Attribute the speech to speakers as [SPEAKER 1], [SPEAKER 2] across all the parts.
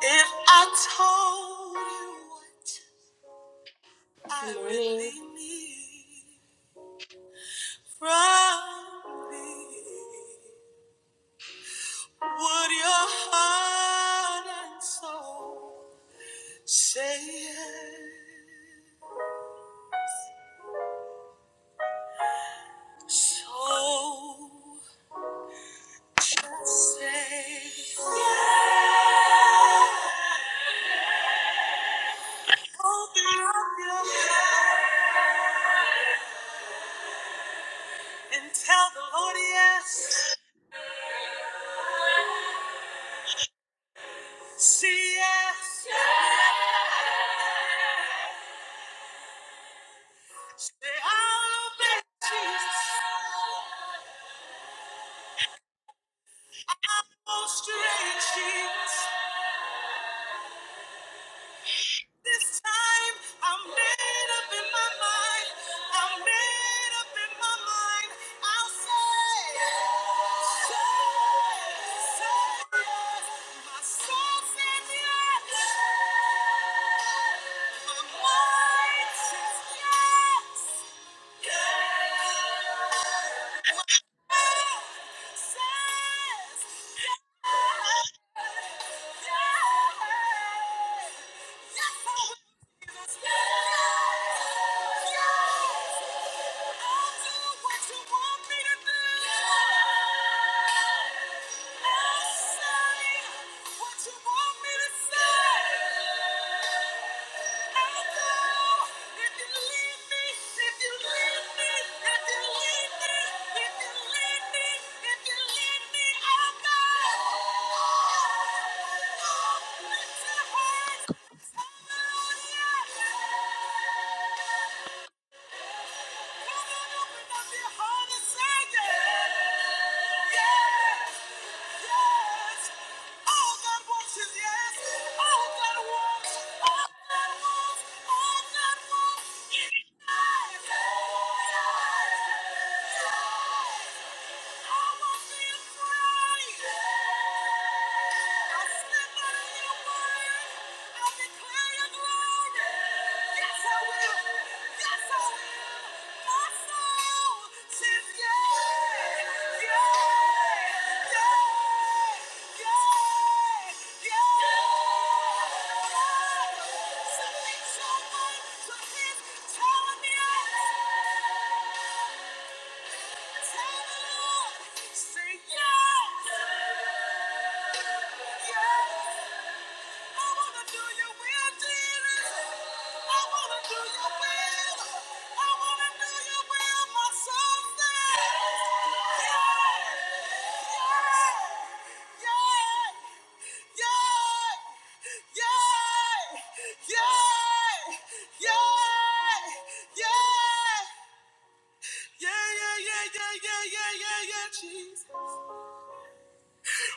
[SPEAKER 1] If I told you what I really need from thee, would your heart and soul say yes? So just say yes. Open up your heart and tell the Lord yes. say yes. Say I'll obey Jesus. Oh, straight sheets. This time I'm made up in my mind. I'm made up in my mind. I'll say, say, say yes. My soul says yes. My mind says yes. Yes. Says yes. Hallelujah! Yeah. Say yes! Yes!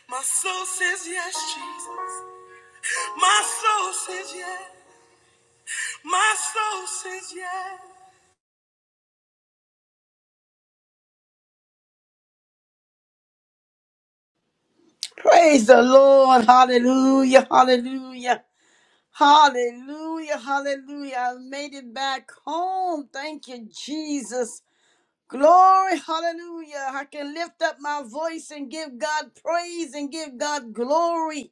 [SPEAKER 1] My soul says yes, Jesus. My soul says yes. My soul says yes.
[SPEAKER 2] Praise the Lord. Hallelujah. Hallelujah. Hallelujah. Hallelujah. I made it back home. Thank you, Jesus. Glory, hallelujah. I can lift up my voice and give God praise and give God glory.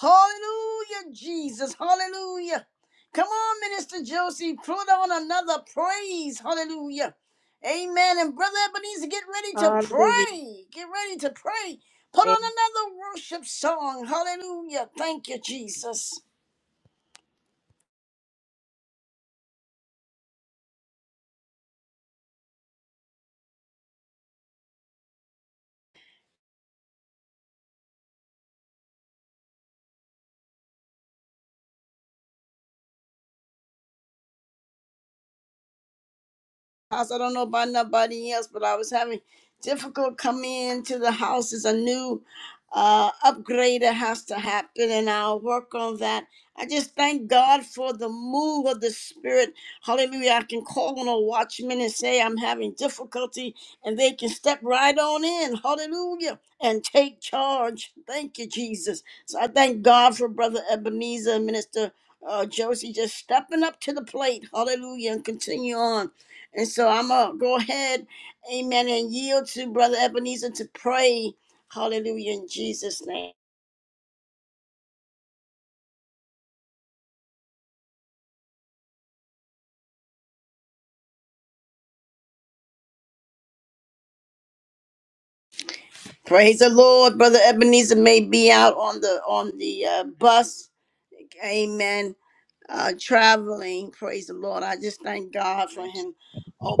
[SPEAKER 2] Hallelujah, Jesus. Hallelujah. Come on, Minister Josie, put on another praise. Hallelujah. Amen. And Brother Ebenezer, get ready to
[SPEAKER 1] Hallelujah.
[SPEAKER 2] pray. Get ready to pray. Put on another worship song. Hallelujah. Thank you, Jesus. house. I don't know about nobody else, but I was having difficult coming into the house. It's a new uh, upgrade that has to happen, and I'll work on that. I just thank God for the move of the Spirit. Hallelujah. I can call on a watchman and say I'm having difficulty, and they can step right on in. Hallelujah. And take charge. Thank you, Jesus. So I thank God for Brother Ebenezer and Minister uh, Josie just stepping up to the plate. Hallelujah. And continue on. And so I'm going to go ahead, amen, and yield to Brother Ebenezer to pray. Hallelujah in Jesus' name. Praise the Lord. Brother Ebenezer may be out on the on the uh, bus. Amen. Uh, traveling. Praise the Lord. I just thank God for
[SPEAKER 3] Thank you.
[SPEAKER 2] him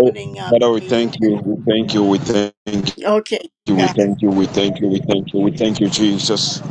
[SPEAKER 3] Oh,
[SPEAKER 2] up.
[SPEAKER 3] Father, we thank you.
[SPEAKER 2] Amen.
[SPEAKER 3] We thank you. We thank
[SPEAKER 2] Okay.
[SPEAKER 3] you, We
[SPEAKER 2] God.
[SPEAKER 3] thank you, we thank you, we thank you, we thank you, Jesus.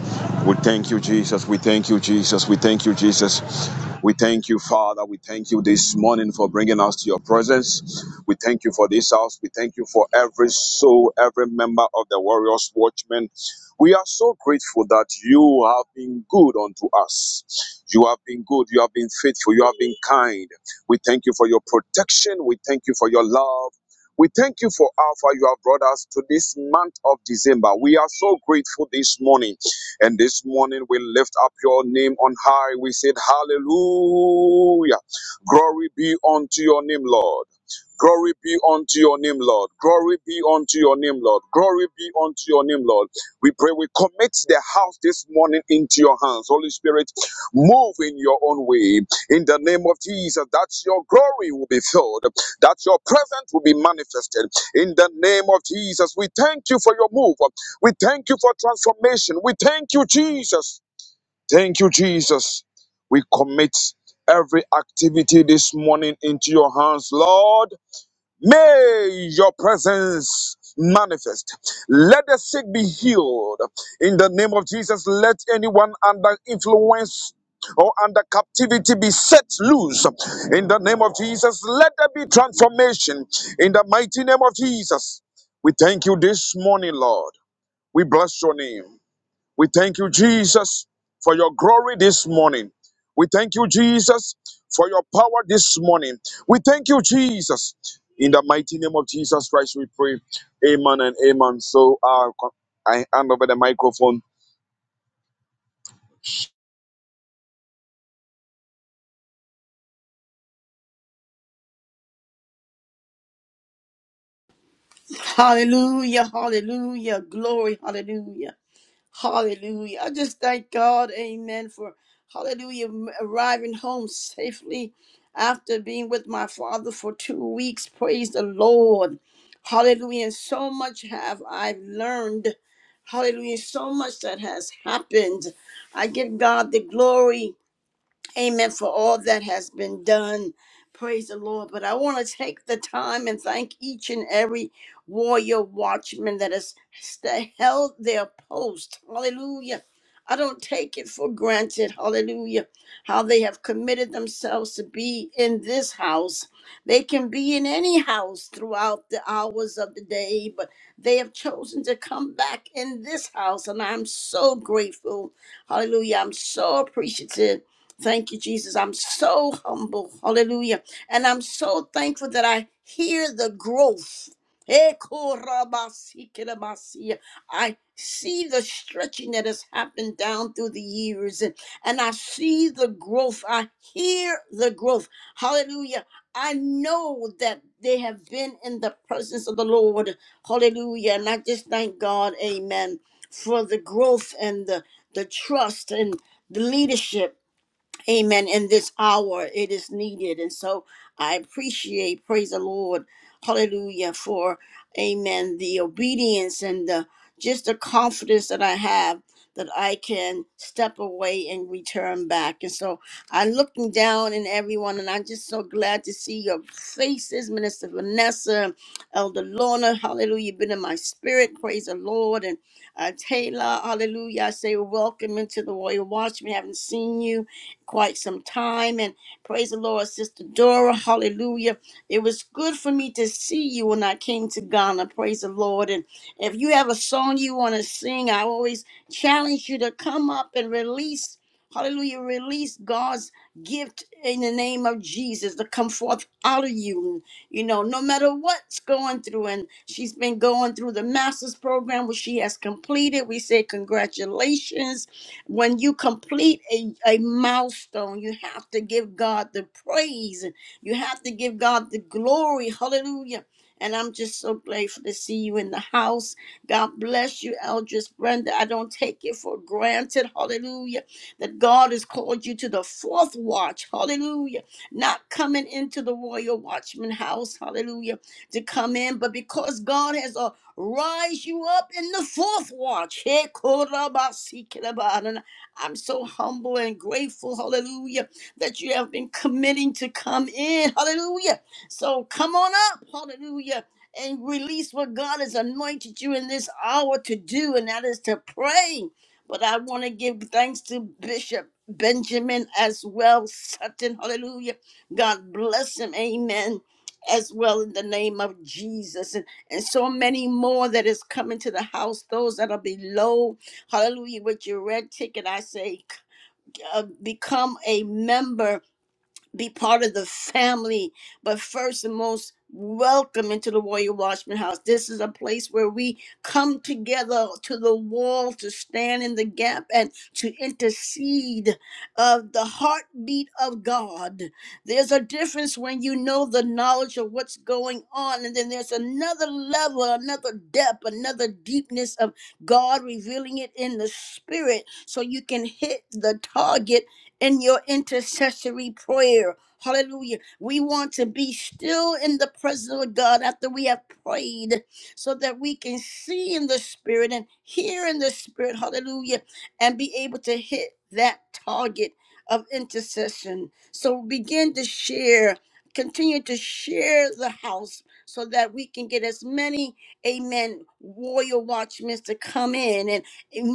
[SPEAKER 3] We thank you, Jesus. We thank you, Jesus. We thank you, Jesus. We thank you, Father. We thank you this morning for bringing us to your presence. We thank you for this house. We thank you for every soul, every member of the Warriors Watchmen. We are so grateful that you have been good unto us. You have been good. You have been faithful. You have been kind. We thank you for your protection. We thank you for your love. We thank you for Alpha you have brought us to this month of December. We are so grateful this morning. And this morning we lift up your name on high. We said, Hallelujah. Glory be unto your name, Lord. Glory be unto your name, Lord. Glory be unto your name, Lord. Glory be unto your name, Lord. We pray we commit the house this morning into your hands. Holy Spirit, move in your own way. In the name of Jesus, that your glory will be filled, that your presence will be manifested. In the name of Jesus, we thank you for your move. We thank you for transformation. We thank you, Jesus. Thank you, Jesus. We commit every activity this morning into your hands, Lord. May your presence manifest. Let the sick be healed. In the name of Jesus, let anyone under influence or under captivity be set loose. In the name of Jesus, let there be transformation. In the mighty name of Jesus, we thank you this morning, Lord. We bless your name. We thank you, Jesus, for your glory this morning. We thank you, Jesus, for your power this morning. We thank you, Jesus. In the mighty name of Jesus Christ, we pray. Amen and amen. So uh, I hand over the microphone
[SPEAKER 2] Hallelujah. Hallelujah. Glory. Hallelujah. Hallelujah. I just thank God, amen, for hallelujah, m- arriving home safely after being with my father for two weeks. Praise the Lord. Hallelujah. And so much have I learned. Hallelujah. So much that has happened. I give God the glory. Amen for all that has been done. Praise the Lord. But I want to take the time and thank each and every warrior watchman that has sta held their post. Hallelujah. I don't take it for granted. Hallelujah. How they have committed themselves to be in this house. They can be in any house throughout the hours of the day, but they have chosen to come back in this house. And I'm so grateful. Hallelujah. I'm so appreciative Thank you, Jesus. I'm so humble. Hallelujah. And I'm so thankful that I hear the growth. Ekorabasikirabasiya. I see the stretching that has happened down through the years, and, and I see the growth. I hear the growth. Hallelujah. I know that they have been in the presence of the Lord. Hallelujah. And I just thank God, amen, for the growth and the, the trust and the leadership Amen. In this hour, it is needed. And so I appreciate, praise the Lord, hallelujah, for, amen, the obedience and the just the confidence that I have that I can step away and return back. And so I'm looking down in everyone, and I'm just so glad to see your faces, Minister Vanessa, Elder Lorna, hallelujah, you've been in my spirit, praise the Lord. And uh, Taylor, hallelujah, I say welcome into the Royal Watchman. Haven't seen you quite some time. And praise the Lord, Sister Dora. Hallelujah. It was good for me to see you when I came to Ghana. Praise the Lord. And if you have a song you want to sing, I always challenge you to come up and release. Hallelujah. Release God's gift in the name of Jesus to come forth out of you. You know, no matter what's going through. And she's been going through the master's program, which she has completed. We say congratulations when you complete a, a milestone, you have to give God the praise. You have to give God the glory. Hallelujah. And I'm just so grateful to see you in the house. God bless you, Eldris Brenda. I don't take it for granted. Hallelujah. That God has called you to the fourth watch. Hallelujah. Not coming into the royal watchman house. Hallelujah. To come in, but because God has a rise you up in the fourth watch. Hey, Korabasikeraba. And I'm so humble and grateful, hallelujah, that you have been committing to come in, hallelujah. So come on up, hallelujah, and release what God has anointed you in this hour to do, and that is to pray. But I want to give thanks to Bishop Benjamin as well, Sutton, hallelujah. God bless him, amen, as well in the name of Jesus and so many more that is coming to the house, those that are below. Hallelujah. With your red ticket, I say, uh, become a member be part of the family, but first and most, welcome into the Warrior Watchman House. This is a place where we come together to the wall to stand in the gap and to intercede of the heartbeat of God. There's a difference when you know the knowledge of what's going on, and then there's another level, another depth, another deepness of God revealing it in the spirit so you can hit the target in your intercessory prayer. Hallelujah. We want to be still in the presence of God after we have prayed so that we can see in the spirit and hear in the spirit. Hallelujah. And be able to hit that target of intercession. So begin to share, continue to share the house so that we can get as many, amen, warrior watchmen to come in and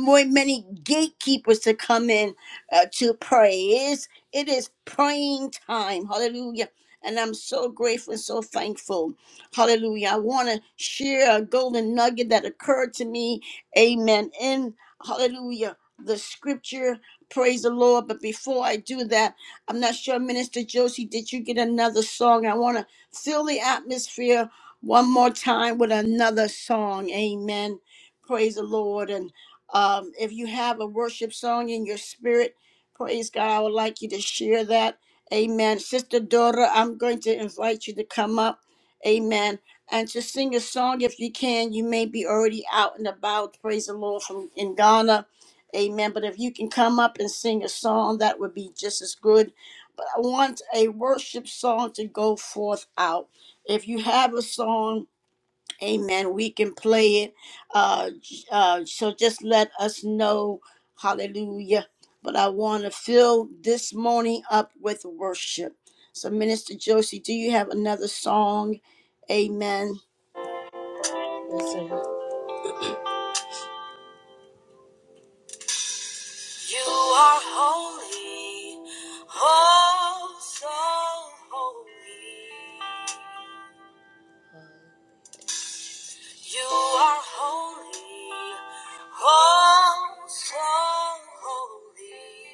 [SPEAKER 2] more, many gatekeepers to come in uh, to praise. It is praying time. Hallelujah. And I'm so grateful and so thankful. Hallelujah. I want to share a golden nugget that occurred to me. Amen. In hallelujah, the scripture. Praise the Lord. But before I do that, I'm not sure, Minister Josie, did you get another song? I want to fill the atmosphere one more time with another song. Amen. Praise the Lord. And um, if you have a worship song in your spirit, Praise God. I would like you to share that. Amen. Sister Dora, I'm going to invite you to come up. Amen. And to sing a song if you can. You may be already out and about. Praise the Lord from in Ghana. Amen. But if you can come up and sing a song, that would be just as good. But I want a worship song to go forth out. If you have a song, Amen. We can play it. Uh, j- uh, so just let us know. Hallelujah. But I want to fill this morning up with worship. So, Minister Josie, do you have another song? Amen.
[SPEAKER 1] You are holy, oh so holy. You are holy, oh so holy.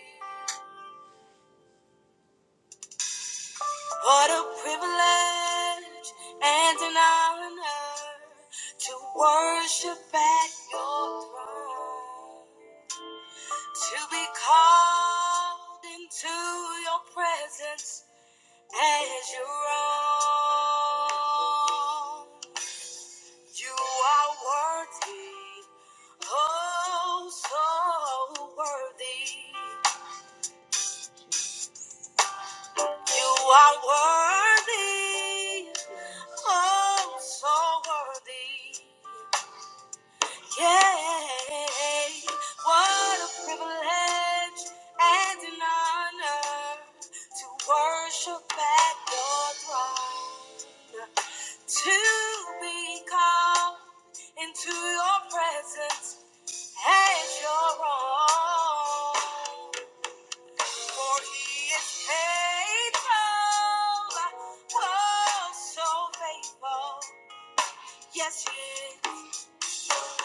[SPEAKER 1] What a privilege and an honor to worship at your throne. To be called into your presence as your own. You are worthy, oh, so worthy. You are worthy, oh, so worthy. Yay, what a privilege and an honor to worship at your throne, to be called into your presence as your own. For he is faithful, oh, so faithful. Yes, he is.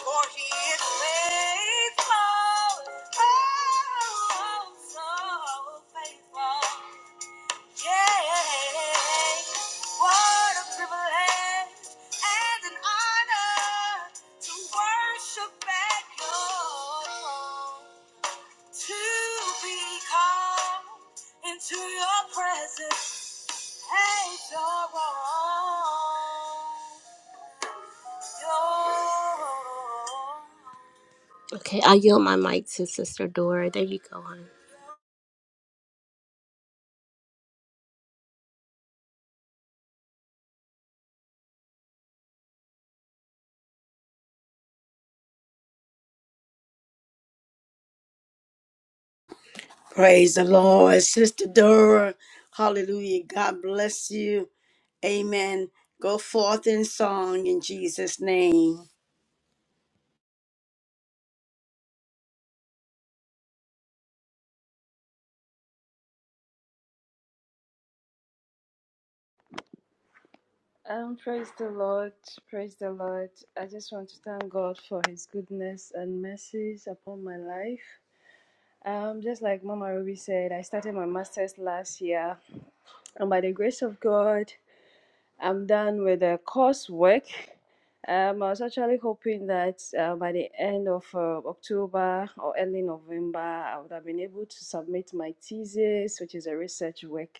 [SPEAKER 1] For he is faithful, oh, so faithful. Yeah, what a privilege and an honor to worship at your throne, to be called into your presence as your own. Your own. Okay, I yield my mic to Sister Dora. There you go, hon.
[SPEAKER 2] Praise the Lord. Sister Dora, hallelujah. God bless you. Amen. Go forth in song in Jesus' name.
[SPEAKER 4] Um, praise the Lord, praise the Lord. I just want to thank God for His goodness and mercies upon my life. Um, just like Mama Ruby said, I started my master's last year, and by the grace of God, I'm done with the coursework. Um, I was actually hoping that uh, by the end of uh, October or early November, I would have been able to submit my thesis, which is a research work.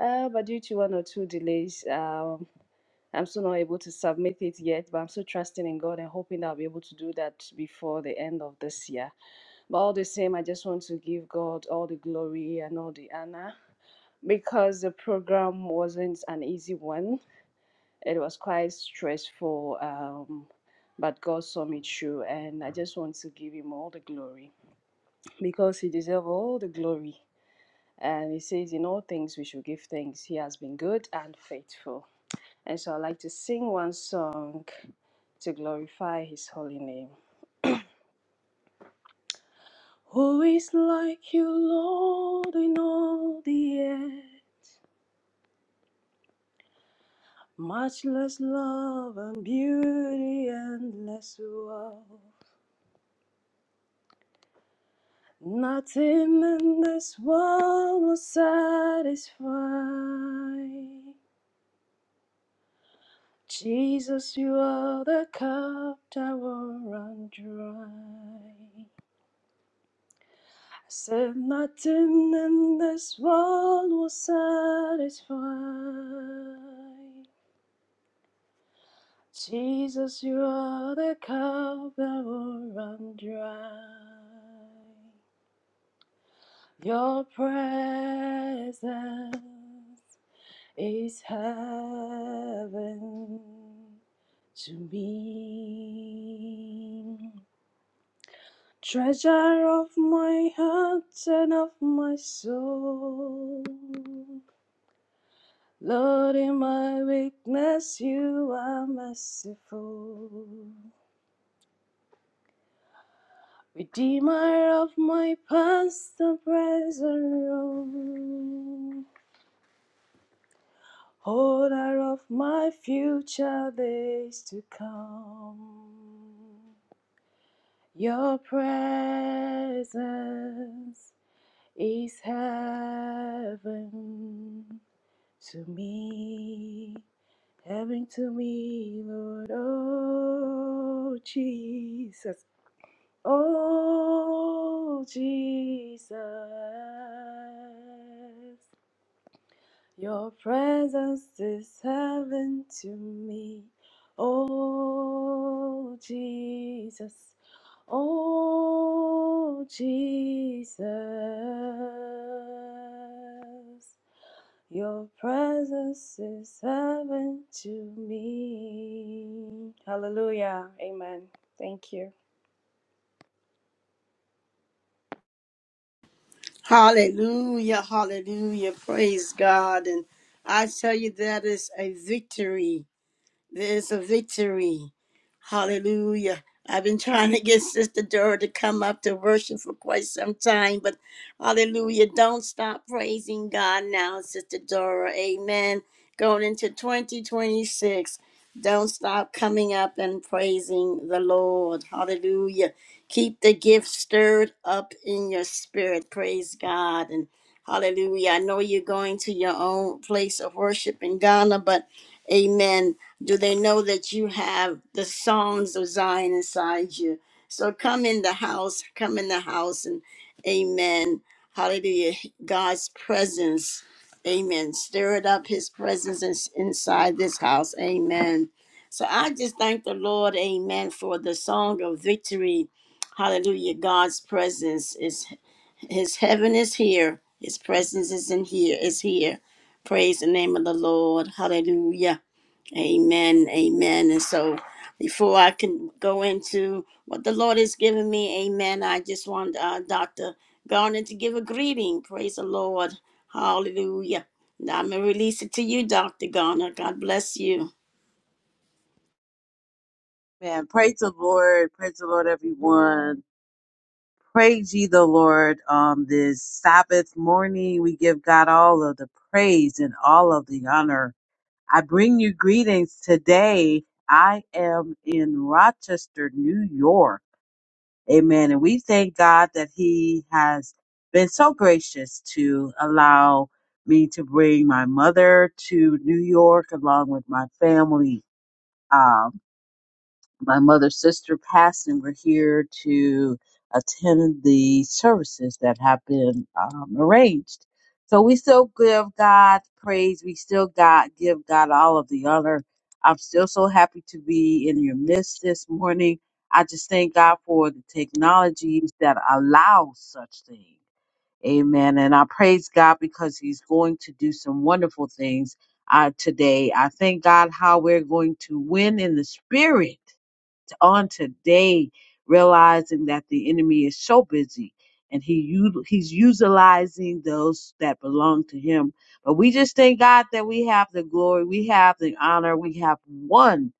[SPEAKER 4] Uh, but due to one or two delays, um, I'm still not able to submit it yet. But I'm still trusting in God and hoping that I'll be able to do that before the end of this year. But all the same, I just want to give God all the glory and all the honor because the program wasn't an easy one it was quite stressful, um, but God saw me through, and I just want to give Him all the glory because He deserves all the glory. And He says, In all things we should give thanks. He has been good and faithful. And so I'd like to sing one song to glorify His holy name. Who is like you, Lord, in all the earth? Much less love and beauty, and less wealth. Nothing in this world will satisfy. Jesus, you are the cup that will run dry. I said, nothing in this world will satisfy. Jesus, you are the cup that will run dry. Your presence. is heaven to me. Treasure of my heart and of my soul. Lord, in my weakness, you are merciful. Redeemer of my past and present wrong. Holder of my future days to come. Your presence is heaven to me, heaven to me, Lord. Oh, Jesus. Oh, Jesus. Your presence is heaven to me. Oh, Jesus. Oh, Jesus. Your presence is heaven to me. Hallelujah. Amen. Thank you.
[SPEAKER 2] Hallelujah. Hallelujah. Praise God. And I tell you, that is a victory. There's a victory. Hallelujah. I've been trying to get Sister Dora to come up to worship for quite some time, but hallelujah. Don't stop praising God now, Sister Dora. Amen. Going into 2026. Don't stop coming up and praising the Lord. Hallelujah. Keep the gift stirred up in your spirit. Praise God. And hallelujah. I know you're going to your own place of worship in Ghana, but Amen do they know that you have the songs of Zion inside you? So come in the house, come in the house, and amen. Hallelujah. God's presence. Amen. Stir it up, his presence is inside this house. Amen. So I just thank the Lord, amen, for the song of victory. Hallelujah. God's presence is. His heaven is here. His presence is in here. Is here. Praise the name of the Lord. Hallelujah. Amen. Amen. And so, before I can go into what the Lord has given me, Amen. I just want uh, Doctor Garner to give a greeting. Praise the Lord. Hallelujah. And I'm gonna release it to you, Doctor Garner. God bless you.
[SPEAKER 5] Man, praise the Lord. Praise the Lord, everyone. Praise ye the Lord on this Sabbath morning. We give God all of the praise and all of the honor. I bring you greetings today. I am in Rochester, New York. Amen. And we thank God that He has been so gracious to allow me to bring my mother to New York along with my family. Um, my mother's sister passed, and we're here to attend the services that have been um, arranged. So we still give God praise. We still God give God all of the honor. I'm still so happy to be in your midst this morning. I just thank God for the technologies that allow such things. Amen. And I praise God because He's going to do some wonderful things uh, today. I thank God how we're going to win in the spirit on today, realizing that the enemy is so busy and he u- he's utilizing those that belong to him. But we just thank God that we have the glory, we have the honor, we have won.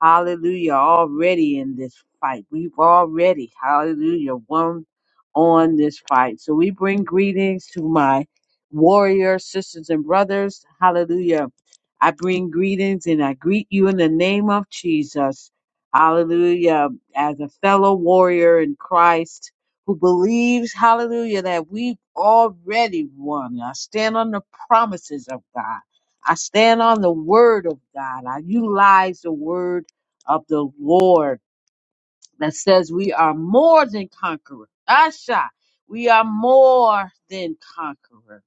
[SPEAKER 5] Hallelujah, already in this fight. We've already, hallelujah, won on this fight. So we bring greetings to my warrior sisters and brothers. Hallelujah. I bring greetings and I greet you in the name of Jesus. Hallelujah. As a fellow warrior in Christ who believes, hallelujah, that we've already won. I stand on the promises of God. I stand on the word of God. I utilize the word of the Lord that says we are more than conquerors. Asha, we are more than conquerors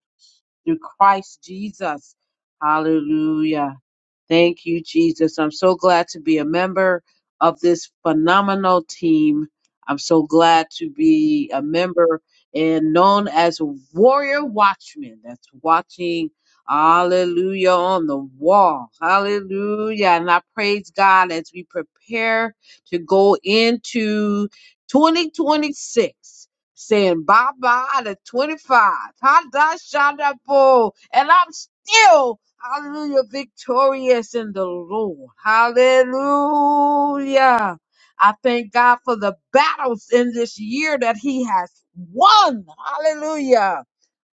[SPEAKER 5] through Christ Jesus. Hallelujah. Thank you, Jesus. I'm so glad to be a member of this phenomenal team. I'm so glad to be a member and known as Warrior Watchman. That's watching, hallelujah, on the wall. Hallelujah. And I praise God as we prepare to go into 2026. Saying bye bye to 25. Hadashadapo. And I'm still Hallelujah. Victorious in the Lord. Hallelujah. I thank God for the battles in this year that He has won. Hallelujah.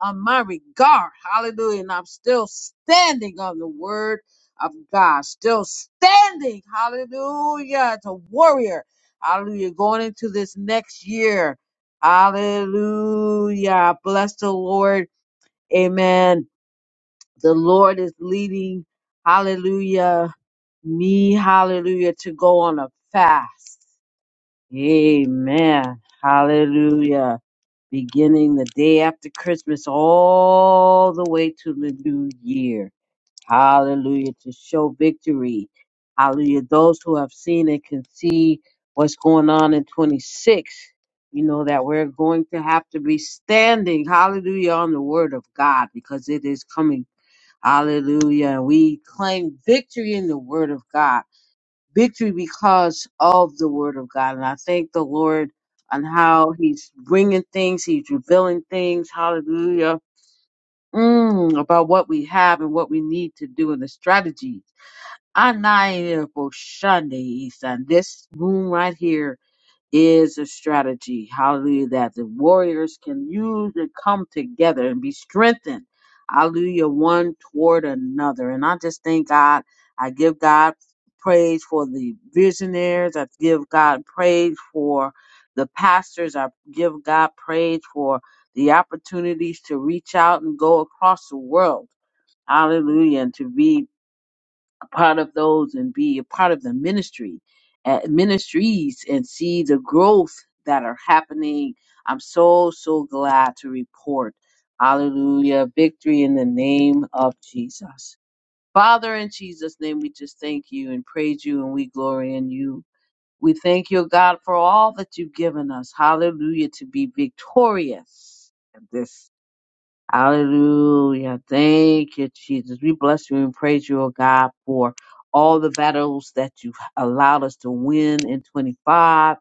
[SPEAKER 5] On my regard. Hallelujah. And I'm still standing on the word of God. Still standing. Hallelujah. As a warrior. Hallelujah. Going into this next year. Hallelujah. Bless the Lord. Amen the Lord is leading, hallelujah, me, hallelujah, to go on a fast. Amen. Hallelujah. Beginning the day after Christmas all the way to the new year. Hallelujah. To show victory. Hallelujah. Those who have seen it can see what's going on in 26. You know that we're going to have to be standing, hallelujah, on the word of God because it is coming Hallelujah. We claim victory in the word of God, victory because of the word of God. And I thank the Lord on how he's bringing things, he's revealing things. Hallelujah. Mm, about what we have and what we need to do and the strategies. Anaya Boshande East. And this room right here is a strategy. Hallelujah. That the warriors can use and come together and be strengthened. Hallelujah. One toward another. And I just thank God. I give God praise for the visionaries. I give God praise for the pastors. I give God praise for the opportunities to reach out and go across the world. Hallelujah. And to be part of those and be a part of the ministry uh, ministries and see the growth that are happening i'm so so glad to report hallelujah victory in the name of jesus father in jesus name we just thank you and praise you and we glory in you we thank you god for all that you've given us hallelujah to be victorious in this. Hallelujah. Thank you, Jesus. We bless you and praise you, oh God, for all the battles that you've allowed us to win in 25.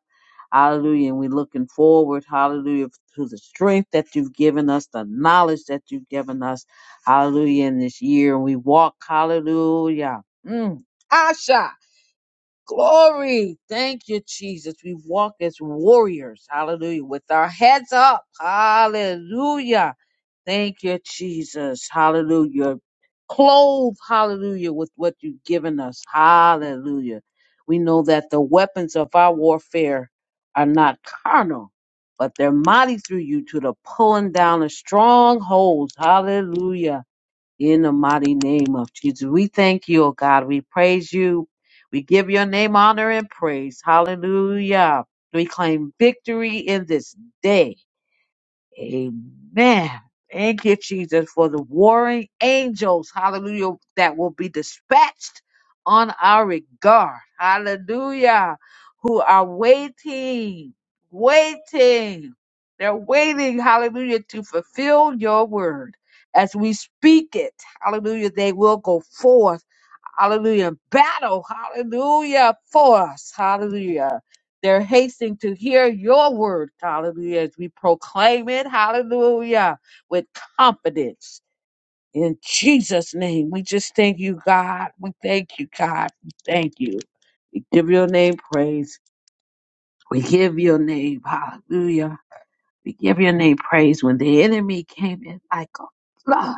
[SPEAKER 5] Hallelujah. And we're looking forward, hallelujah, to the strength that you've given us, the knowledge that you've given us, hallelujah, in this year. And we walk, hallelujah. Mm. Asha, glory. Thank you, Jesus. We walk as warriors, hallelujah, with our heads up, hallelujah Thank you, Jesus. Hallelujah. Clothe, hallelujah, with what you've given us. Hallelujah. We know that the weapons of our warfare are not carnal, but they're mighty through you to the pulling down of strongholds. Hallelujah. In the mighty name of Jesus. We thank you, oh God. We praise you. We give your name honor and praise. Hallelujah. We claim victory in this day. Amen. Thank you, Jesus, for the warring angels, hallelujah, that will be dispatched on our regard, hallelujah, who are waiting, waiting. They're waiting, hallelujah, to fulfill your word. As we speak it, hallelujah, they will go forth hallelujah, battle, hallelujah, for us, hallelujah. They're hasting to hear your word, hallelujah, as we proclaim it, hallelujah, with confidence. In Jesus' name, we just thank you, God. We thank you, God. We thank you. We give your name praise. We give your name, hallelujah. We give your name praise when the enemy came in like a flood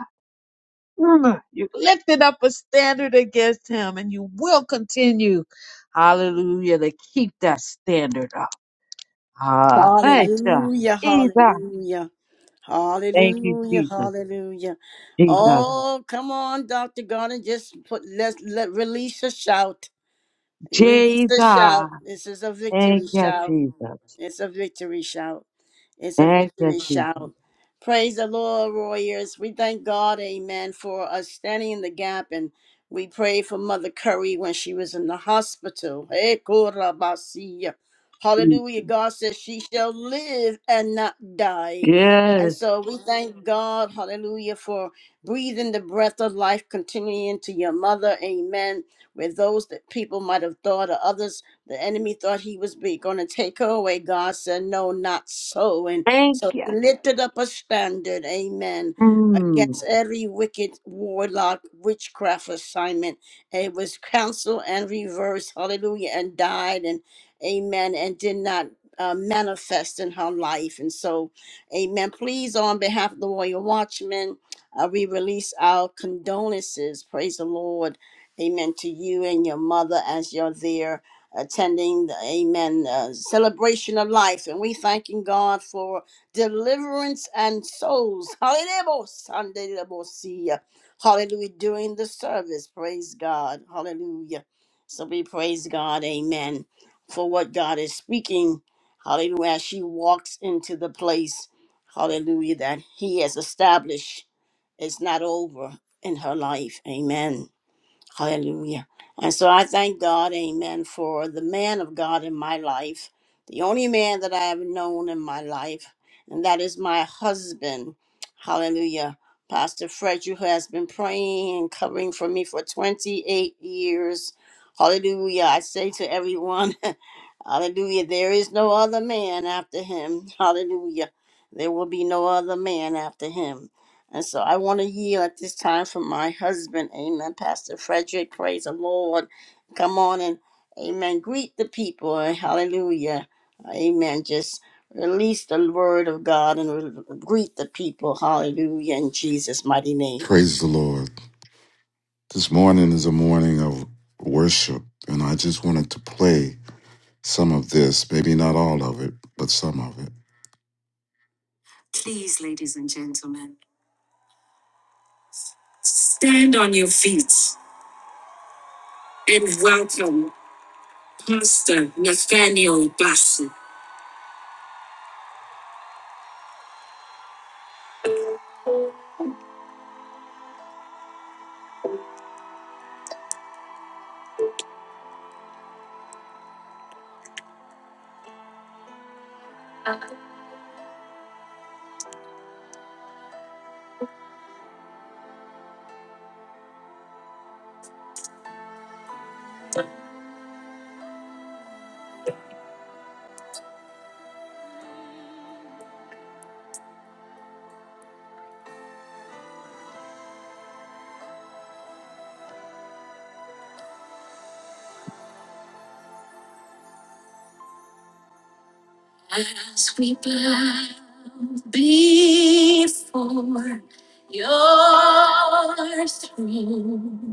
[SPEAKER 5] Mm, You've lifted up a standard against him, and you will continue, hallelujah, to keep that standard up. Ah, thank you,
[SPEAKER 2] Hallelujah,
[SPEAKER 5] Jesus.
[SPEAKER 2] hallelujah.
[SPEAKER 5] Thank you,
[SPEAKER 2] Hallelujah,
[SPEAKER 5] Jesus.
[SPEAKER 2] hallelujah.
[SPEAKER 5] Jesus.
[SPEAKER 2] Oh, come on, Dr. Garner, just put let let release a shout. Release a
[SPEAKER 5] Jesus.
[SPEAKER 2] shout. This is a
[SPEAKER 5] Thank
[SPEAKER 2] victory
[SPEAKER 5] you,
[SPEAKER 2] shout.
[SPEAKER 5] Jesus.
[SPEAKER 2] It's a victory shout. It's a
[SPEAKER 5] Thank
[SPEAKER 2] victory
[SPEAKER 5] you,
[SPEAKER 2] shout.
[SPEAKER 5] Jesus.
[SPEAKER 2] Praise the Lord, warriors. We thank God, amen, for us standing in the gap. And we pray for Mother Curry when she was in the hospital. Eh, korabasiya. Hallelujah. God says she shall live and not die. And
[SPEAKER 5] Yes.
[SPEAKER 2] so we thank God, hallelujah, for breathing the breath of life continuing into your mother. Amen. With those that people might have thought or others the enemy thought he was going to take her away. God said, No, not so. And
[SPEAKER 5] Thank
[SPEAKER 2] so
[SPEAKER 5] you.
[SPEAKER 2] he lifted up a standard, amen,
[SPEAKER 5] Hmm.
[SPEAKER 2] against every wicked warlock, witchcraft assignment. it was counseled and reversed, hallelujah, and died, and amen, and did not. Uh, manifest in her life. And so, amen. Please, on behalf of the Royal Watchmen, uh, we release our condolences. Praise the Lord. Amen. To you and your mother as you're there attending the amen uh, celebration of life and we thanking god for deliverance and souls hallelujah sunday hallelujah hallelujah, during the service praise god hallelujah so we praise god amen for what god is speaking hallelujah as she walks into the place hallelujah that he has established it's not over in her life amen Hallelujah. And so I thank God, amen, for the man of God in my life, the only man that I have known in my life, and that is my husband. Hallelujah. Pastor Frederick, who has been praying and covering for me for 28 years. Hallelujah. I say to everyone, Hallelujah. There is no other man after him. Hallelujah. There will be no other man after him. And so I want to yield at this time for my husband. Amen. Pastor Frederick, praise the Lord. Come on and amen. Greet the people. Hallelujah. Amen. Just release the word of God and re- greet the people. Hallelujah. In Jesus' mighty name.
[SPEAKER 6] Praise the Lord. This morning is a morning of worship, and I just wanted to play some of this, maybe not all of it, but some of it. Please, ladies and gentlemen, stand on your feet and welcome Pastor Nathaniel Bassett. As we bow before your throne.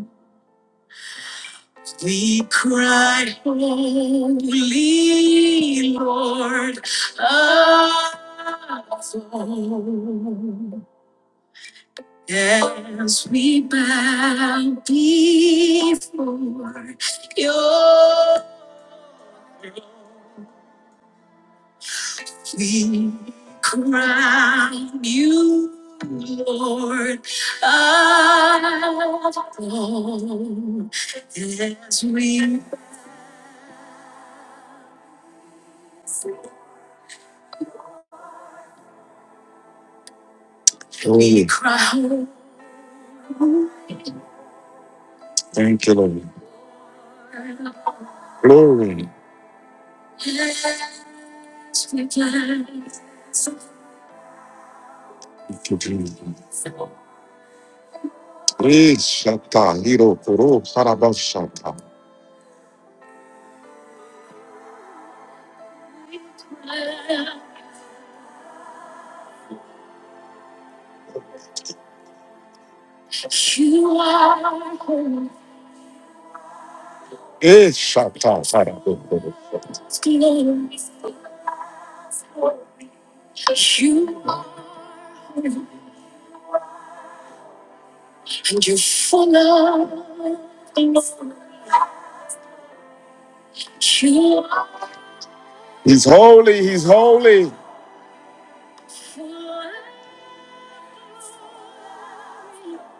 [SPEAKER 6] We cried, Holy Lord, alone. As we bow before your throne, we crown you, Lord, alone. As we, we cry. Thank you, Lord. Glory. Thank you, Jesus. Eh, Shatta, Hiro, Koro, Saraba, Shatta. Eh, Shatta, Saraba, Koro, Shatta. He's holy. He's holy.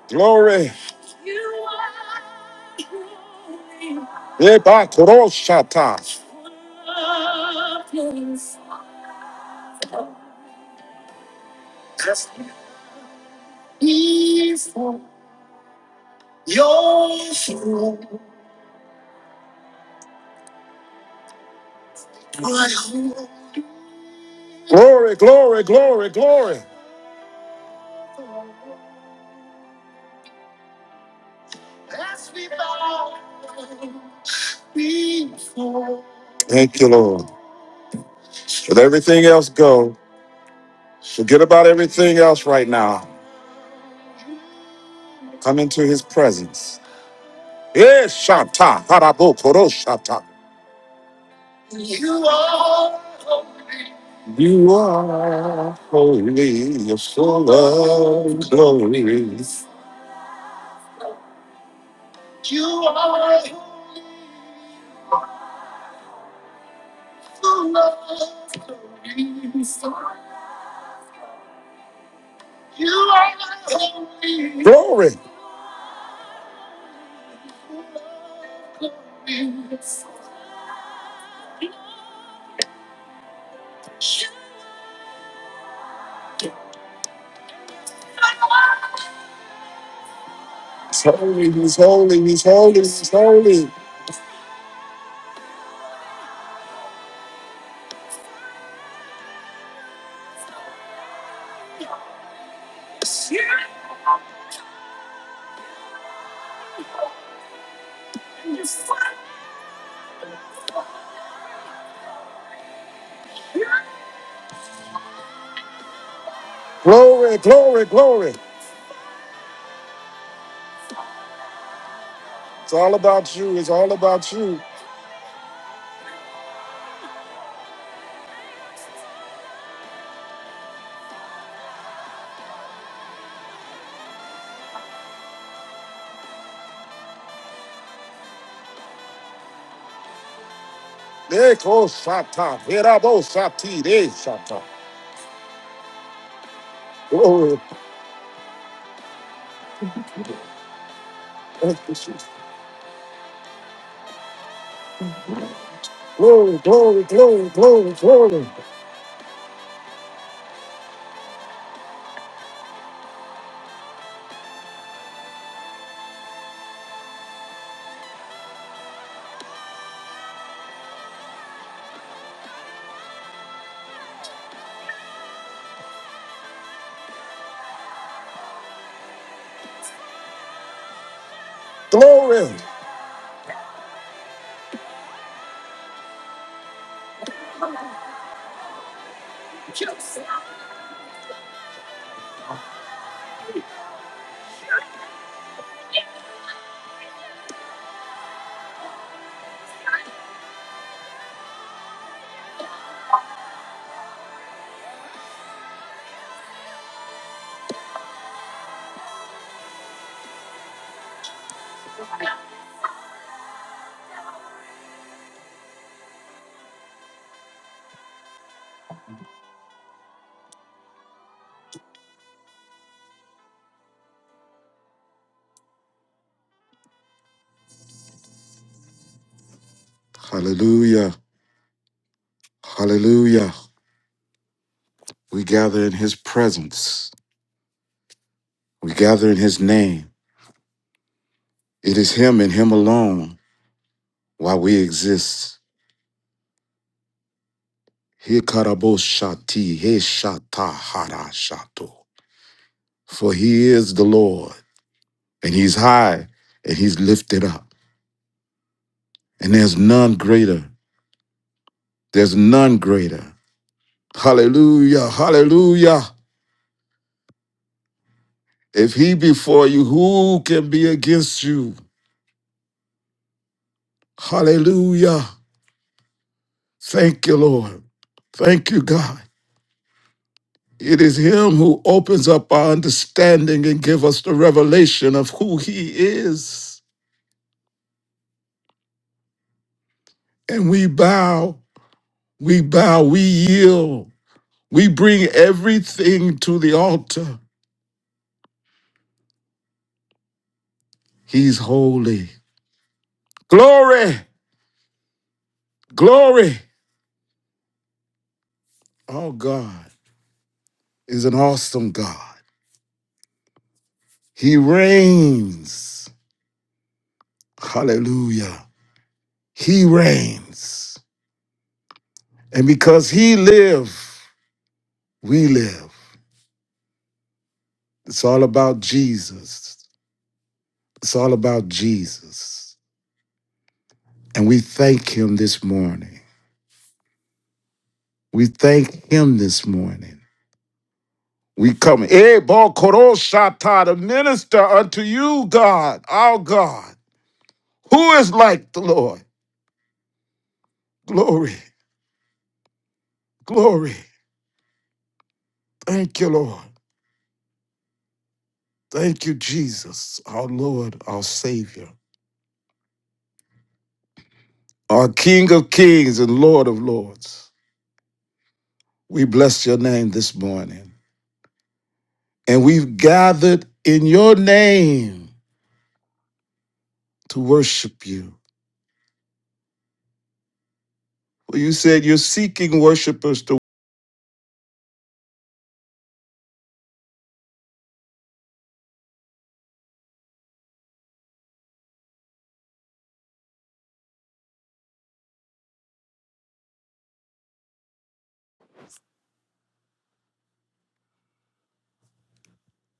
[SPEAKER 6] Glory. Ebatroshata. Glory, glory, glory, glory. Thank you, Lord. Let everything else go. Forget about everything else right now. Come into his presence. Eh, Shanta, harabo, koro, shanta. You are holy. You are holy, you're full of glory. You are full of glory. You are holy. Glory. He's holy, he's holy, he's holy, he's holy. Glory, glory, glory. It's all about you. It's all about you. Eko shata, verabo shati, de shata. Glory, Thank you, Jesus. glory, glory, glory, glory, glory, glory. Hallelujah, hallelujah. We gather in his presence. We gather in his name. It is him and him alone why we exist. Hikarabo shati, he shata, hara shato. For he is the Lord, and he's high, and he's lifted up. And there's none greater. There's none greater. Hallelujah. Hallelujah. If he be for you, who can be against you? Hallelujah. Thank you, Lord. Thank you, God. It is him who opens up our understanding and give us the revelation of who he is. And we bow, we bow, we yield. We bring everything to the altar. He's holy. Glory, glory. Oh God. is an awesome God. He reigns. Hallelujah. He reigns. And because he lives, we live. It's all about Jesus. It's all about Jesus. And we thank him this morning. We thank him this morning. We come, Eh, Bo Koroshata, to minister unto you, God, our God. Who is like the Lord? Glory, glory. Thank you, Lord. Thank you, Jesus, our Lord, our Savior, our King of Kings and Lord of Lords. We bless your name this morning. And we've gathered in your name to worship you. For you said you're seeking worshipers to.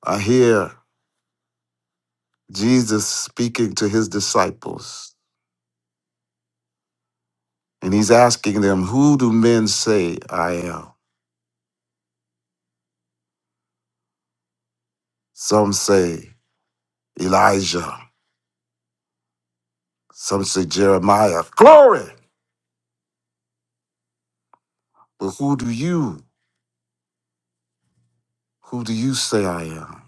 [SPEAKER 6] I hear Jesus speaking to his disciples, and he's asking them, Who do men say I am? Some say Elijah, some say Jeremiah. Glory! But who do you Who do you say I am?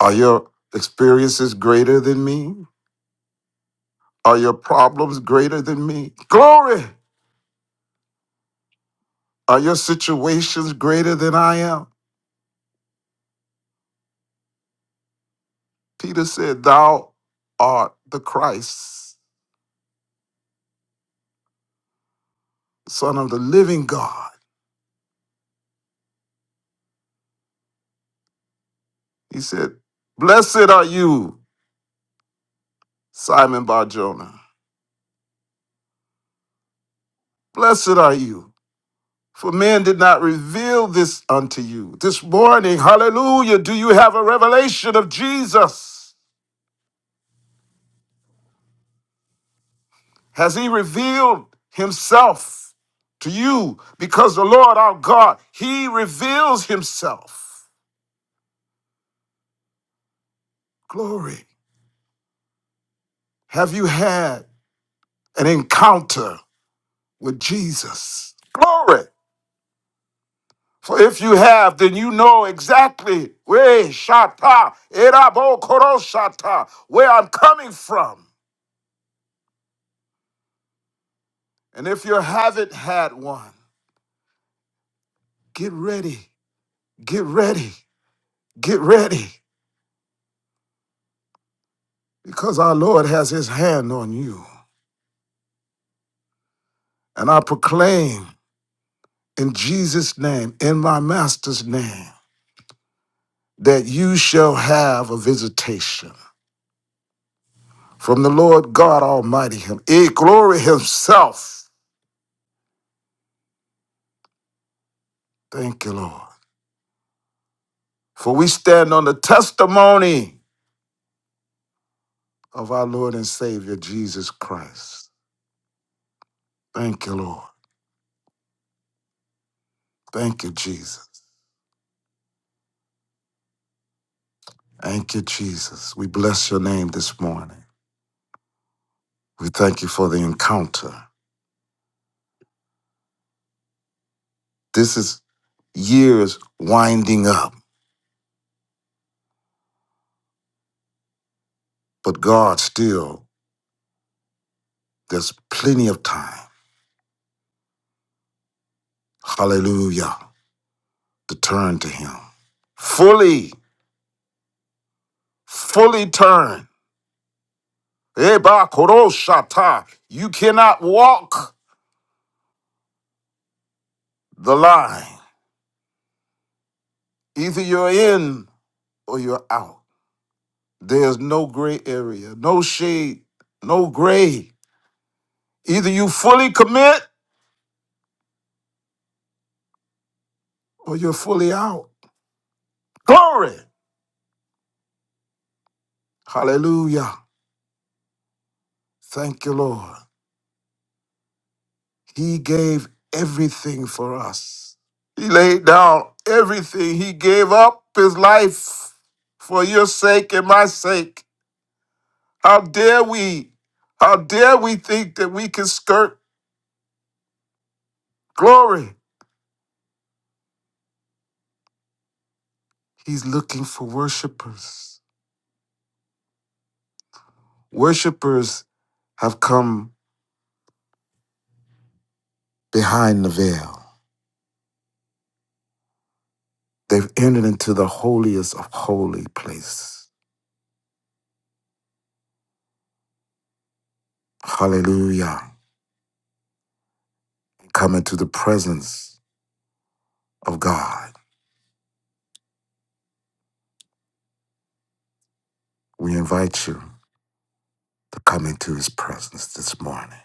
[SPEAKER 6] Are your experiences greater than me? Are your problems greater than me? Glory! Are your situations greater than I am? Peter said, Thou art the Christ, Son of the living God. You. For man did not reveal this unto you. This morning, hallelujah, do you have a revelation of Jesus? Has he revealed himself to you? Because the Lord our God, he reveals himself. Glory. Have you had an encounter with Jesus? Glory. For if you have, then you know exactly where Shata, Erabo Koroshata, where I'm coming from. And if you haven't had one, get ready, get ready, get ready, because our Lord has his hand on you. And I proclaim in Jesus' name, in my master's name, that you shall have a visitation from the Lord God Almighty, Him, eh, glory Himself. Thank you, Lord. For we stand on the testimony of our Lord and Savior, Jesus Christ. Thank you, Lord. Thank you, Jesus. Thank you, Jesus. We bless your name this morning. We thank you for the encounter. This is years winding up, but God still, there's plenty of time. Hallelujah. To turn to Him. Fully, fully turn. Eba koroshata. You cannot walk the line. Either you're in or you're out. There's no gray area, no shade, no gray. Either it or you're fully out. Glory. Hallelujah. Thank you, Lord. He gave everything for us. He laid down everything. He gave up his life for your sake and my sake. How dare we? How dare we think that we can skirt Glory. He's looking for worshipers. Worshipers have come behind the veil. They've entered into the holiest of holy place. Hallelujah. Come into the presence of God. We invite you to come into his presence this morning.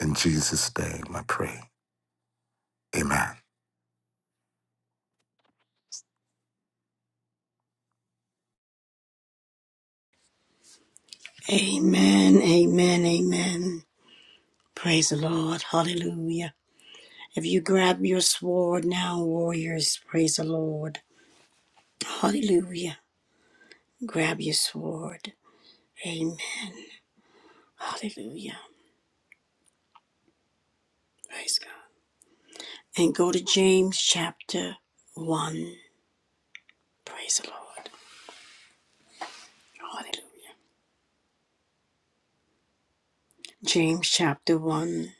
[SPEAKER 6] In Jesus' name, I pray. Amen.
[SPEAKER 2] Amen. Amen. Amen. Praise the Lord. Hallelujah. If you grab your sword now, warriors, praise the Lord. Hallelujah. Grab your sword. Amen. Hallelujah. Praise God. And go to James chapter 1. Praise the Lord. Hallelujah. James chapter 1.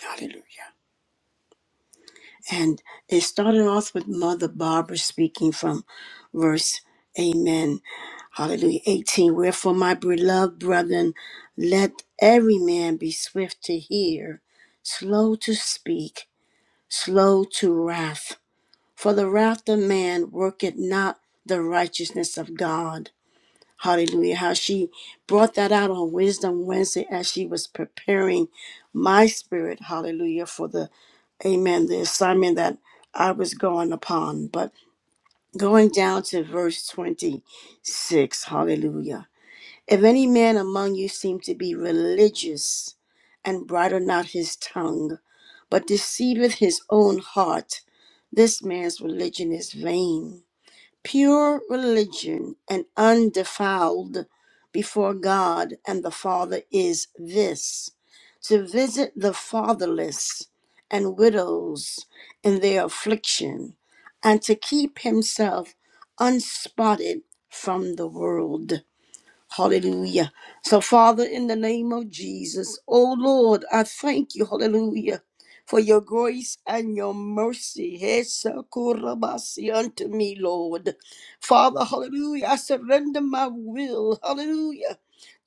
[SPEAKER 2] Hallelujah. And it started off with Mother Barbara speaking from verse Amen. Hallelujah. 18. Wherefore, my beloved brethren, let every man be swift to hear, slow to speak, slow to wrath. For the wrath of man worketh not the righteousness of God. Hallelujah. How she brought that out on Wisdom Wednesday as she was preparing my spirit. Hallelujah. For the, amen, the assignment that I was going upon. But going down to verse 26. Hallelujah. If any man among you seem to be religious and bridle not his tongue, but deceiveth his own heart, this man's religion is vain pure religion and undefiled before God and the Father is this to visit the fatherless and widows in their affliction, and to keep himself unspotted from the world. Hallelujah. So, Father, in the name of Jesus, oh Lord, I thank you, hallelujah, for your grace and your mercy. Hesakurabasi unto me, Lord. Father, hallelujah, I surrender my will, hallelujah,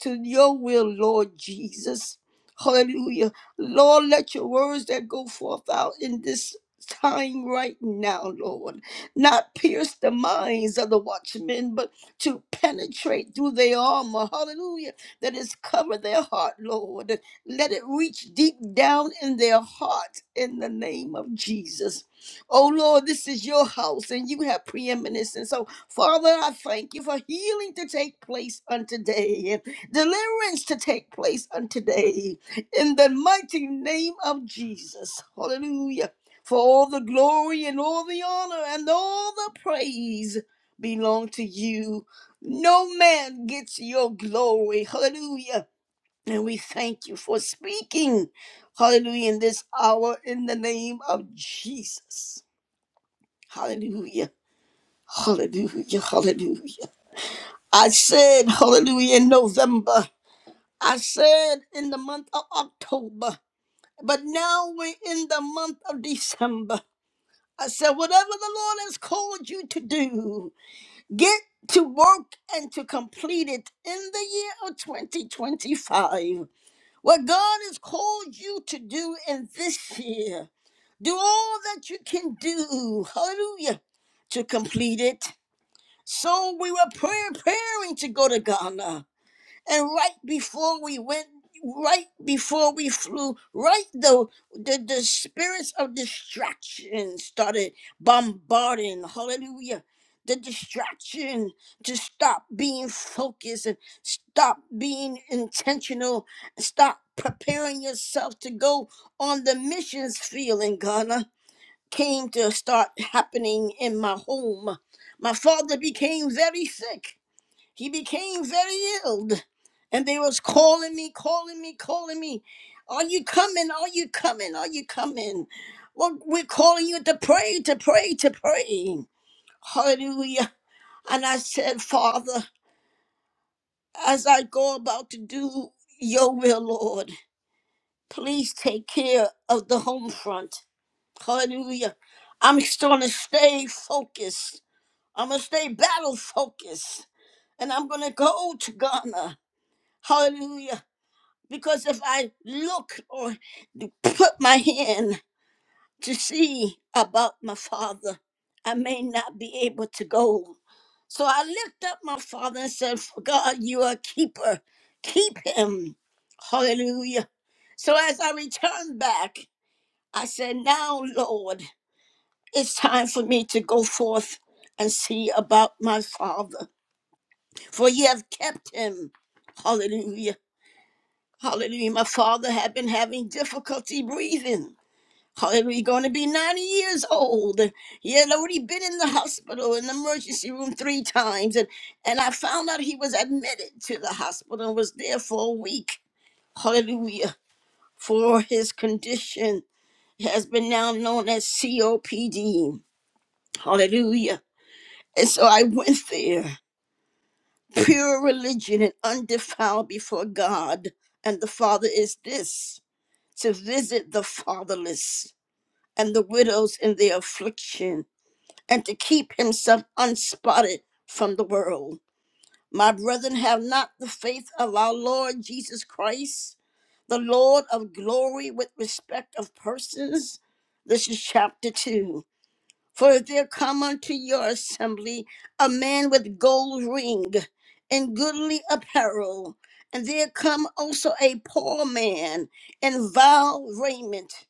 [SPEAKER 2] to your will, Lord Jesus. Hallelujah. Lord, let your words that go forth out in this time right now, Lord, not pierce the minds of the watchmen, but to penetrate through their armor, hallelujah, that is cover their heart, Lord. Let it reach deep down in their heart in the name of Jesus. Oh Lord, this is your house and you have preeminence. And so, Father, I thank you for healing to take place unto day and deliverance to take place unto day in the mighty name of Jesus. Hallelujah. For all the glory and all the honor and all the praise belong to you. No man gets your glory. Hallelujah. And we thank you for speaking. Hallelujah. In this hour, in the name of Jesus. Hallelujah. Hallelujah. Hallelujah. I said, Hallelujah, in November. I said, in the month of October. But now we're in the month of December. I said, whatever the Lord has called you to do. Get to work and to complete it in the year of 2025. What God has called you to do in this year, do all that you can do. Hallelujah. To complete it. So we were preparing to go to Ghana. And right before we went, right before we flew, right the the, the spirits of distraction started bombarding. Hallelujah. The distraction to stop being focused and stop being intentional, stop preparing yourself to go on the missions field in Ghana came to start happening in my home. My father became very sick he became very ill. And they was calling me, calling me, calling me. Are you coming? Are you coming? Are you coming? Well, we're calling you to pray, to pray, to pray. Hallelujah. And I said, Father, as I go about to do your will, Lord, please take care of the home front. Hallelujah. I'm going to stay focused. I'm going to stay battle focused. And I'm going to go to Ghana. Hallelujah. Because if I look or put my hand to see about my father, I may not be able to go. So I lift up my father and said, For God, you are a keeper. Keep him. Hallelujah. So as I returned back, I said, Now, Lord, it's time for me to go forth and see about my father, for you have kept him. Hallelujah. Hallelujah. My father had been having difficulty breathing. Hallelujah. Going to be 90 years old. He had already been in the hospital, in the emergency room three times. And, and I found out he was admitted to the hospital and was there for a week. Hallelujah. For his condition has been now known as COPD. Hallelujah. And so I went there, pure religion and undefiled before God. And the Father is this. to visit the fatherless and the widows in their affliction, and to keep himself unspotted from the world. My brethren, have not the faith of our Lord Jesus Christ, the Lord of glory, with respect of persons. This is chapter 2. For if there come unto your assembly a man with gold ring and goodly apparel, and there come also a poor man in vile raiment,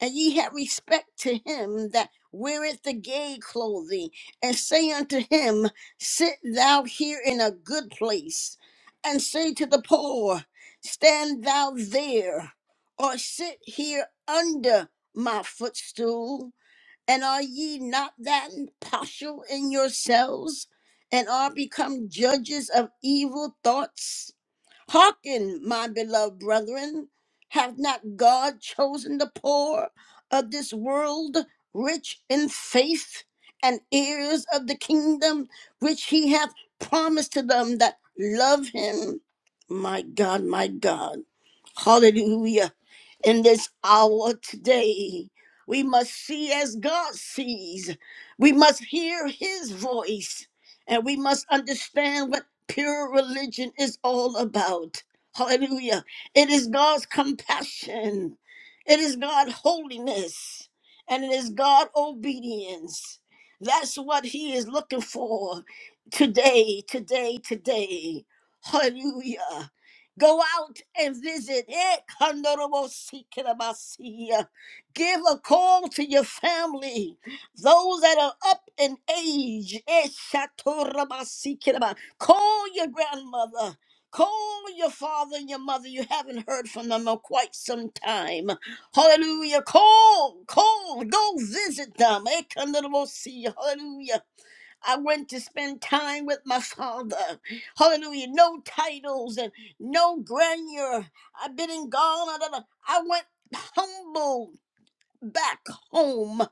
[SPEAKER 2] and ye have respect to him that weareth the gay clothing, and say unto him, Sit thou here in a good place, and say to the poor, Stand thou there, or sit here under my footstool and are ye not that partial in yourselves, and are become judges of evil thoughts? Hearken, my beloved brethren, hath not God chosen the poor of this world rich in faith and heirs of the kingdom which he hath promised to them that love him? My God, my God. Hallelujah in this hour today. We must see as God sees. We must hear his voice. And we must understand what pure religion is all about. Hallelujah. It is God's compassion, it is God's holiness, and it is God's obedience. That's what he is looking for today, today, today. Hallelujah. Go out and visit it. Kandorobosikirabasiya. Give a call to your family. Those that are up in age. Eshatorabasikinaba. Call your grandmother. Call your father and your mother. You haven't heard from them in quite some time. Hallelujah. Call, call, go visit them. Ekandorobosiya. Hallelujah. I went to spend time with my father. Hallelujah. No titles and no grandeur. I've been in Ghana. da, da. I went humble back home.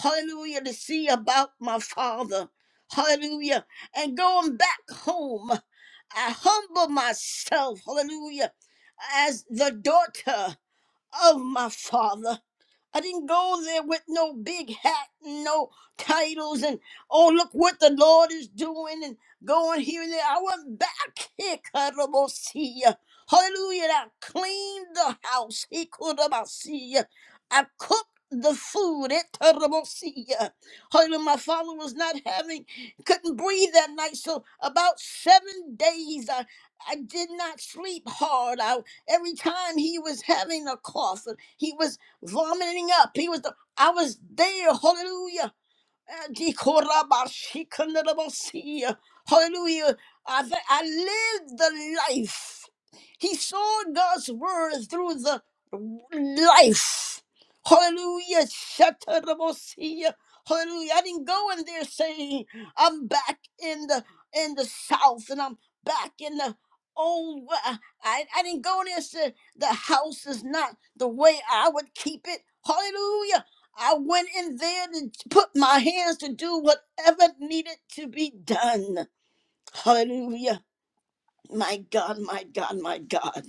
[SPEAKER 2] Hallelujah. To see about my father. Hallelujah. And going back home, I humble myself. Hallelujah. As the daughter of my father. I didn't go there with no big hat and no titles and oh look what the Lord is doing and going here and there. I went back here, Karabosia. Hallelujah. and I cleaned the house. He could see I cooked the food at Tarabosia. Hallelujah. My father was not having, couldn't breathe that night. So about seven days I, I did not sleep hard. I every time he was having a cough, he was vomiting up. He was the I was there, hallelujah. Adikorabashikandarabasia. Hallelujah. I, th- I lived the life. He saw God's word through the life. Hallelujah. Shatarabasia. Hallelujah. I didn't go in there saying, I'm back in the in the south and I'm back in the old wa-" I, I didn't go in there and say the house is not the way I would keep it. Hallelujah. I went in there to put my hands to do whatever needed to be done. Hallelujah. My God, my God, my God.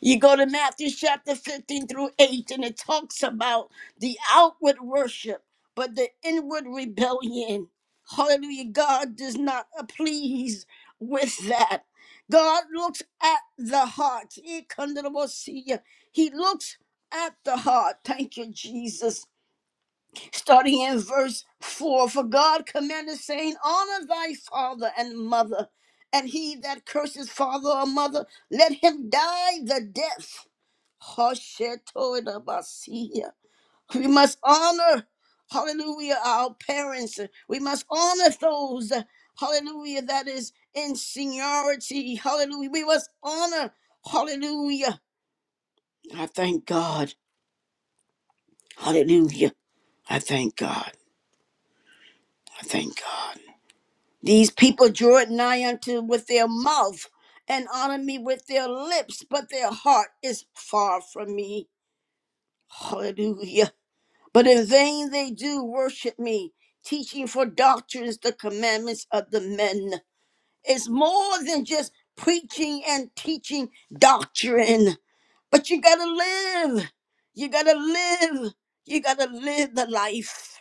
[SPEAKER 2] You go to Matthew chapter 15 through 8, and it talks about the outward worship, but the inward rebellion. Hallelujah. God does not please with that. God looks at the heart. He looks at the heart. Thank you, Jesus starting in verse 4 For God commanded, saying, Honor thy father and mother, and he that curses father or mother, let him die the death. Hoshetoidabasiya. We must honor, hallelujah, our parents. We must honor those, hallelujah, that is in seniority. Hallelujah. We must honor, hallelujah. I thank God. Hallelujah. I thank God. I thank God. These people draw it nigh unto with their mouth and honor me with their lips, but their heart is far from me. Hallelujah. But in vain they do worship me, teaching for doctrines the commandments of the men. It's more than just preaching and teaching doctrine, but you gotta live. You gotta live. You gotta live the life.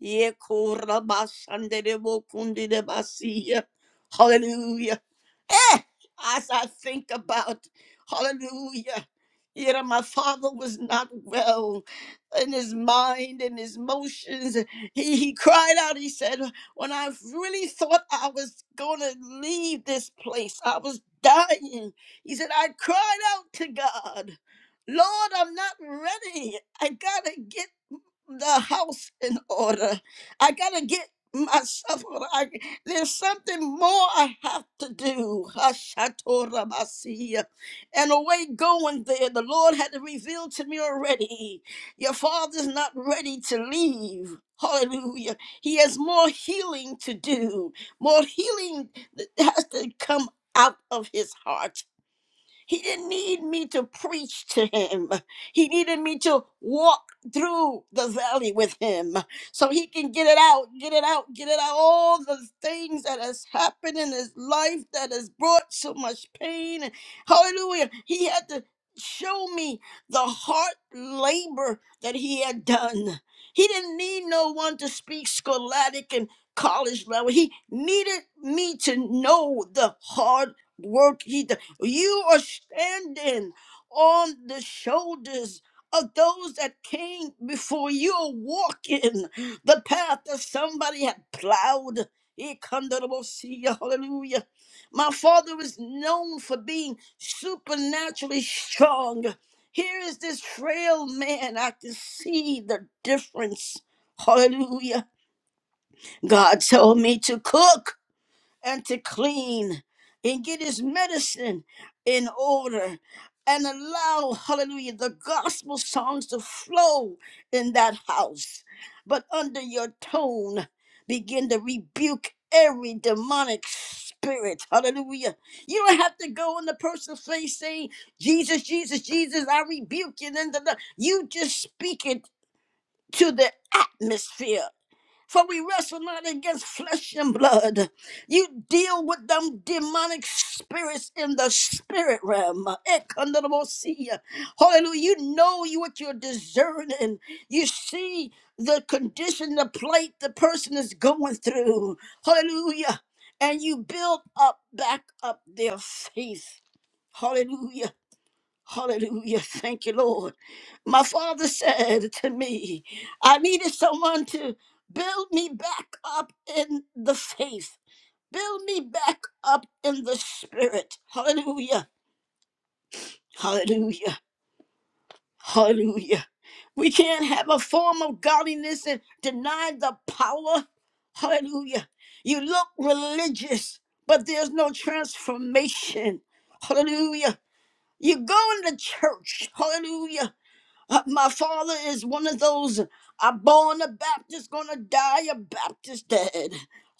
[SPEAKER 2] Ye kora basandere bo kundere basiya. Hallelujah. Eh, as I think about, hallelujah. You know, my father was not well in his mind and his motions. He, he cried out, he said, When I really thought I was going to leave this place, I was dying. He said, I cried out to God, Lord, I'm not ready. I got to get the house in order. I gotta get myself. or I, there's something more I have to do. Hashatorabasiya. And away going there, the Lord had revealed to me already. Your father's not ready to leave. Hallelujah. He has more healing to do. More healing that has to come out of his heart. He didn't need me to preach to him. He needed me to walk through the valley with him so he can get it out, get it out, get it out. All the things that has happened in his life that has brought so much pain. Hallelujah. He had to show me the hard labor that he had done. He didn't need no one to speak scholastic and college level. He needed me to know the hard work he did. You are standing on the shoulders of those that came before you are walking the path that somebody had plowed. Ikandarabosia, Hallelujah. My father was known for being supernaturally strong. Here is this frail man. I can see the difference. Hallelujah. God told me to cook and to clean and get his medicine in order and allow, hallelujah, the gospel songs to flow in that house. But under your tone, begin to rebuke every demonic spirit. Hallelujah. You don't have to go in the person's face saying, Jesus, Jesus, Jesus, I rebuke you. And then the- the- You just speak it to the atmosphere. For we wrestle not against flesh and blood. You deal with them demonic spirits in the spirit realm. Ekandarabosia. Hallelujah. You know you- what you're discerning. You see the condition, the plight the person is going through. Hallelujah. And you build up, back up their faith. Hallelujah. Hallelujah. Thank you, Lord. My father said to me, I needed someone to build me back up in the faith, build me back up in the spirit. Hallelujah. Hallelujah. Hallelujah. We can't have a form of godliness and deny the power. Hallelujah. You look religious, but there's no transformation. Hallelujah. You go into church. Hallelujah Uh, My father is one of those i born a Baptist, gonna die a Baptist dad.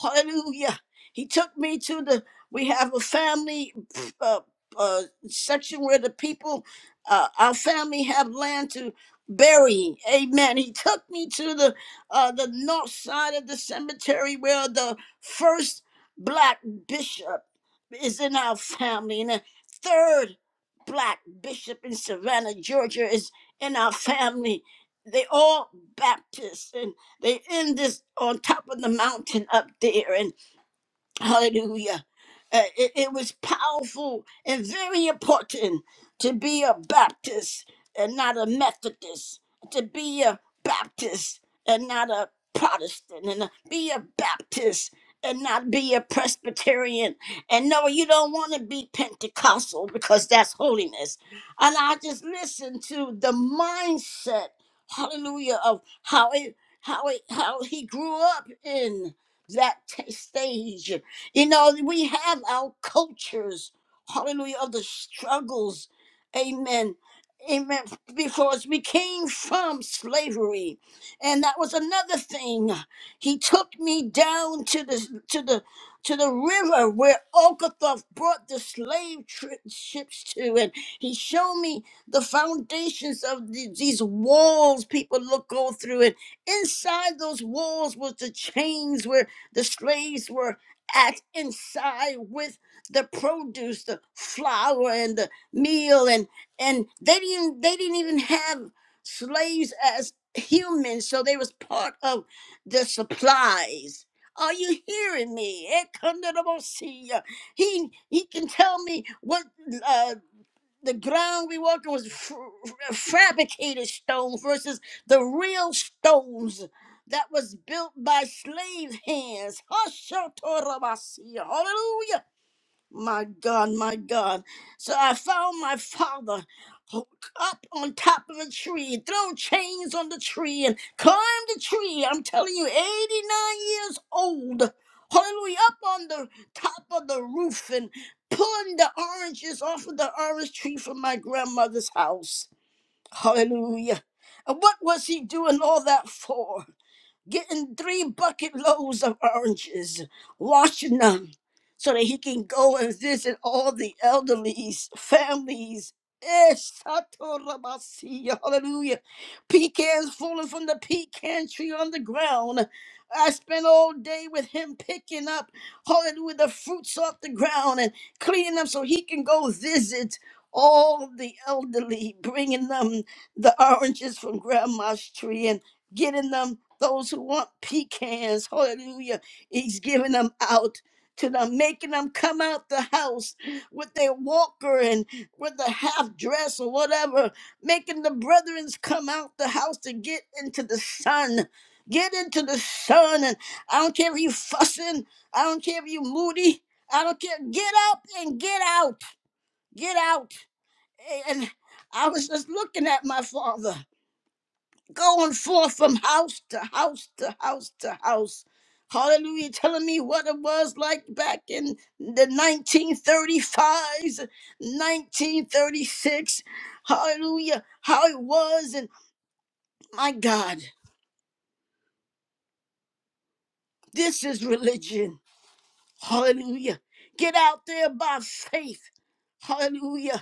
[SPEAKER 2] Hallelujah. He took me to the, we have a family uh, uh, section where the people, uh, our family have land to bury. Amen. He took me to the, uh, the north side of the cemetery where the first black bishop is in our family. And the third black bishop in Savannah, Georgia is in our family. They all Baptists and they in this on top of the mountain up there. and. Hallelujah. Uh, it, it was powerful and very important to be a Baptist and not a Methodist, to be a Baptist and not a Protestant, and be a Baptist and not be a Presbyterian. And no, you don't want to be Pentecostal because that's holiness. And I just listen to the mindset, hallelujah, of how it how it how he grew up in that t- stage you know, we have our cultures, hallelujah, of the struggles, amen. Amen. Because we came from slavery, and that was another thing. He took me down to the to the to the river where Okathoth brought the slave tri- ships to, and he showed me the foundations of the- these walls people look go through, and inside those walls was the chains where the slaves were at inside with the produce, the flour and the meal, and and they didn't they didn't even have slaves as humans, so they was part of the supplies. Are you hearing me? Ekundarabosia. He he can tell me what uh, the ground we walked on was f- f- fabricated stone versus the real stones that was built by slave hands. Hallelujah. My God, my God. So I found my father ho- up on top of a tree, and throw chains on the tree, and climbed the tree. I'm telling you, 89 years old. Hallelujah, up on the top of the roof and pulling the oranges off of the orange tree from my grandmother's house. Hallelujah. And what was he doing all that for? getting three bucket loads of oranges, washing them so that he can go and visit all the elderlies, families. Yes, Satorabasiya, Hallelujah. Pecans falling from the pecan tree on the ground. I spent all day with him picking up, hallelujah, the fruits off the ground and cleaning them so he can go visit all the elderly, bringing them the oranges from grandma's tree and getting them those who want pecans, hallelujah, he's giving them out to them, making them come out the house with their walker and with a half dress or whatever, making the brethren come out the house to get into the sun. Get into the sun, and I don't care if you fussing, I don't care if you moody, I don't care. Get up and get out, get out. And I was just looking at my father going forth from house to house to house to house. Hallelujah, telling me what it was like back in the 1935s, 1936. Hallelujah, how it was. And my God, this is religion. Hallelujah. Get out there by faith. Hallelujah.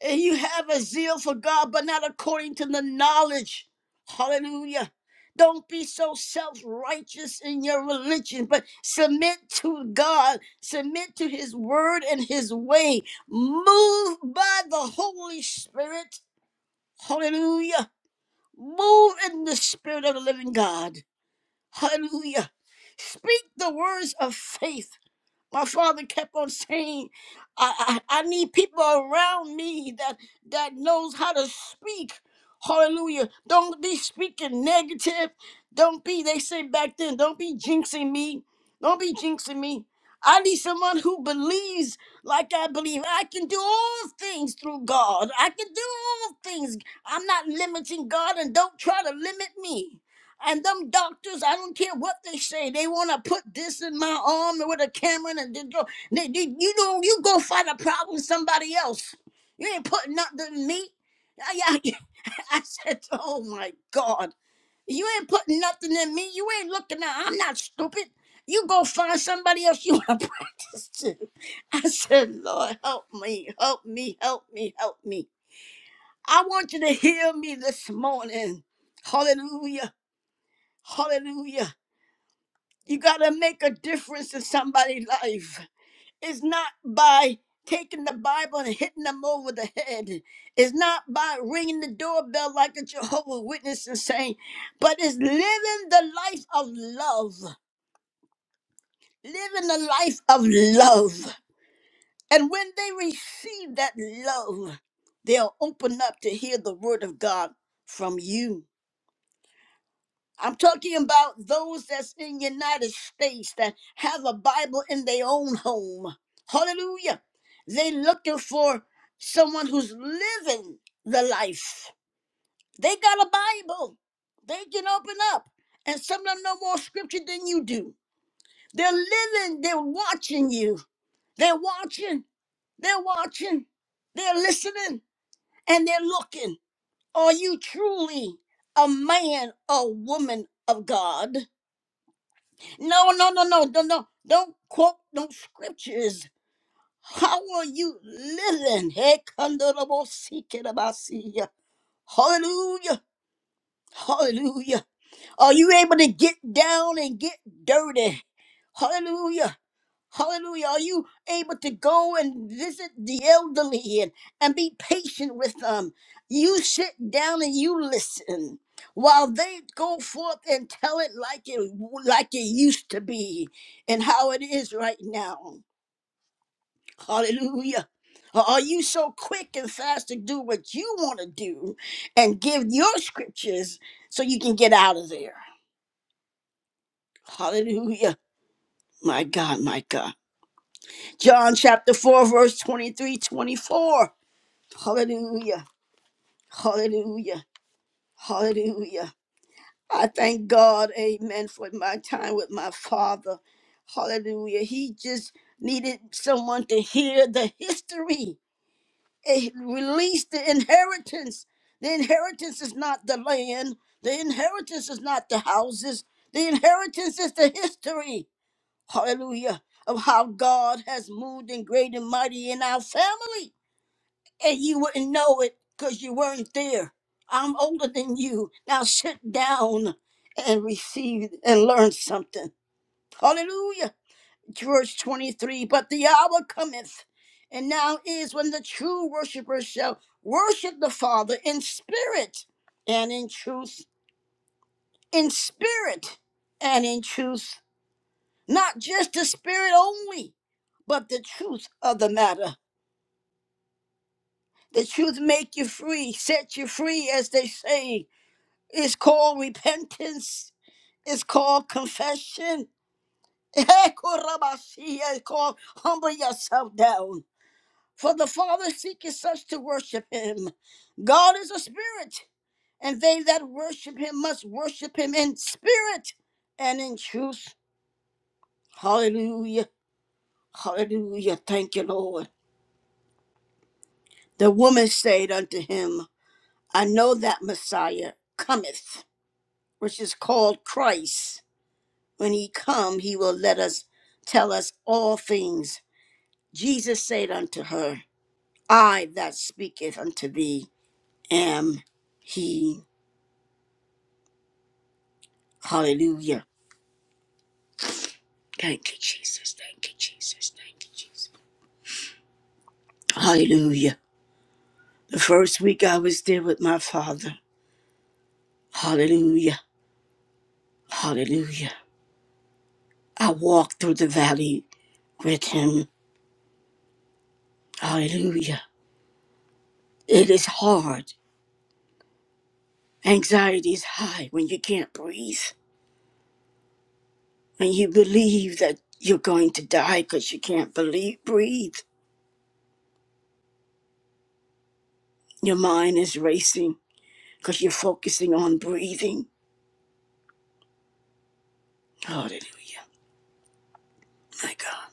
[SPEAKER 2] And you have a zeal for God, but not according to the knowledge. Hallelujah. Don't be so self righteous in your religion, but submit to God, submit to His word and His way. Move by the Holy Spirit. Hallelujah. Move in the Spirit of the living God. Hallelujah. Speak the words of faith my father kept on saying I, I i need people around me that that knows how to speak hallelujah don't be speaking negative don't be they say back then don't be jinxing me don't be jinxing me i need someone who believes like i believe i can do all things through god i can do all things i'm not limiting god and don't try to limit me and them doctors, I don't care what they say, they want to put this in my arm with a camera and they, go- they, they- you know you go fight a problem somebody else. You ain't putting nothing in me. I, I, I said, oh my God, you ain't putting nothing in me. You ain't looking at. I'm not stupid. You go find somebody else you want to practice to. I said, Lord, help me, help me, help me, help me. I want you to hear me this morning. Hallelujah. Hallelujah. You got to make a difference in somebody's life. It's not by taking the Bible and hitting them over the head. It's not by ringing the doorbell like a Jehovah Witness and saying, but it's living the life of love. Living the life of love. And when they receive that love, they'll open up to hear the word of God from you. I'm talking about those that's in United States that have a Bible in their own home. Hallelujah. They looking for someone who's living the life. They got a Bible. They can open up. And some of them know more scripture than you do. They're living, they're watching you. They're watching, they're watching, they're listening, and they're looking. Are you truly a man or woman of God? No, no, no, no, no, no. Don't quote no scriptures. How are you living? Hey, kandarabosikirabasiya. Hallelujah. Hallelujah. Are you able to get down and get dirty? Hallelujah. Hallelujah. Are you able to go and visit the elderly and, and be patient with them? You sit down and you listen while they go forth and tell it like it like it used to be and how it is right now. Hallelujah. Or Are you so quick and fast to do what you want to do and give your scriptures so you can get out of there? Hallelujah. My God, my God. John chapter 4, verse 23 24. Hallelujah. Hallelujah. Hallelujah. I thank God, amen, for my time with my father. Hallelujah. He just needed someone to hear the history, eh, release the inheritance. The inheritance is not the land, the inheritance is not the houses, the inheritance is the history. Hallelujah. Of how God has moved and great and mighty in our family. and you wouldn't know it because you weren't there. I'm older than you. Now sit down and receive and learn something. Hallelujah. Verse 23 But the hour cometh, and now is when the true worshipers shall worship the Father in spirit and in truth. In spirit and in truth. Not just the spirit only, but the truth of the matter. The truth make you free, set you free, as they say. It's called repentance. It's called confession. It's called humble yourself down. For the Father seeketh such to worship him. God is a spirit, and they that worship him must worship him in spirit and in truth. Hallelujah. Hallelujah. Thank you, Lord. The woman said unto him, I know that Messiah cometh, which is called Christ. When he come, he will let us tell us all things. Jesus said unto her, I that speaketh unto thee am he. Hallelujah. Thank you, Jesus. Thank you, Jesus. Thank you, Jesus. Hallelujah. The first week I was there with my father. Hallelujah. Hallelujah. I walked through the valley with him. Hallelujah. It is hard. Anxiety is high when you can't breathe. and you believe that you're going to die because you can't believe breathe. Your mind is racing because you're focusing on breathing. Hallelujah, my God.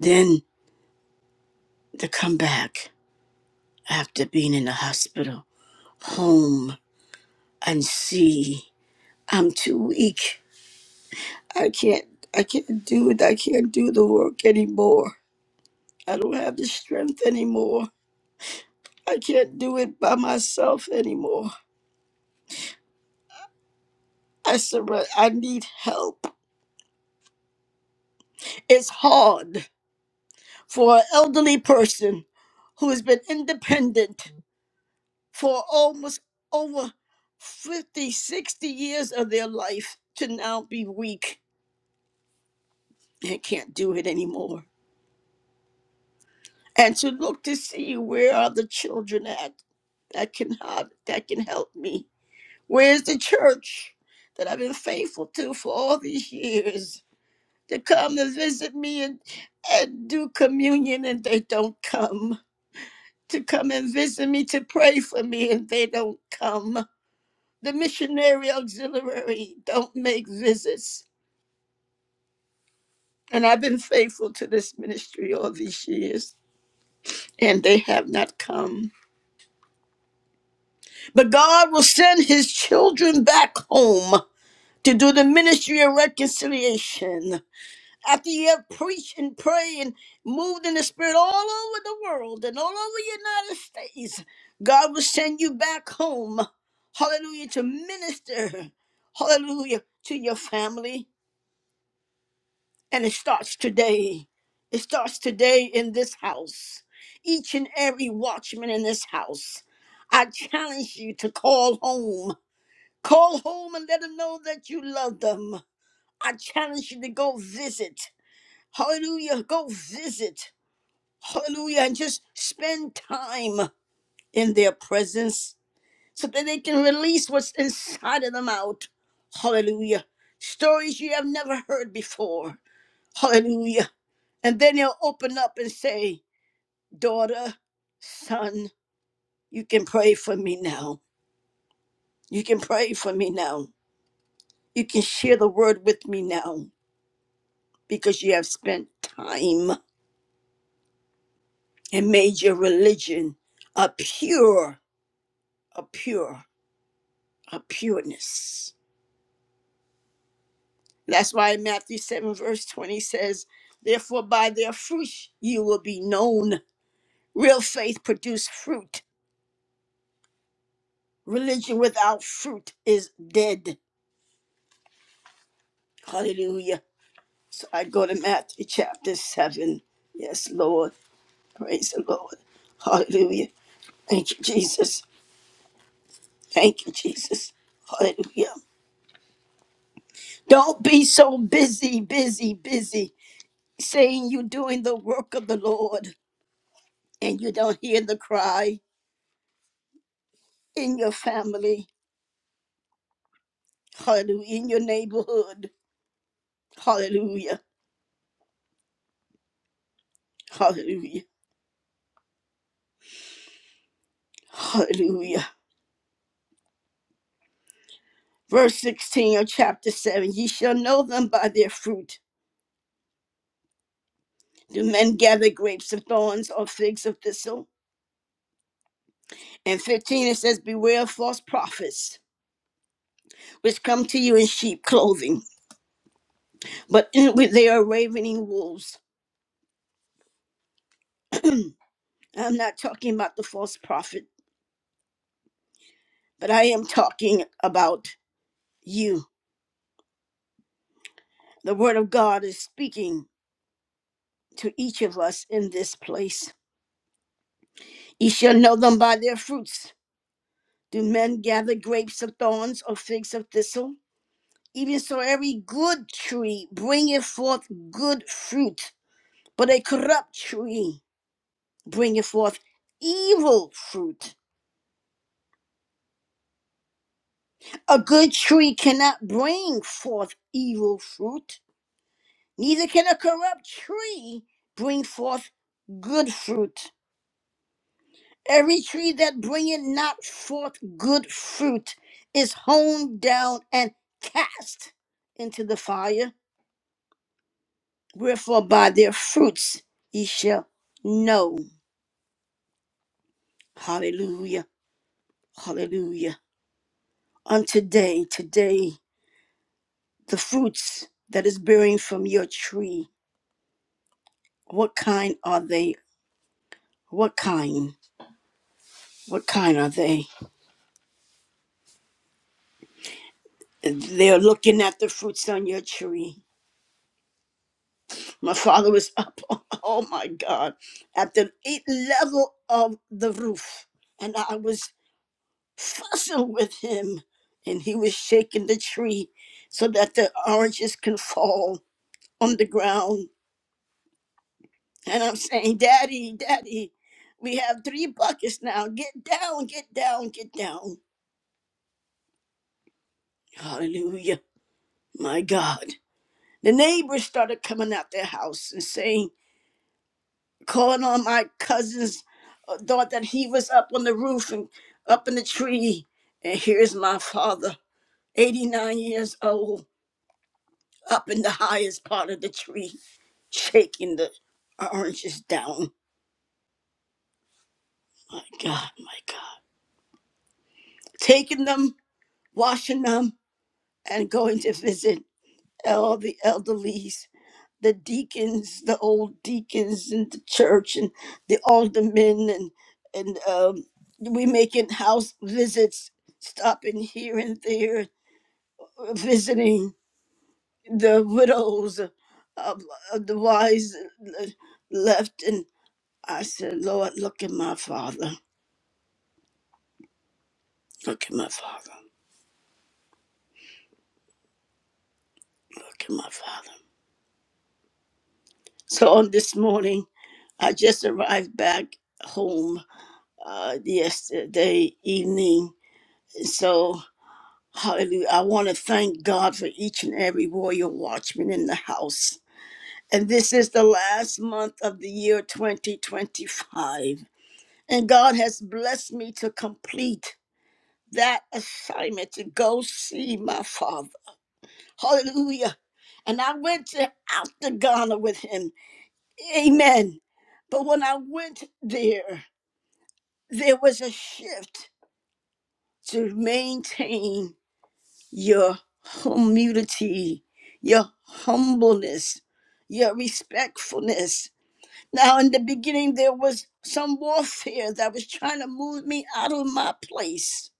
[SPEAKER 2] Then to come back after being in the hospital, home, and see I'm too weak. I can't. I can't do it. I can't do the work anymore. I don't have the strength anymore. I can't do it by myself anymore. I surrender. I need help. It's hard. for an elderly person who has been independent for almost over 50, 60 years of their life to now be weak and can't do it anymore. And to look to see where are the children at that can help, that can help me. Where's the church that I've been faithful to for all these years to come and visit me and, and do communion and they don't come? to come and visit me to pray for me and they don't come. The missionary auxiliary don't make visits. And I've been faithful to this ministry all these years and they have not come. But God will send his children back home to do the ministry of reconciliation. after you have preached and prayed and moved in the spirit all over the world and all over the United States, God will send you back home. Hallelujah, to minister. Hallelujah, to your family. And it starts today. It starts today in this house. Each and every watchman in this house, I challenge you to call home. Call home and let them know that you love them. I challenge you to go visit. Hallelujah. Go visit. Hallelujah. And just spend time in their presence so that they can release what's inside of them out. Hallelujah. Stories you have never heard before. Hallelujah. And then he'll open up and say, Daughter, son, you can pray for me now. You can pray for me now. You can share the word with me now because you have spent time and made your religion a pure, a pure, a pureness. That's why Matthew 7, verse 20 says, Therefore, by their fruit you will be known. Real faith produces fruit. Religion without fruit is dead. Hallelujah. So I go to Matthew chapter 7. Yes, Lord. Praise the Lord. Hallelujah. Thank you, Jesus. Thank you, Jesus. Hallelujah. Don't be so busy, busy, busy, saying you're doing the work of the Lord and you don't hear the cry in your family Hallelujah. In your neighborhood. Hallelujah. Hallelujah. Hallelujah. Verse 16 of chapter 7 Ye shall know them by their fruit. Do men gather grapes of thorns or figs of thistle? And 15 it says, Beware of false prophets, which come to you in sheep clothing, but inwardly they are ravening wolves. I'm not talking about the false prophet, but I am talking about you. The word of God is speaking to each of us in this place. Ye shall know them by their fruits. Do men gather grapes of thorns or figs of thistle? Even so, every good tree bringeth forth good fruit, but a corrupt tree bringeth forth evil fruit. A good tree cannot bring forth evil fruit, neither can a corrupt tree bring forth good fruit. Every tree that bringeth not forth good fruit is hewn down and cast into the fire. Wherefore by their fruits ye shall know. Hallelujah. Hallelujah. Unto day, today, the fruits that is bearing from your tree, what kind are they? What kind? What kind are they? They're looking at the fruits on your tree. My father was up, oh my God, at the eighth level of the roof. And I was fussing with him, and he was shaking the tree so that the oranges can fall on the ground. And I'm saying, Daddy, Daddy, we have three buckets now. Get down, get down, get down. Hallelujah. My God. The neighbors started coming out their house and saying, calling on my cousins, uh, thought that he was up on the roof and up in the tree. And here's my father, 89 years old, up in the highest part of the tree, shaking the oranges down. My God, my God. Taking them, washing them, and going to visit all the elderlies the deacons, the old deacons in the church, and the aldermen, and and um, we making house visits, stopping here and there, uh, visiting the widows of, of the wise uh, left. And I said, Lord, look at my father, look at my father, look at my father. So on this morning, I just arrived back home uh, yesterday evening. So Hallelujah. I want to thank God for each and every royal watchman in the house. And this is the last month of the year 2025. And God has blessed me to complete that assignment to go see my father. Hallelujah. And I went to, out to Ghana with him. Amen. But when I went there, there was a shift to maintain your humility, your humbleness, your respectfulness. Now, in the beginning, there was some warfare that was trying to move me out of my place.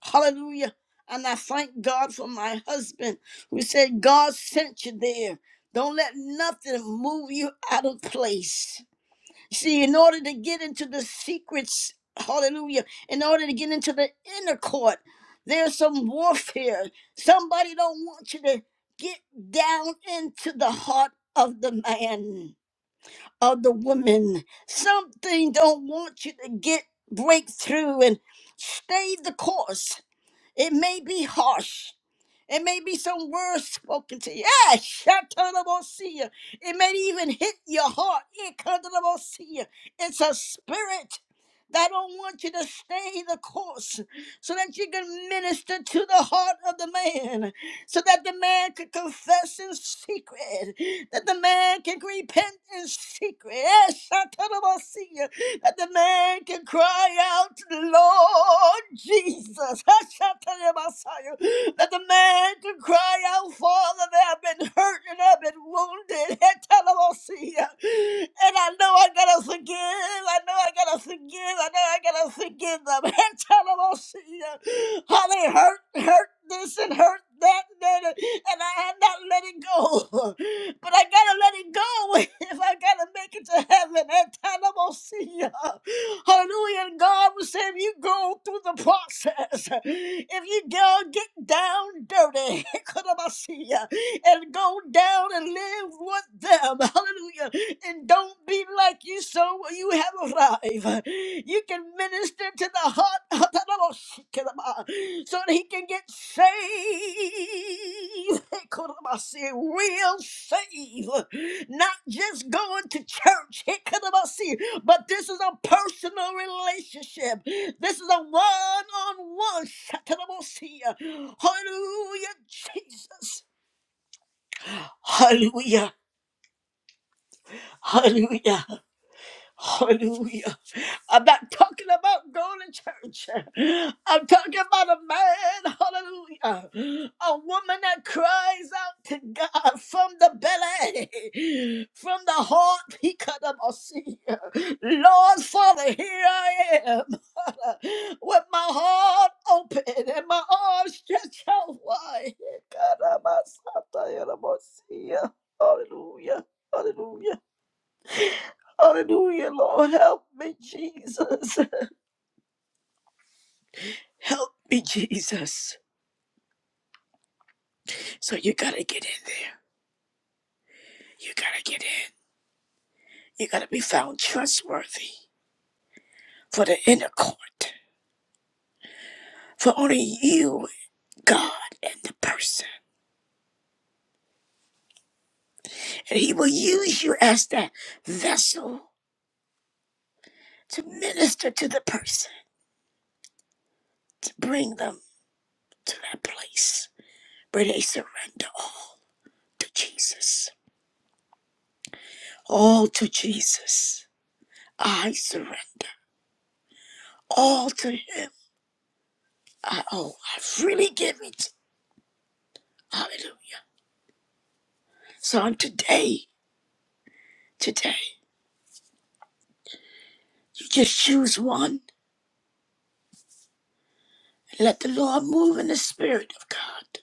[SPEAKER 2] Hallelujah. And I thank God for my husband who said, God sent you there. Don't let nothing move you out of place. See, in order to get into the secrets, hallelujah, in order to get into the inner court, there's some warfare. Somebody don't want you to get down into the heart of the man, of the woman. Something don't want you to get breakthrough and stay the course. It may be harsh. It may be some words spoken to you. Yeah, shatanabosia. It may even hit your heart. Ikadanabosia. It's a spirit that don't want you to stay the course so that you can minister to the heart of the man, so that the man can confess in secret, that the man can repent in secret. Yes, shatanabosia. That the man can cry out, Lord Jesus. Shatanabosia that the man could cry out, Father, that I've been hurt and I've been wounded. Etalamosia. And I know I gotta forgive. I know I gotta forgive. I know I gotta forgive them. Etalamosia. How they hurt, hurt this and hurt that, that, and I have not let it go. But I gotta let it go if I gotta make it to heaven. And time I'm gonna see you. Hallelujah. And God will say, if you go through the process, if you go get down dirty, could I see ya? and go down and live with them. Hallelujah. And don't be like you so you have arrived. You can minister to the heart. so that he can get saved. I say real saved, not just going to church. see, but this is a personal relationship. This is a one-on-one. Hallelujah, Jesus. Hallelujah. Hallelujah. Hallelujah. I'm not talking about going to church. I'm talking about a man, hallelujah. A woman that cries out to God from the belly, from the heart. He cut up a sea. Lord, Father, here I am with my heart open and my arms stretched out wide. God, I'm outside. Hallelujah. Hallelujah. Hallelujah, Lord. Help me, Jesus. Help me, Jesus. So you got to get in there. You got to get in. You got to be found trustworthy for the inner court, for only you, God, and the person. And He will use you as that vessel to minister to the person, to bring them to that place where they surrender all to Jesus. All to Jesus. I surrender all to Him. I, oh, I've really given to. Hallelujah. So on today, today, you just choose one and let the Lord move in the Spirit of God.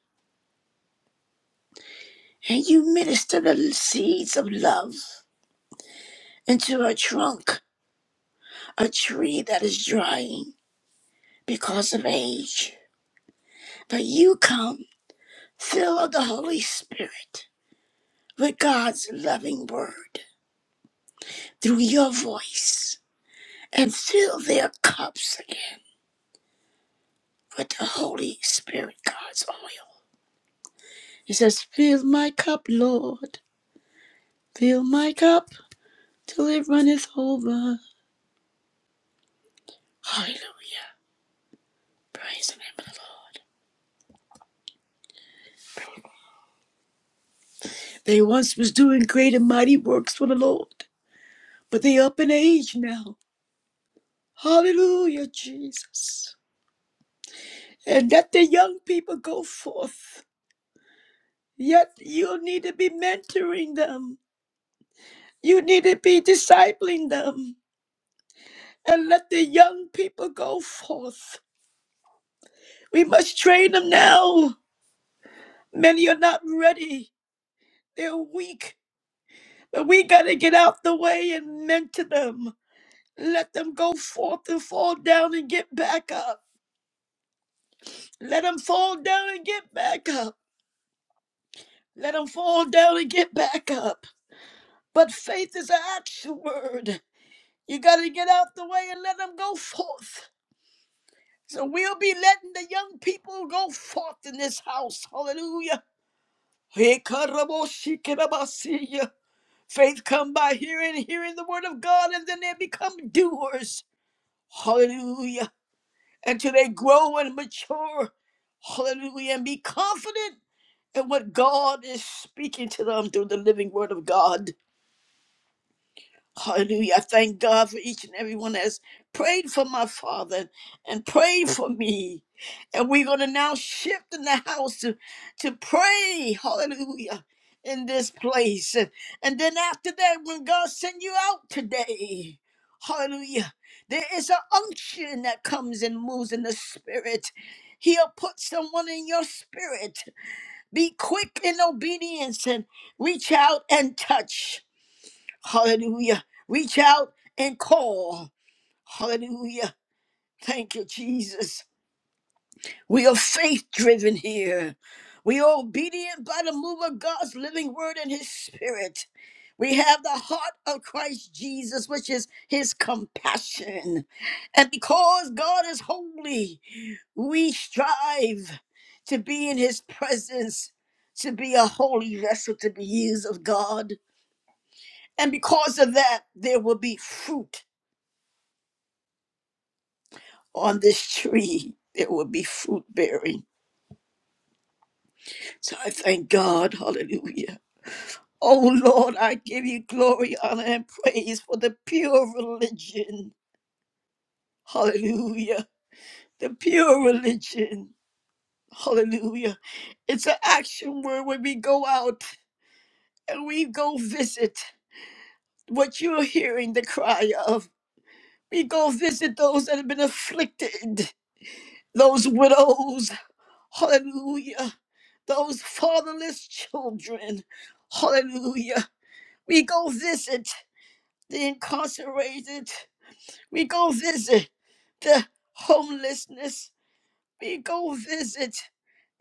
[SPEAKER 2] And you minister the seeds of love into a trunk, a tree that is drying because of age. But you come, fill of the Holy Spirit with God's loving word through your voice, and fill their cups again with the Holy Spirit, God's oil. It says, Fill my cup, Lord. Fill my cup till it runneth over. Hallelujah. Praise the name of the Lord. They once was doing great and mighty works for the Lord, but they up in age now. Hallelujah, Jesus. And let the young people go forth. Yet you need to be mentoring them. You need to be discipling them. And let the young people go forth. We must train them now. Many are not ready. They're weak, but we got to get out the way and mentor them. Let them go forth and fall down and get back up. Let them fall down and get back up. Let them fall down and get back up. But faith is an action word. You got to get out the way and let them go forth. So we'll be letting the young people go forth in this house. Hallelujah. Faith come by hearing, hearing the word of God, and then they become doers. Hallelujah. Until they grow and mature. Hallelujah. And be confident in what God is speaking to them through the living word of God. Hallelujah. I thank God for each and everyone that's prayed for my father and prayed for me. And we're going to now shift in the house to, to pray. Hallelujah. In this place. And then after that, when God send you out today, hallelujah, there is an unction that comes and moves in the spirit. He'll put someone in your spirit. Be quick in obedience and reach out and touch. Hallelujah. Reach out and call. Hallelujah. Thank you, Jesus. We are faith driven here. We are obedient by the move of God's living word and his spirit. We have the heart of Christ Jesus, which is his compassion. And because God is holy, we strive to be in his presence, to be a holy vessel, to be used of God. And because of that, there will be fruit on this tree there will be fruit bearing. So I thank God. Hallelujah. Oh Lord, I give you glory, honor, and praise for the pure religion. Hallelujah. The pure religion. Hallelujah. It's an action word when we go out and we go visit what you're hearing the cry of. We go visit those that have been afflicted, those widows. Hallelujah those fatherless children. Hallelujah. We go visit the incarcerated. We go visit the homelessness. We go visit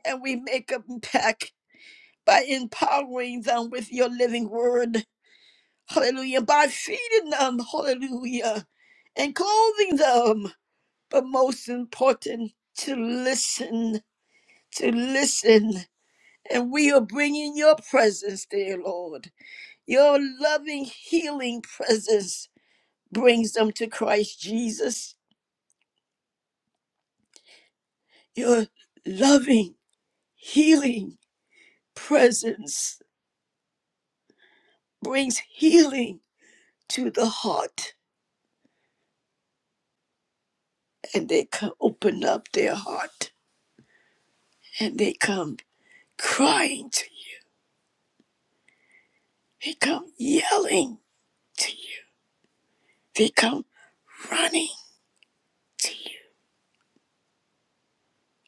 [SPEAKER 2] and we make an impact by empowering them with your living word. Hallelujah. By feeding them. Hallelujah. And clothing them. But most important, to listen, to listen. And we are bringing your presence, dear Lord. Your loving, healing presence brings them to Christ Jesus. Your loving, healing presence brings healing to the heart, and they can open up their heart and they come crying to you. They come yelling to you. They come running to you.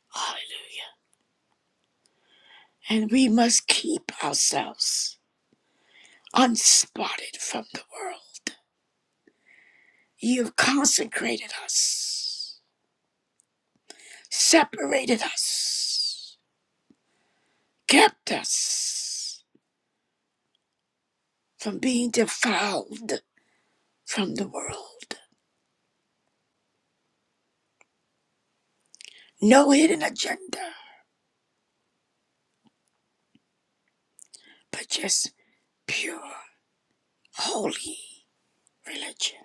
[SPEAKER 2] Hallelujah. And we must keep ourselves unspotted from the world You've consecrated us, separated us, kept us from being defiled from the world. No hidden agenda, but just pure, holy religion.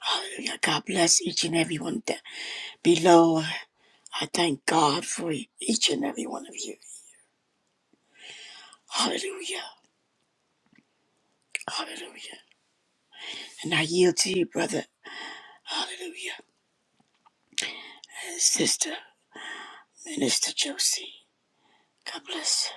[SPEAKER 2] Hallelujah. God bless each and every one that below. I thank God for each and every one of you. Hallelujah. Hallelujah. And I yield to you, brother. Hallelujah. And sister, Minister Josie. God bless.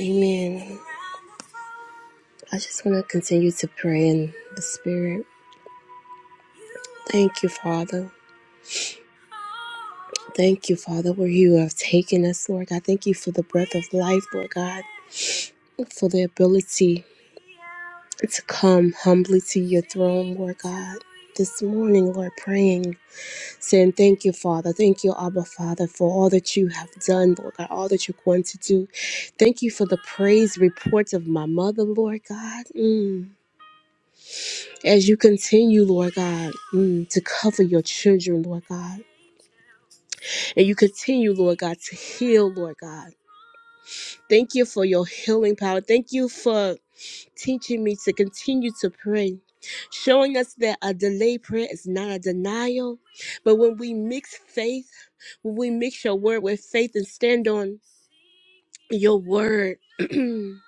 [SPEAKER 1] Amen. I just want to continue to pray in the Spirit. Thank you, Father. Thank you, Father, where you have taken us, Lord. I thank you for the breath of life, Lord God, for the ability to come humbly to your throne, Lord God. This morning, Lord, praying. Saying thank you, Father. Thank you, Abba, Father, for all that you have done, Lord God, all that you're going to do. Thank you for the praise reports of my mother, Lord God. Mm. As you continue, Lord God, mm, to cover your children, Lord God. And you continue, Lord God, to heal, Lord God. Thank you for your healing power. Thank you for teaching me to continue to pray, showing us that a delayed prayer is not a denial. But when we mix faith, when we mix your word with faith and stand on your word and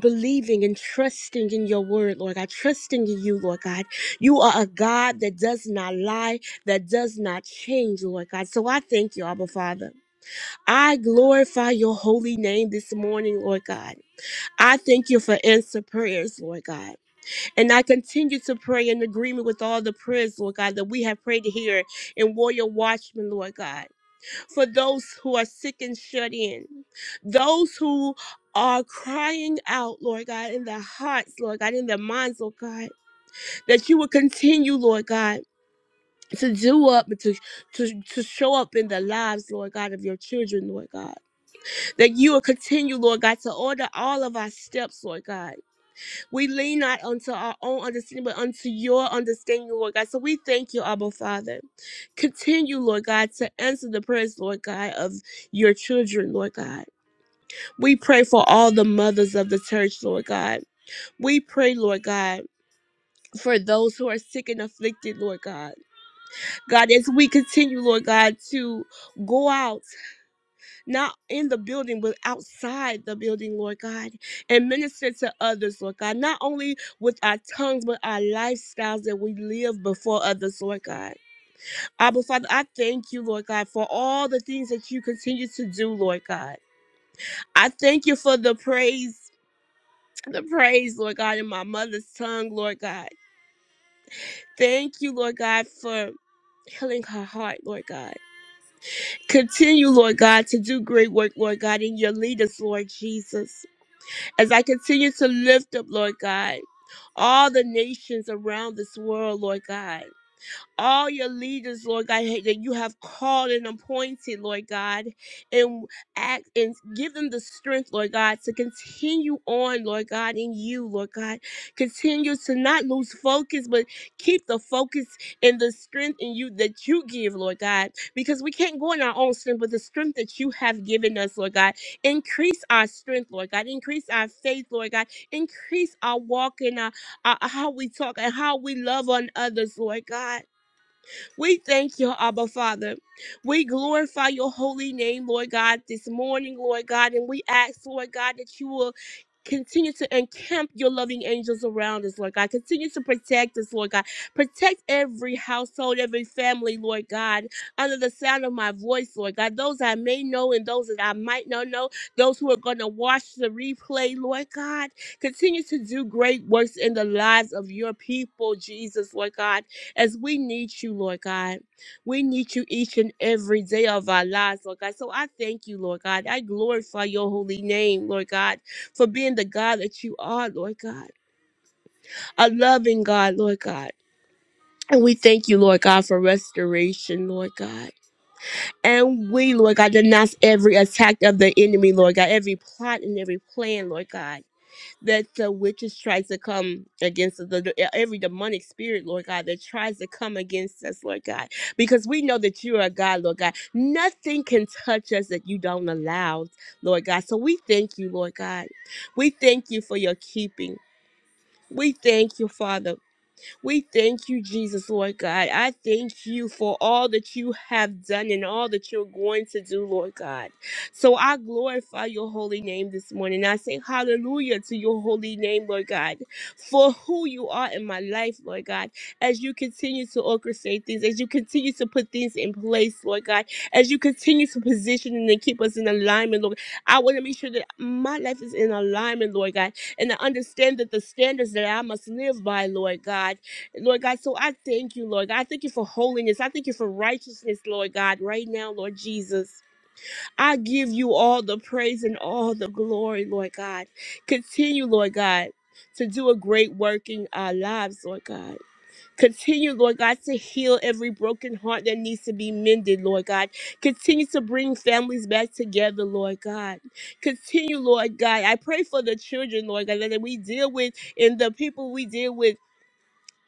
[SPEAKER 1] believing and trusting in your word, Lord God, trusting in you, Lord God. You are a God that does not lie, that does not change, Lord God. So I thank you, Abba Father. I glorify your holy name this morning, Lord God. I thank you for answer prayers, Lord God. And I continue to pray in agreement with all the prayers, Lord God, that we have prayed here in Warrior Watchmen, Lord God, for those who are sick and shut in, those who are crying out, Lord God, in their hearts, Lord God, in their minds, Lord God, that you will continue, Lord God. To do up and to, to to show up in the lives, Lord God, of your children, Lord God. That you will continue, Lord God, to order all of our steps, Lord God we lean not unto our own understanding, but unto your understanding, Lord God. So we thank you, Abba Father. Continue, Lord God, to answer the prayers, Lord God, of your children, Lord God. We pray for all the mothers of the church, Lord God. We pray, Lord God. For those who are sick and afflicted, Lord God. God, as we continue, Lord God, to go out not in the building, but outside the building, Lord God, and minister to others, Lord God, not only with our tongues, but our lifestyles that we live before others, Lord God. Abba Father, I thank you, Lord God, for all the things that you continue to do, Lord God. I thank you for the praise. The praise, Lord God, in my mother's tongue, Lord God. Thank you, Lord God, for healing her heart, Lord God. Continue, Lord God, to do great work, Lord God, in your leaders, Lord Jesus. As I continue to lift up, Lord God, all the nations around this world, Lord God all your leaders, Lord God, that you have called and appointed, Lord God, and act and give them the strength, Lord God, to continue on, Lord God, in you, Lord God. Continue to not lose focus, but keep the focus and the strength in you that you give, Lord God, because we can't go in our own strength, but the strength that you have given us, Lord God. Increase our strength, Lord God. Increase our faith, Lord God. Increase our walk and our, our how we talk and how we love on others, Lord God. We thank you, Abba Father. We glorify your holy name, Lord God, this morning, Lord God, and we ask, Lord God, that you will. Continue to encamp your loving angels around us, Lord God. Continue to protect us, Lord God. Protect every household, every family, Lord God, under the sound of my voice, Lord God. Those I may know and those that I might not know, those who are going to watch the replay, Lord God. Continue to do great works in the lives of your people, Jesus, Lord God as we need you, Lord God. We need you each and every day of our lives, Lord God. So I thank you, Lord God. I glorify your holy name, Lord God, for being the God that you are, Lord God, a loving God, Lord God. And we thank you, Lord God, for restoration, Lord God. And we, Lord God, denounce every attack of the enemy, Lord God, every plot and every plan, Lord God that the witches tries to come against us, the, the- e, every demonic spirit, Lord God, that tries to come against us, Lord God, because we know that you are a God, Lord God. Nothing can touch us that you don't allow, Lord God. So we thank you, Lord God. We thank you for your keeping. We thank you, Father. We thank you, Jesus, Lord God. I thank you for all that you have done and all that you're going to do, Lord God. So I glorify your holy name this morning. I say hallelujah to your holy name, Lord God, for who you are in my life, Lord God, as you continue to orchestrate things, as you continue to put things in place, Lord God, as you continue to position and keep us in alignment, Lord. I want to make sure that my life is in alignment, Lord God, and I understand that the standards that I must live by, Lord God Lord God, so I thank you, Lord God. I thank you for holiness. I thank you for righteousness, Lord God, right now, Lord Jesus. I give you all the praise and all the glory, Lord God. Continue, Lord God, to do a great work in our lives, Lord God. Continue, Lord God, to heal every broken heart that needs to be mended, Lord God. Continue to bring families back together, Lord God. Continue, Lord God. I pray for the children, Lord God, that we deal with and the people we deal with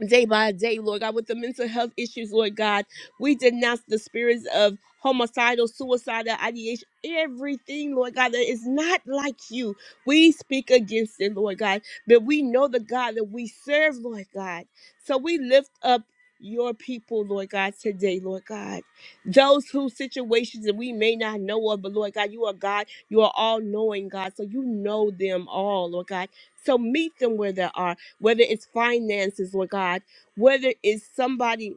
[SPEAKER 1] day by day, Lord God, with the mental health issues, Lord God. We denounce the spirits of homicidal, suicidal ideation, everything, Lord God, that is not like you. We speak against it, Lord God. But we know the God that we serve, Lord God. So we lift up your people, Lord God, today, Lord God. Those whose situations that we may not know of, but Lord God, you are God. You are all knowing, God. So you know them all, Lord God. So meet them where they are, whether it's finances, Lord God, whether it's somebody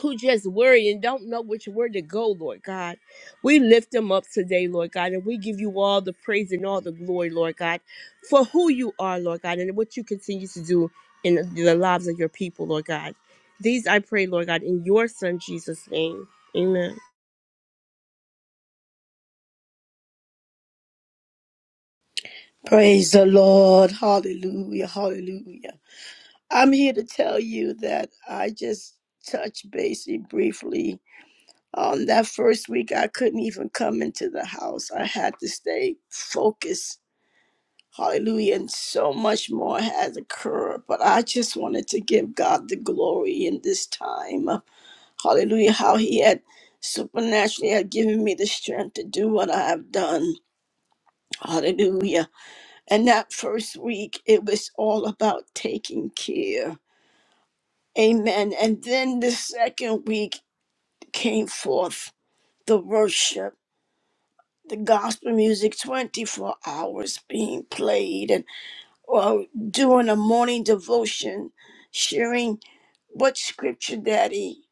[SPEAKER 1] who just worry and don't know which word to go, Lord God. We lift them up today, Lord God, and we give you all the praise and all the glory, Lord God, for who you are, Lord God, and what you continue to do in the lives of your people, Lord God. These I pray, Lord God, in your son Jesus' name. Amen.
[SPEAKER 2] Praise the Lord. Hallelujah. Hallelujah. I'm here to tell you that I just touched basically briefly. On that first week, I couldn't even come into the house. I had to stay focused. Hallelujah. And so much more has occurred. But I just wanted to give God the glory in this time. Hallelujah. How He had supernaturally had given me the strength to do what I have done. Hallelujah. And that first week, it was all about taking care. Amen. And then the second week came forth the worship, the gospel music 24 hours being played, and well, doing a morning devotion, sharing what scripture, Daddy,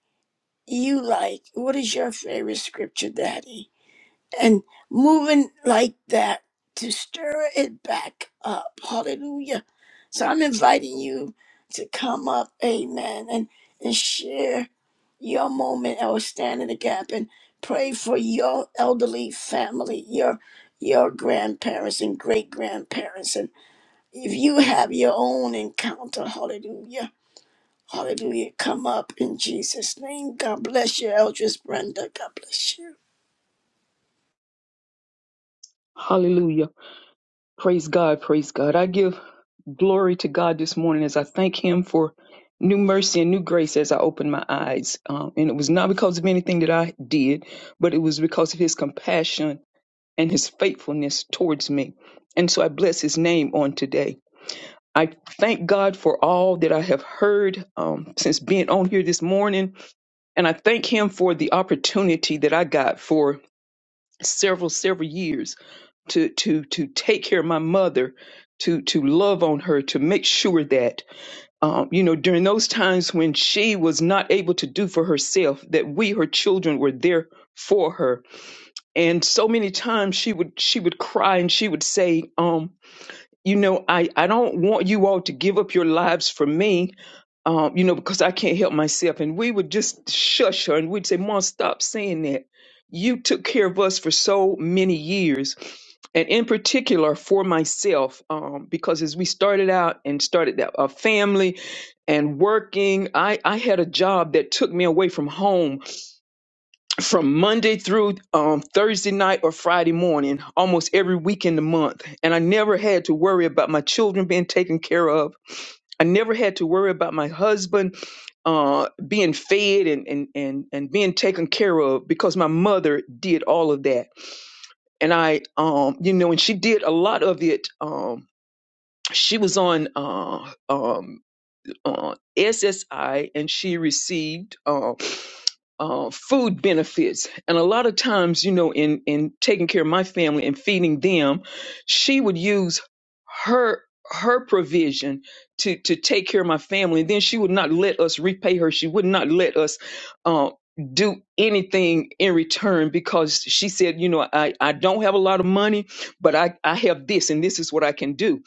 [SPEAKER 2] you like. What is your favorite scripture, Daddy? and moving like that to stir it back up. Hallelujah. So I'm inviting you to come up, amen, and, and share your moment or stand in the gap and pray for your elderly family, your your grandparents and great grandparents. And if you have your own encounter, hallelujah, hallelujah, come up in Jesus' name. God bless you, Eldris Brenda. God bless you.
[SPEAKER 7] Hallelujah. Praise God. Praise God. I give glory to God this morning as I thank Him for new mercy and new grace as I opened my eyes. Um, and it was not because of anything that I did, but it was because of His compassion and His faithfulness towards me. And so I bless His name on today. I thank God for all that I have heard um, since being on here this morning. And I thank Him for the opportunity that I got for several several years to to to take care of my mother to to love on her to make sure that um, you know during those times when she was not able to do for herself that we her children were there for her and so many times she would she would cry and she would say um you know i i don't want you all to give up your lives for me um, you know, because I can't help myself. And we would just shush her and we'd say, Mom, stop saying that. You took care of us for so many years. And in particular for myself, um, because as we started out and started that, a family and working, I, I had a job that took me away from home from Monday through um, Thursday night or Friday morning, almost every week in the month. And I never had to worry about my children being taken care of. I never had to worry about my husband uh, being fed and, and, and, and being taken care of because my mother did all of that. And I, um, you know, and she did a lot of it. Um, she was on uh, um, uh, SSI and she received uh, uh, food benefits. And a lot of times, you know, in, in taking care of my family and feeding them, she would use her her provision to to take care of my family and then she would not let us repay her she would not let us uh, do anything in return because she said you know i i don't have a lot of money but i i have this and this is what i can do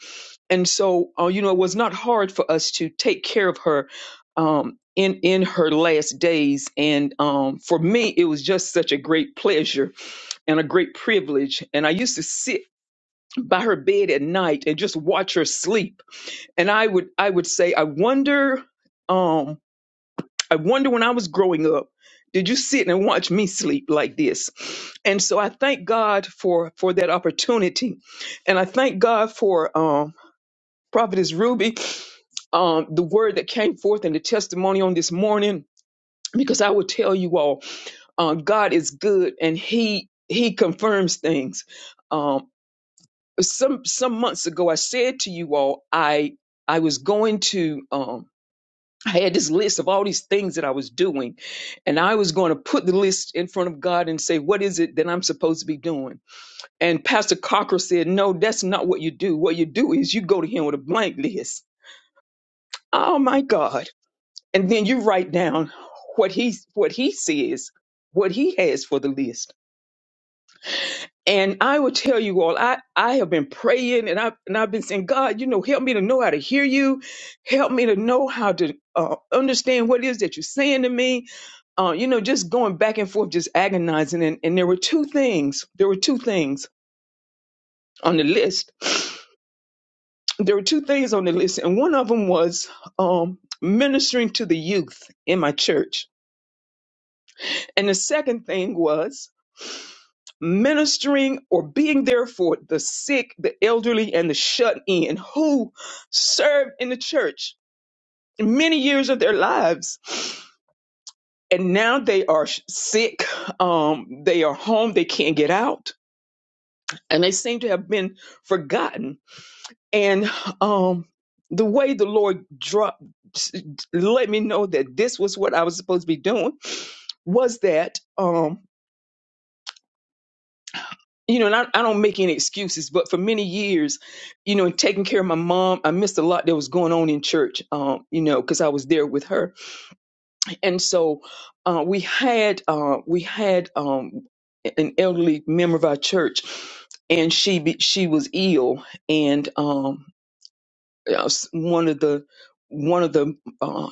[SPEAKER 7] and so uh, you know it was not hard for us to take care of her um, in in her last days and um, for me it was just such a great pleasure and a great privilege and i used to sit by her bed at night and just watch her sleep and i would i would say i wonder um i wonder when i was growing up did you sit and watch me sleep like this and so i thank god for for that opportunity and i thank god for Um, Prophetess Ruby, um, the word that came forth and the testimony on this morning, because I will tell you all, uh, God is good and He He confirms things. Um, some some months ago, I said to you all, I I was going to. Um, I had this list of all these things that I was doing, and I was going to put the list in front of God and say, What is it that I'm supposed to be doing? And Pastor Cocker said, No, that's not what you do. What you do is you go to Him with a blank list. Oh my God. and then you write down what he what he says, what he has for the list. And I will tell you all, I I have been praying and I and I've been saying, God, you know, help me to know how to hear you, help me to know how to uh, understand what it is that you're saying to me. Uh, you know, just going back and forth, just agonizing. And and there were two things. There were two things on the list. There were two things on the list, and one of them was um, ministering to the youth in my church, and the second thing was ministering or being there for the sick, the elderly, and the shut in who served in the church many years of their lives. And now they are sh- sick, um, they are home, they can't get out, and they seem to have been forgotten. And um, the way the Lord dropped, let me know that this was what I was supposed to be doing was that. um. you know, and I, I don't make any excuses, but for many years, you know, in taking care of my mom, I missed a lot that was going on in church, um, you know, because I was there with her. And so uh, we had uh, we had um, an elderly member of our church, and she be, she was ill, and um, uh, s- one of the one of the uh,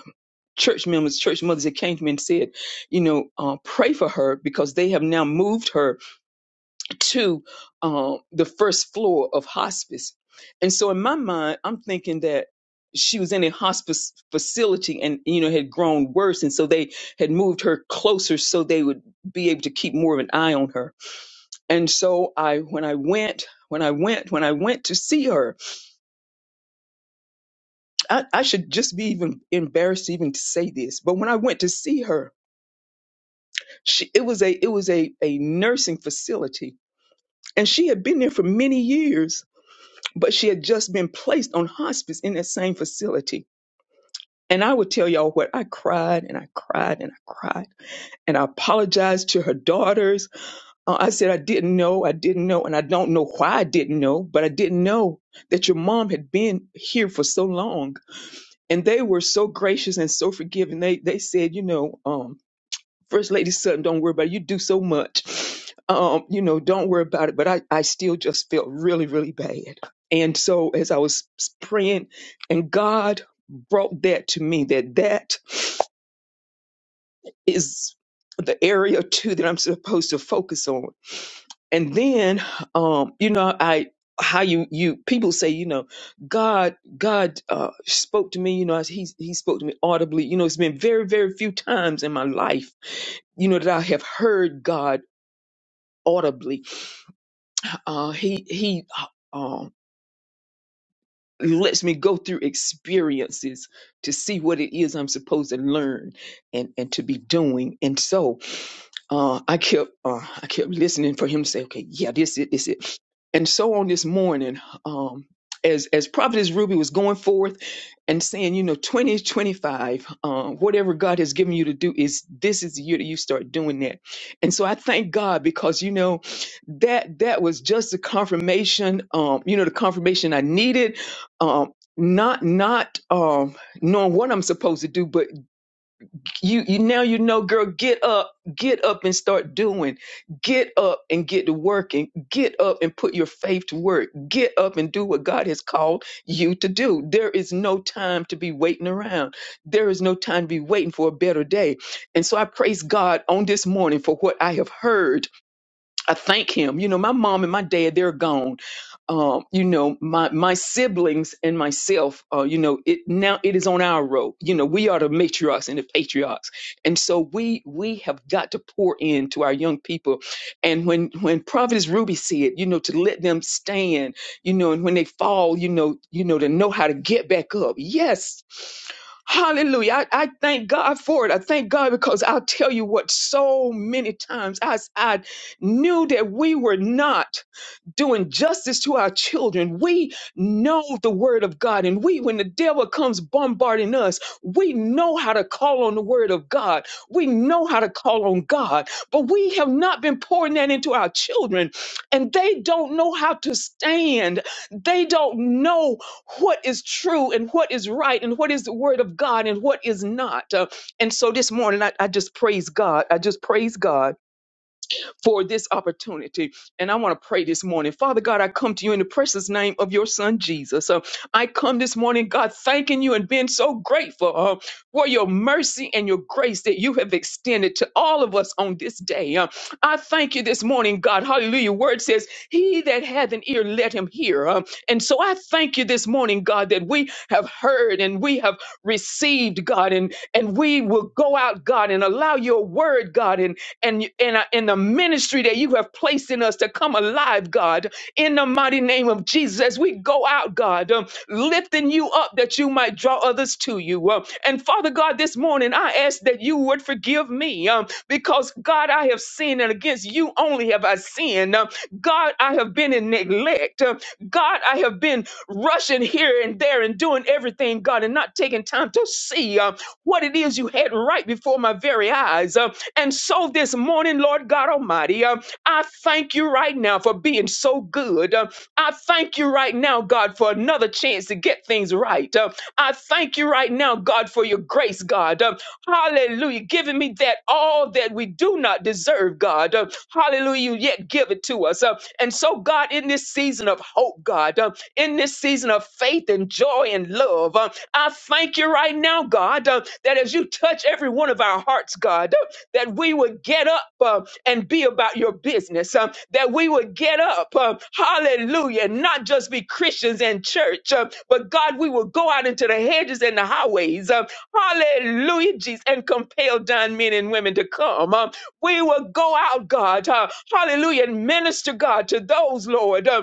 [SPEAKER 7] church members, church mothers that came to me and said, you know, uh, pray for her because they have now moved her to um, the first floor of hospice. And so in my mind, I'm thinking that she was in a hospice facility and you know had grown worse and so they had moved her closer so they would be able to keep more of an eye on her and so i when i went when i went when i went to see her i, I should just be even embarrassed even to say this but when i went to see her she, it was a it was a, a nursing facility and she had been there for many years but she had just been placed on hospice in that same facility. And I would tell y'all what I cried and I cried and I cried and I apologized to her daughters. Uh, I said I didn't know, I didn't know, and I don't know why I didn't know, but I didn't know that your mom had been here for so long. And they were so gracious and so forgiving. They they said, you know, um. First Lady Sutton, don't worry about it. You do so much. Um, you know, don't worry about it. But I, I still just felt really, really bad. And so as I was praying, and God brought that to me that that is the area too that I'm supposed to focus on. And then, um, you know, I how you you people say you know god god uh spoke to me you know he he spoke to me audibly you know it's been very very few times in my life you know that i have heard god audibly. Uh, he he uh, um, lets me go through experiences to see what it is I'm supposed to learn and and to be doing. And so uh, I kept uh, I kept listening for him to say, okay, yeah, this it, this it. And so on this morning, um, as as Prophetess Ruby was going forth and saying, you know, 2025, uh, whatever God has given you to do is this is the year that you start doing that. And so I thank God because you know that that was just the confirmation, um, you know, the confirmation I needed. Um, not not um knowing what I'm supposed to do, but you you now you know girl get up get up and start doing get up and get to working get up and put your faith to work get up and do what god has called you to do there is no time to be waiting around there is no time to be waiting for a better day and so i praise god on this morning for what i have heard I thank him. You know, my mom and my dad, they're gone. Um, you know, my my siblings and myself, uh, you know, it now it is on our road. You know, we are the matriarchs and the patriarchs. And so we we have got to pour in to our young people. And when when Prophetess Ruby said, you know, to let them stand, you know, and when they fall, you know, you know, to know how to get back up. Yes, Hallelujah. I, I thank God for it. I thank God because I'll tell you what, so many times I, I knew that we were not doing justice to our children. We know the word of God. And we, when the devil comes bombarding us, we know how to call on the word of God. We know how to call on God. But we have not been pouring that into our children. And they don't know how to stand. They don't know what is true and what is right and what is the word of God and what is not. Uh, and so this morning, I, I just praise God. I just praise God for this opportunity. And I want to pray this morning. Father God, I come to you in the precious name of your son, Jesus. Uh, I come this morning, God, thanking you and being so grateful uh, for your mercy and your grace that you have extended to all of us on this day. Uh, I thank you this morning, God. Hallelujah. Word says, He that hath an ear, let him hear. Uh, and so I thank you this morning, God, that we have heard and we have received, God, and, and we will go out, God, and allow your word, God, and and you- in, in the ministry that you have placed in us to come alive, God. In the mighty name of Jesus, as we go out, God, um, lifting you up that you might draw others to you. Um, and Father God, this morning I ask that you would forgive me um, because, God, I have sinned, and against you only have I sinned. Um, God, I have been in neglect. Um, God, I have been rushing here and there and doing everything, God, and not taking time to see um, what it is you had right before my very eyes. Um, and so this morning, Lord God Almighty, uh, I thank you right now for being so good. Uh, I thank you right now, God, for another chance to get things right. Uh, I thank you right now, God, for your grace, God. Uh, hallelujah. Giving me that all that we do not deserve, God. Uh, hallelujah. You yet give it to us. Uh, and so, God, in this season of hope, God, uh, in this season of faith and joy and love, uh, I thank you right now, God, uh, that as you touch every one of our hearts, God. uh, that we would get up uh, and be about your business, uh, that we would get up, uh, hallelujah, and not just be Christians in church, uh, but God, we will go out into the hedges and the highways, uh, hallelujah, Jesus, and compel down men and women to come. Um, we will go out, God, uh, hallelujah, and minister, God, to those, Lord. uh,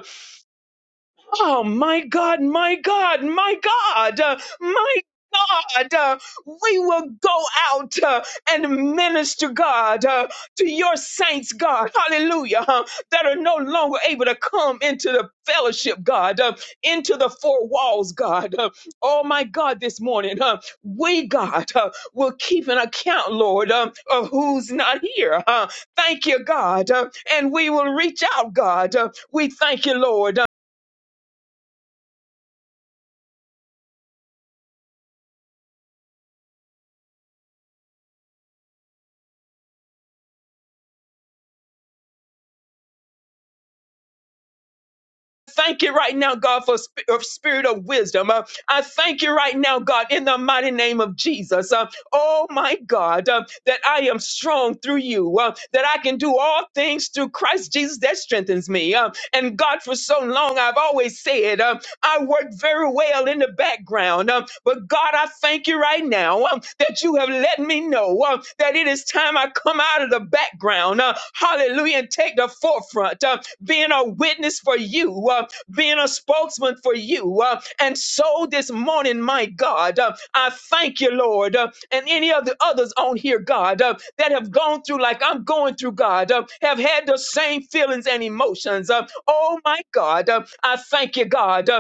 [SPEAKER 7] Oh my God, my God, my God, uh, my God, uh, we will go out uh, and minister, God, uh, to your saints, God, hallelujah, huh, that are no longer able to come into the fellowship, God, uh, into the four walls, God. Uh, oh my God, this morning, uh, we, God, uh, will keep an account, Lord, uh, of who's not here. Uh, thank you, God, uh, and we will reach out, God. Uh, we thank you, Lord. thank you right now, God, for sp- of spirit of wisdom. Uh, I thank you right now, God, in the mighty name of Jesus. Uh, oh my God, uh, that I am strong through you, uh, that I can do all things through Christ Jesus that strengthens me. Uh, and God, for so long, I've always said, uh, I work very well in the background. Um, but God, I thank you right now um, that you have let me know um, that it is time I come out of the background. Uh, hallelujah. And take the forefront, uh, being a witness for you, uh, being a spokesman for you. Uh, and so this morning, my God, uh, I thank you, Lord, uh, and any of the others on here, God, uh, that have gone through like I'm going through, God, uh, have had the same feelings and emotions. Uh, oh, my God, uh, I thank you, God. uh,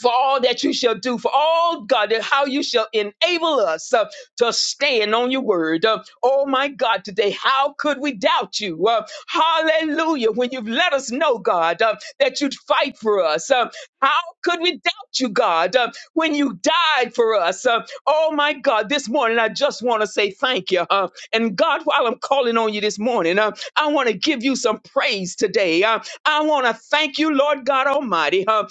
[SPEAKER 7] for all that you shall do, for all God, that how you shall enable us uh, to stand on your word. Uh, oh my God, today, how could we doubt you? Uh, hallelujah. When you've let us know, God, uh, that you'd fight for us. Uh, how could we doubt you, God, uh, when you died for us? Uh, oh my God, this morning, I just want to say thank you. Uh, and God, while I'm calling on you this morning, uh, I want to give you some praise today. Uh, I want to thank you, Lord God Almighty. huh,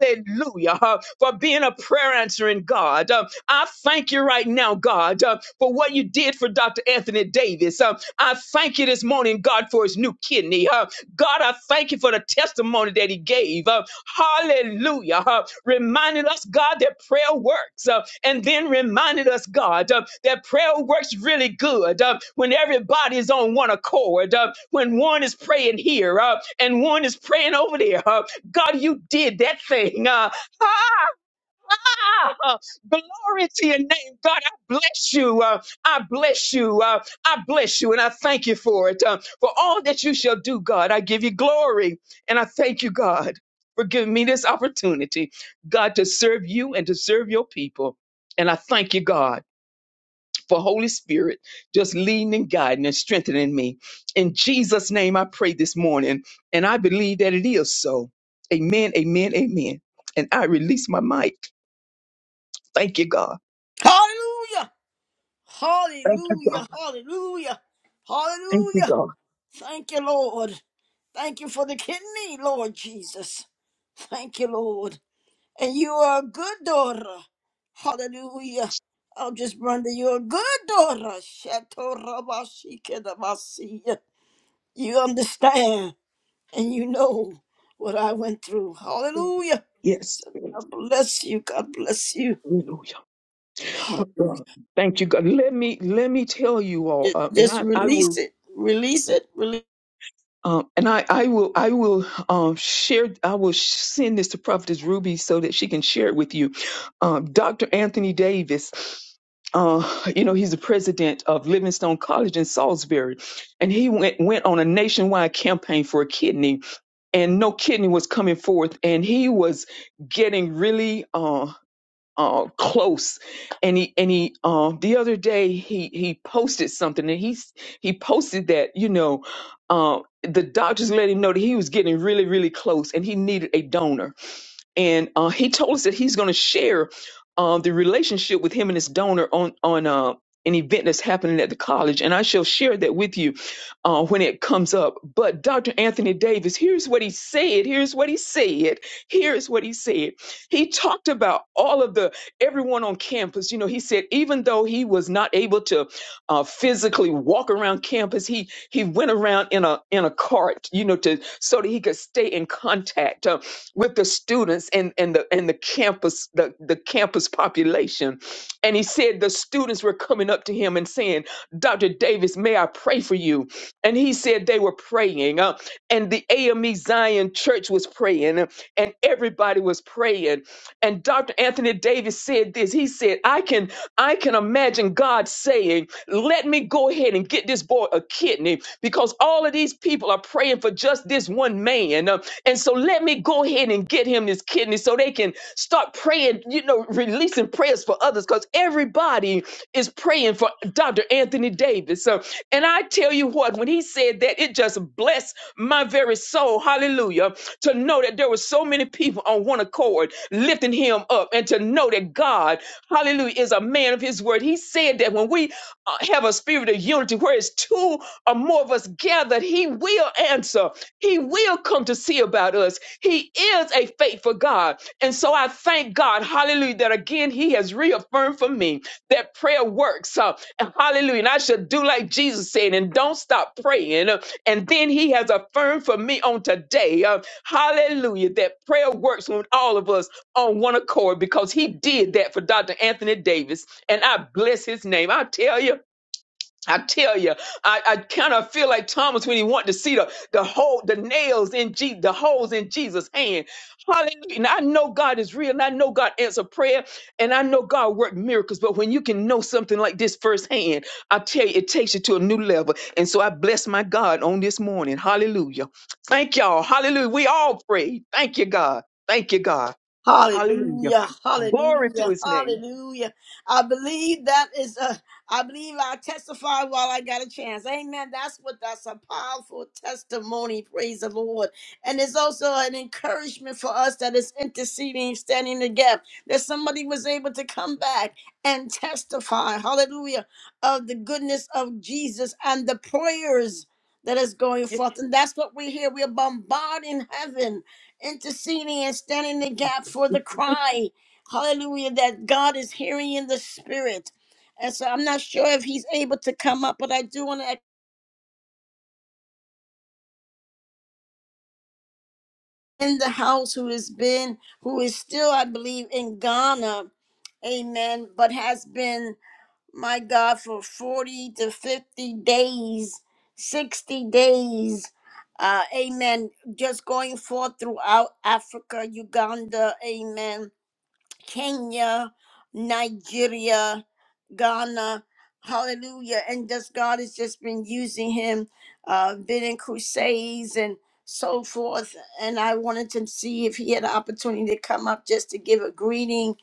[SPEAKER 7] hallelujah. huh, for being a prayer answering God. Uh, I thank you right now, God, uh, for what you did for Dr. Anthony Davis. Uh, I thank you this morning, God, for his new kidney. Uh, God, I thank you for the testimony that he gave. Uh, hallelujah. Uh, reminded us, God, that prayer works. Uh, and then reminded us, God, uh, that prayer works really good uh, when everybody is on one accord, uh, when one is praying here uh, and one is praying over there. Uh, God, you did that thing. Uh, Ah, glory to your name, God. I bless you. Uh, I bless you. Uh, I bless you, and I thank you for it. Uh, for all that you shall do, God, I give you glory, and I thank you, God, for giving me this opportunity, God, to serve you and to serve your people. And I thank you, God, for Holy Spirit just leading and guiding and strengthening me. In Jesus' name, I pray this morning, and I believe that it is so. Amen, amen, amen. And I release my mic. Thank you, God.
[SPEAKER 2] Hallelujah.
[SPEAKER 7] Thank you, God.
[SPEAKER 2] Hallelujah, hallelujah,
[SPEAKER 7] Thank you,
[SPEAKER 2] hallelujah.
[SPEAKER 7] God.
[SPEAKER 2] Thank you, Lord. Thank you for the kidney, Lord Jesus. Thank you, Lord. And you are a good daughter. Hallelujah. I'll just run to you. You're a Good daughter. Shetorabashikedabasiya. You understand and you know what I went through.
[SPEAKER 7] Yes.
[SPEAKER 2] Hallelujah.
[SPEAKER 7] Yes.
[SPEAKER 2] So God bless you. God bless you.
[SPEAKER 7] Hallelujah.
[SPEAKER 2] Hallelujah.
[SPEAKER 7] God. Thank you, God. Let me let me tell you all, uh, and
[SPEAKER 2] Just
[SPEAKER 7] I I will
[SPEAKER 2] release it. Release it. Release
[SPEAKER 7] Um, and I, I will, I will um, share. I will send this to Prophetess Ruby so that she can share it with you. Um, Dr. Anthony Davis, uh, you know, he's the president of Livingstone College in Salisbury, and he went went on a nationwide campaign for a kidney, and no kidney was coming forth, and he was getting really. Uh, uh, close. And he and he uh, the other day he he posted something and he s- he posted that you know uh, the doctors let him know that he was getting really really close and he needed a donor and uh, he told us that he's going to share uh, the relationship with him and his donor on on uh, an event that's happening at the college, and I shall share that with you uh, when it comes up. But Dr. Anthony Davis, here's what he said. Here's what he said. Here's what he said. He talked about all of the everyone on campus. You know, he said even though he was not able to uh, physically walk around campus. He he went around in a in a cart, you know, to so that he could stay in contact uh, with the students and and the and the campus the the campus population. And he said the students were coming up to him and saying, "Dr. Davis, may I pray for you?" And he said they were praying, uh, and the AME Zion Church was praying, uh, and everybody was praying. And Dr. Anthony Davis said this. He said, I can I can imagine God saying, Let me go ahead and get this boy a kidney because all of these people are praying for just this one man. Uh, And so let me go ahead and get him this kidney so they can start praying, you know, releasing prayers for others because everybody team is praying for Dr. Anthony Davis. So, and I tell you what, when he said that, it just blessed my very soul. Hallelujah. To know that there were so many people on one accord lifting him up and to know that God, hallelujah, is a man of his word. He said that when we uh, have a spirit of unity, where it's two or more of us gathered, he will answer. He will come to see about us. He is a faithful God. And so I thank God, hallelujah, that again he has reaffirmed for me that prayer works. Uh, hallelujah. And I should do like Jesus said, and don't stop praying. Uh, And then he has affirmed for me on today, uh, hallelujah, that prayer works when all of us on one accord because he did that for Dr. Anthony Davis. And I bless his name. I tell you, I tell you, I, I kind of feel like Thomas when he wanted to see the the hole, the nails in Je- the holes in Jesus' hand. Hallelujah! And I know God is real, and I know God answered prayer, and I know God worked miracles. But when you can know something like this firsthand, I tell you, it takes you to a new level. And so I bless my God on this morning. Hallelujah! Thank y'all. Hallelujah! We all pray. Thank you, God. Thank you, God. Hallelujah!
[SPEAKER 2] Hallelujah,
[SPEAKER 7] Glory to
[SPEAKER 2] hallelujah,
[SPEAKER 7] His name.
[SPEAKER 2] hallelujah. I believe that is a, I believe I testify while I got a chance. Amen. That's what that's a powerful testimony. Praise the Lord. And it's also an encouragement for us that is interceding, standing the gap, that somebody was able to come back and testify, hallelujah, of the goodness of Jesus and the prayers that is going
[SPEAKER 7] Yes,
[SPEAKER 2] forth. And that's what we hear. We're bombarding heaven interceding and standing in the gap for the cry. Hallelujah, that God is hearing in the spirit. And so I'm not sure if he's able to come up, but I do want to in the house who has been, who is still, I believe, in Ghana. Amen. But has been, my God, for 40 to 50 days, 60 days. Uh, amen. Just going forth throughout Africa, Uganda. Amen Kenya, Nigeria, Ghana. Hallelujah. And just God has just been using him, uh, been in crusades and so forth. And I wanted to see if he had an opportunity to come up just to give a greeting.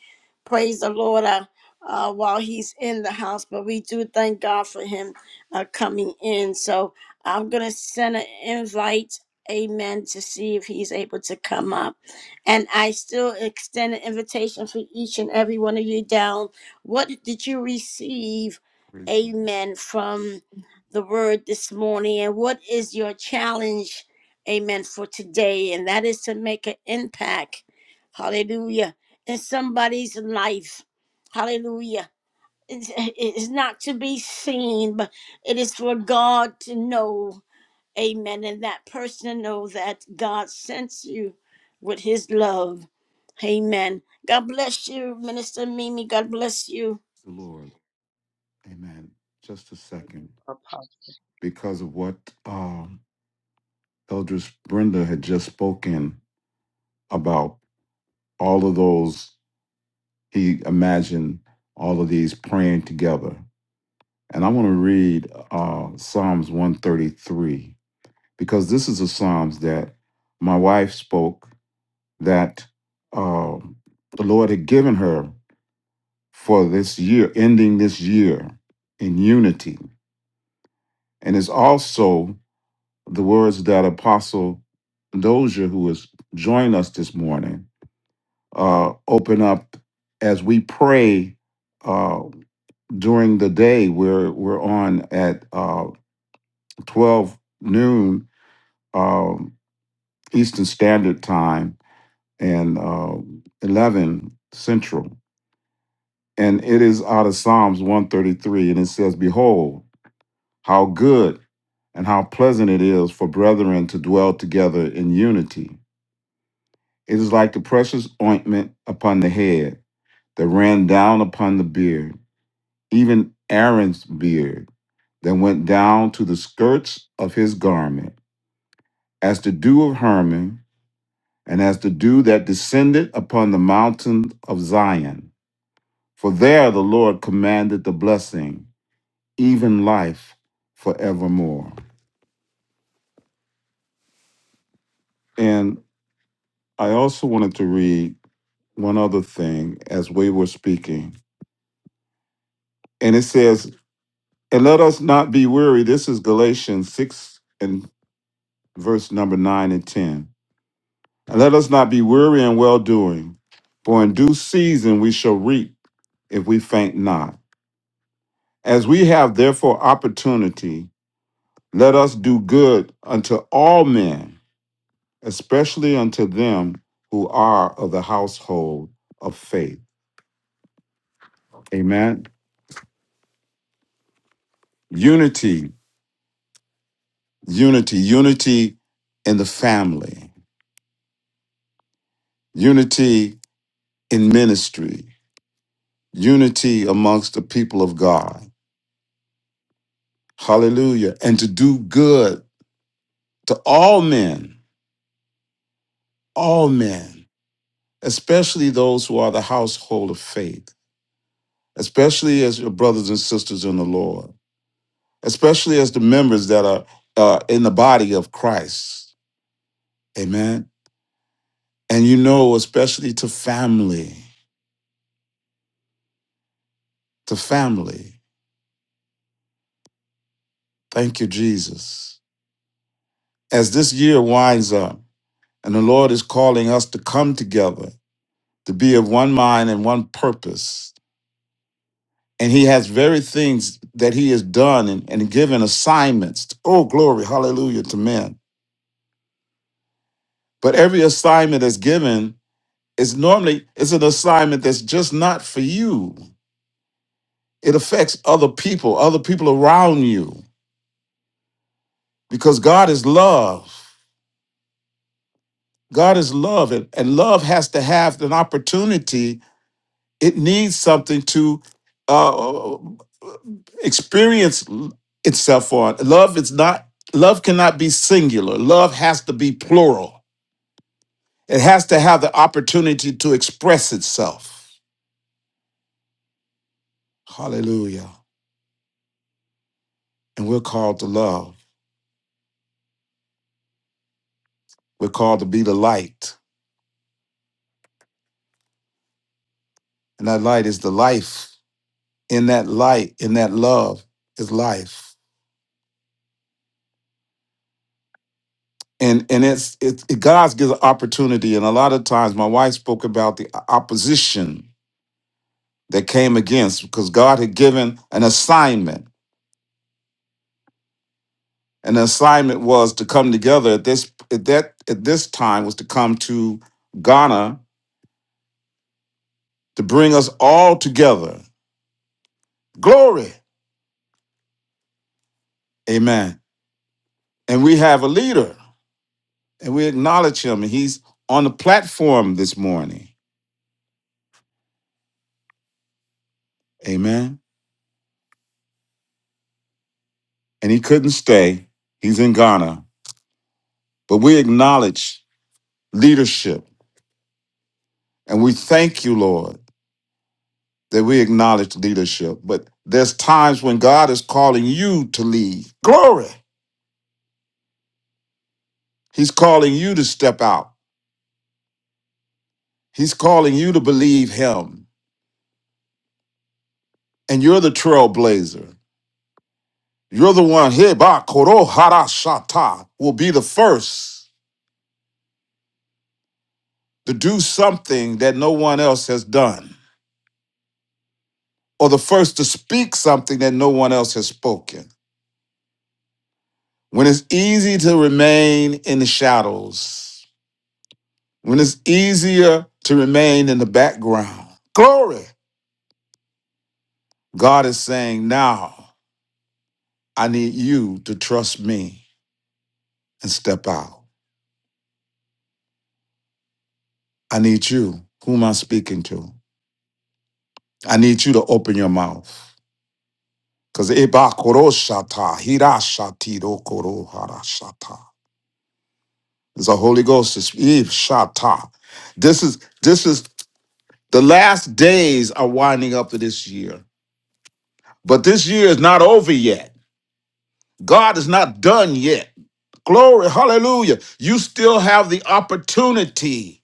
[SPEAKER 2] Praise the Lord uh, uh, while he's in the house. But we do thank God for him uh, coming in. So I'm going to send an invite, amen, to see if he's able to come up. And I still extend an invitation for each and every one of you down. What did you receive,
[SPEAKER 6] Praise the
[SPEAKER 2] amen, from the word this morning? And what is your challenge, amen, for today? And that is to make an impact, hallelujah, in somebody's life, hallelujah. It's, it's not to be seen, but it is for God to know. Amen. And that person know that God sends you with his love. Amen. God bless you, Minister Mimi. God bless you.
[SPEAKER 6] the Lord. Amen. Just a second.
[SPEAKER 8] uh,
[SPEAKER 6] Because of what um, Eldris Brenda had just spoken about all of those, he imagined all of these praying together. And I want to read uh, Psalms 133 because this is a Psalms that my wife spoke that uh, the Lord had given her for this year, ending this year in unity. And it's also the words that Apostle Dozier, who has joined us this morning, uh, open up as we pray. Uh, during the day we're we're on at uh 12 noon um eastern standard time and uh 11 central and it is out of psalms 133 and it says behold how good and how pleasant it is for brethren to dwell together in unity it is like the precious ointment upon the head that ran down upon the beard even Aaron's beard that went down to the skirts of his garment, as the dew of Hermon, and as the dew that descended upon the mountain of Zion. For there the Lord commanded the blessing, even life forevermore. And I also wanted to read one other thing as we were speaking. And it says, And let us not be weary. This is Galatians 6 and verse number 9 and 10. And let us not be weary in well doing, for in due season we shall reap if we faint not. As we have therefore opportunity, let us do good unto all men, especially unto them who are of the household of faith. Amen. Unity, unity, unity in the family, unity in ministry, unity amongst the people of God. Hallelujah. And to do good to all men, all men, especially those who are the household of faith, especially as your brothers and sisters in the Lord, especially as the members that are uh, in the body of Christ. Amen. And you know, especially to family, to family. Thank you, Jesus. As this year winds up and the Lord is calling us to come together, to be of one mind and one purpose, and he has very things that he has done and, and given assignments. Oh, glory, hallelujah to men. But every assignment that's given is normally it's an assignment that's just not for you. It affects other people, other people around you, because God is love. God is love, and, and love has to have an opportunity It needs something to uh, experience itself on. Love is not love cannot be singular. Love has to be plural. It has to have the opportunity to express itself. Hallelujah. And we're called to love. We're called to be the light. And that light is the life. In that light, in that love is life. And and it's it, it God gives an opportunity. And a lot of times my wife spoke about the opposition that came against because God had given an assignment. And the assignment was to come together at this at that at this time was to come to Ghana to bring us all together. Glory. Amen. And we have a leader and we acknowledge him. And he's on the platform this morning. Amen. And he couldn't stay. He's in Ghana. But we acknowledge leadership. And we thank you, Lord. that we acknowledge leadership, but there's times when God is calling you to lead. Glory. He's calling you to step out. He's calling you to believe him. And you're the trailblazer. You're the one, hey, ba, koro, hara, shata, will be the first to do something that no one else has done, or the first to speak something that no one else has spoken. When it's easy to remain in the shadows, when it's easier to remain in the background. Glory. God is saying, now I need you to trust me and step out. I need you. Who am I speaking to? I need you to open your mouth. Because there's a Holy Ghost. It's Eve Shata. This is this is the last days are winding up of this year. But this year is not over yet. God is not done yet. Glory, hallelujah. You still have the opportunity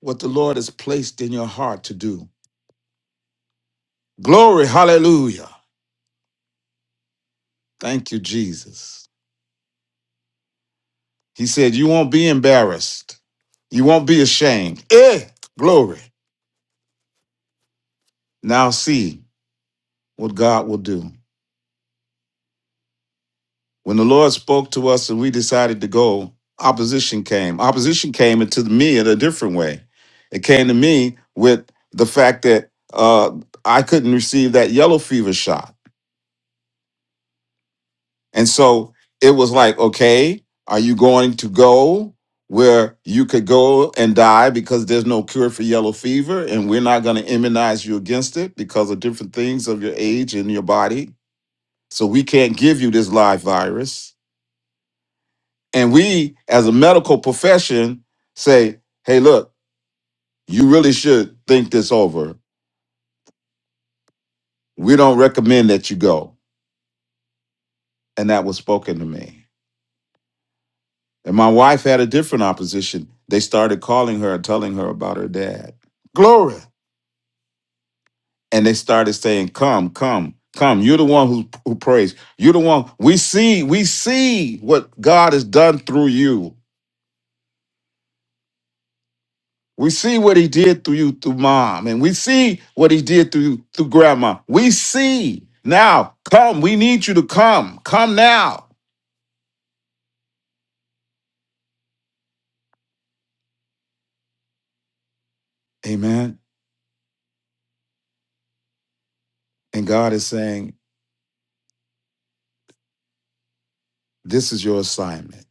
[SPEAKER 6] what the Lord has placed in your heart to do. Glory, hallelujah. Thank you, Jesus. He said, You won't be embarrassed. You won't be ashamed. Eh, glory. Now see what God will do. When the Lord spoke to us and we decided to go, opposition came. Opposition came into me in a different way. It came to me with the fact that uh, I couldn't receive that yellow fever shot. And so it was like, okay, are you going to go where you could go and die because there's no cure for yellow fever and we're not going to immunize you against it because of different things of your age and your body? So we can't give you this live virus And we, as a medical profession, say, hey, look, you really should think this over. We don't recommend that you go. And that was spoken to me. And my wife had a different opposition. They started calling her and telling her about her dad. Glory. And they started saying, come, come, come. You're the one who, who prays. You're the one. We see, we see what God has done through you. We see what he did through you through mom, and we see what he did through you through grandma. We see now. Come, we need you to come. Come now. Amen. And God is saying, This is your assignment.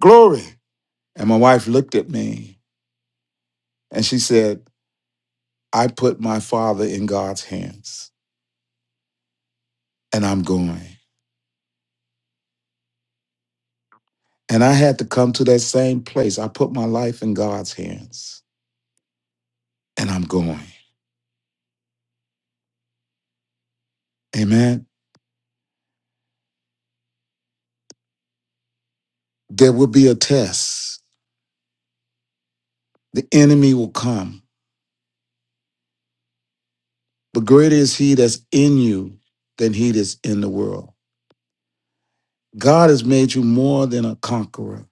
[SPEAKER 6] Glory. And my wife looked at me and she said, I put my father in God's hands and I'm going. And I had to come to that same place. I put my life in God's hands and I'm going. Amen. There will be a test. The enemy will come But greater is he that's in you than he that's in the world. God has made you more than a conqueror.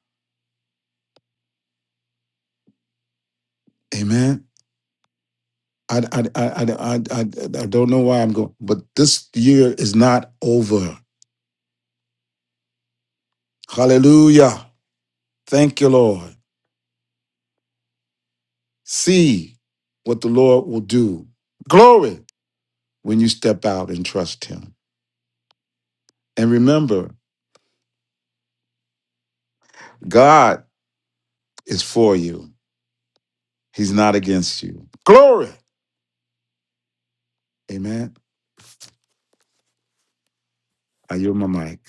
[SPEAKER 6] Amen. I, I, I, I, I, I I don't know why I'm going, but this year is not over. Hallelujah. Thank you, Lord. See what the Lord will do. Glory when you step out and trust him. And remember, God is for you. He's not against you. Glory. Amen. I yield my mic.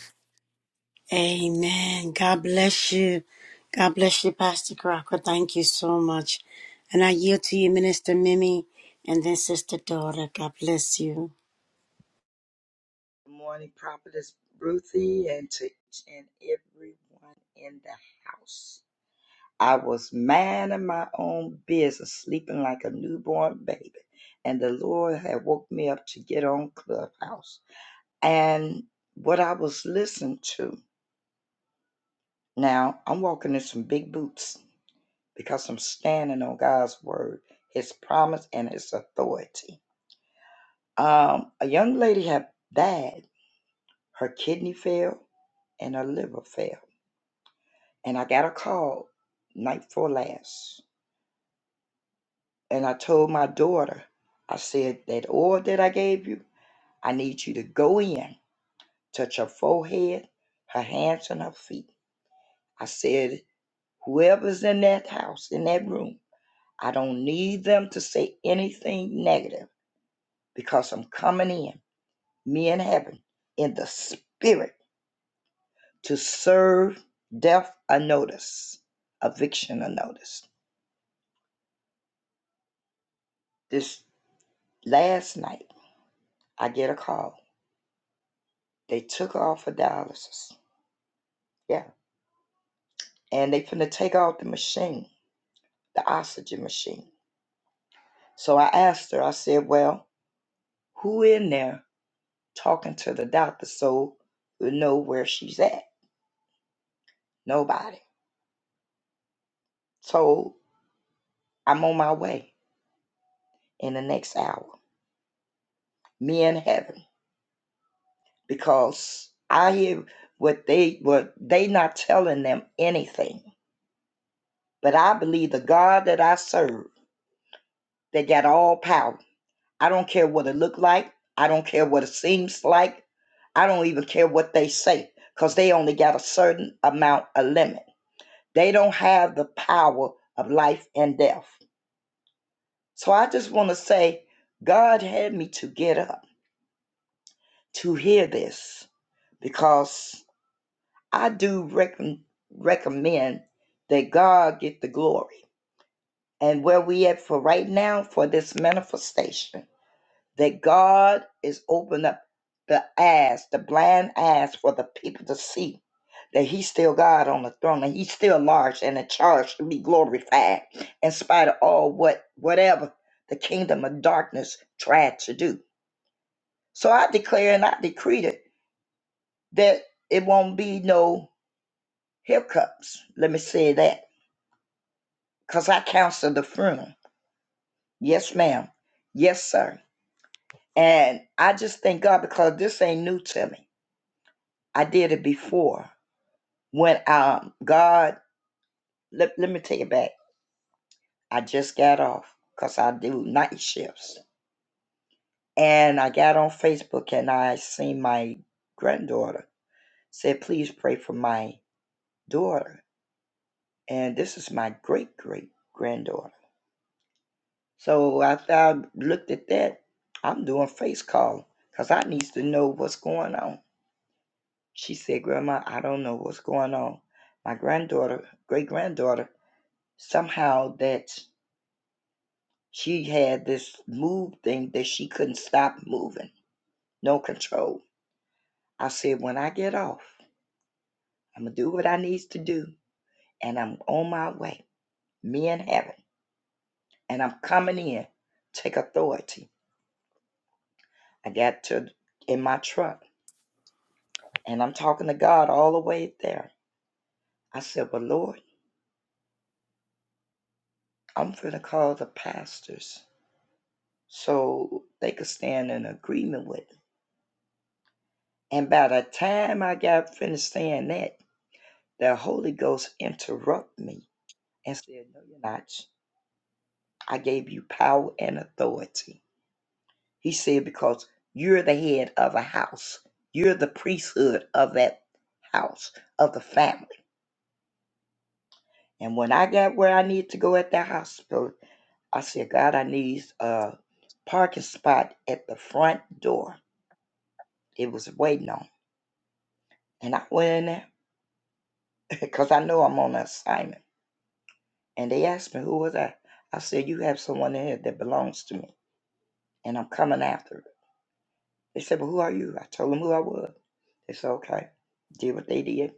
[SPEAKER 2] Amen. God bless you. God bless you, Pastor Crocker. Thank you so much. And I yield to you, Minister Mimi, and then Sister Daughter. God bless you.
[SPEAKER 8] Good morning, Prophetess Ruthie, and to each and everyone in the house. I was minding my own business, sleeping like a newborn baby, and the Lord had woke me up to get on Clubhouse. And what I was listening to, now I'm walking in some big boots because I'm standing on God's word, His promise, and His authority. Um, a young lady had died Her kidney failed and her liver failed. And I got a call night before last. And I told my daughter, I said, that oil that I gave you, I need you to go in, touch her forehead, her hands, and her feet. I said, whoever's in that house, in that room, I don't need them to say anything negative because I'm coming in, me in heaven, in the spirit to serve death a notice, eviction a notice. This last night, I get a call. They took her off of dialysis. Yeah. And they finna take off the machine, the oxygen machine. So I asked her, I said, well, who in there talking to the doctor so we know where she's at? Nobody. So I'm on my way in the next hour. Me in heaven. Because I hear what they what they not telling them anything. But I believe the God that I serve, they got all power. I don't care what it look like. I don't care what it seems like. I don't even care what they say because they only got a certain amount of limit. They don't have the power of life and death. So I just want to say, God had me to get up to hear this because I do recom- recommend that God get the glory. And where we at for right now for this manifestation. that God is opened up the eyes, the blind eyes for the people to see that he's still God on the throne and he's still large and in charge to be glorified in spite of all what whatever the kingdom of darkness tried to do. So I declare and I decree it that it won't be no hiccups. Let me say that. Because I counsel the funeral. Yes, ma'am. Yes, sir. And I just thank God because this ain't new to me. I did it before When um God let, let me take it back. I just got off because I do night shifts. And I got on Facebook and I seen my granddaughter said, please pray for my daughter. And this is my great great granddaughter. So after I looked at that, I'm doing face call because I needs to know what's going on. She said, Grandma, I don't know what's going on. My granddaughter, great granddaughter, somehow that She had this move thing that she couldn't stop moving, no control. I said, when I get off, I'm gonna do what I needs to do, and I'm on my way. Me in heaven, and I'm coming in. Take authority. I got to in my truck, and I'm talking to God all the way there. I said, well, Lord, I'm gonna call the pastors so they could stand in agreement with me. And by the time I got finished saying that, the Holy Ghost interrupted me and said, No, you're not. I gave you power and authority. He said, Because you're the head of a house, you're the priesthood of that house, of the family. And when I got where I needed to go at that hospital, I said, God, I need a parking spot at the front door. It was waiting on. And I went in there because I know I'm on an assignment. And they asked me, Who was I? I said, You have someone in here that belongs to me, and I'm coming after it. They said, Well, who are you? I told them who I was. They said, okay, did what they did.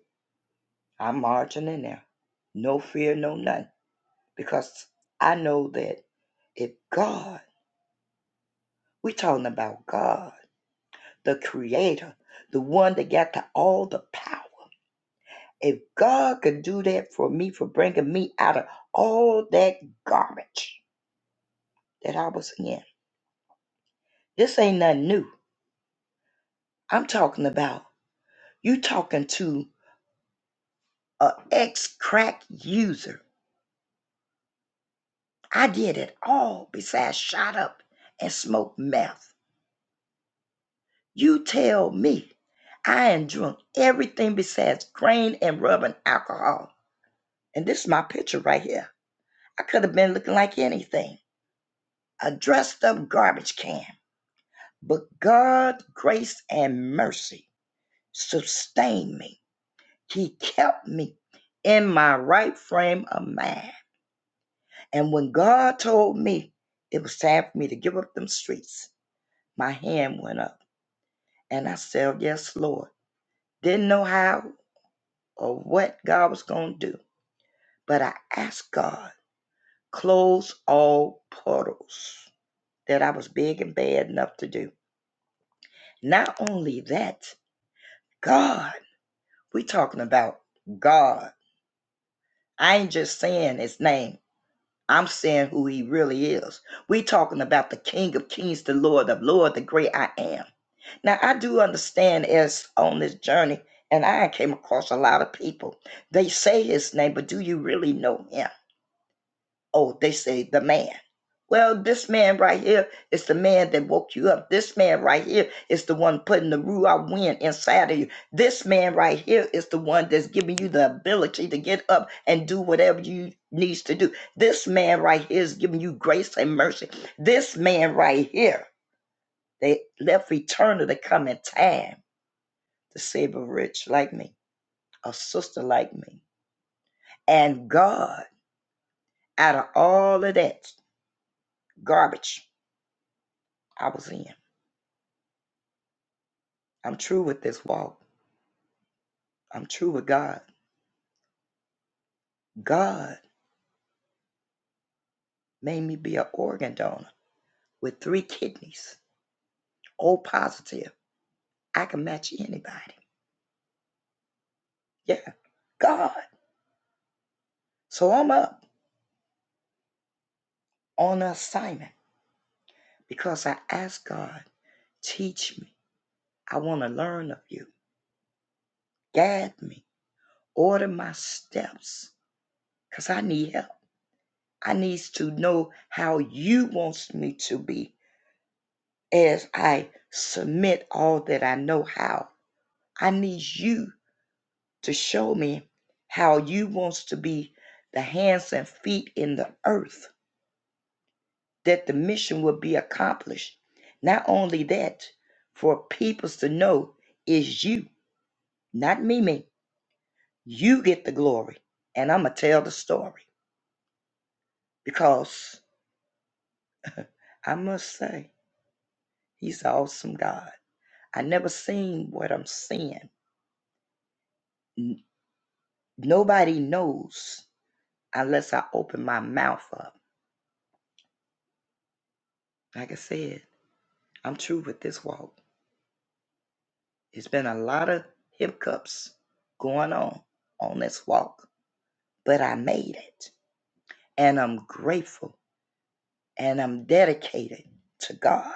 [SPEAKER 8] I'm marching in there. No fear, no nothing. Because I know that if God, we are talking about God, the creator, the one that got to all the power. If God could do that for me, for bringing me out of all that garbage that I was in, this ain't nothing new. I'm talking about you talking to a ex-crack user. I did it all besides shot up and smoked meth. You tell me. I ain't drunk everything besides grain and rub and alcohol. And this is my picture right here. I could have been looking like anything a dressed up garbage can. But God's grace, and mercy sustained me. He kept me in my right frame of mind. And when God told me it was time for me to give up them streets, my hand went up. And I said, "Oh, Yes, Lord. Didn't know how or what God was going to do But I asked God, close all portals that I was big and bad enough to do. Not only that, God, we talking about God. I ain't just saying his name. I'm saying who he really is. We talking about the King of Kings, the Lord of Lord, the great I am. Now I do understand as on this journey, and I came across a lot of people. They say his name, but do you really know him? oh, they say the man. Well, this man right here is the man that woke you up. This man right here is the one putting the ruah wind inside of you. This man right here is the one that's giving you the ability to get up and do whatever you needs to do. This man right here is giving you grace and mercy. This man right here, they left eternal to come in time to save a rich like me, a sister like me. And God, out of all of that garbage I was in. I'm true with this walk. I'm true with God. God made me be an organ donor with three kidneys, O positive. I can match anybody. Yeah, God. So I'm up on assignment because I asked God, teach me. I want to learn of you. Guide me. Order my steps because I need help. I need to know how you wants me to be as I submit all that I know how. I need you to show me how you wants to be the hands and feet in the earth that the mission will be accomplished not only that for peoples to know is you not me me you get the glory and i'm gonna tell the story because i must say he's an awesome god i never seen what i'm seeing N- nobody knows unless i open my mouth up like i said i'm true with this walk It's been a lot of hiccups going on on this walk, but I made it. And I'm grateful and I'm dedicated to God.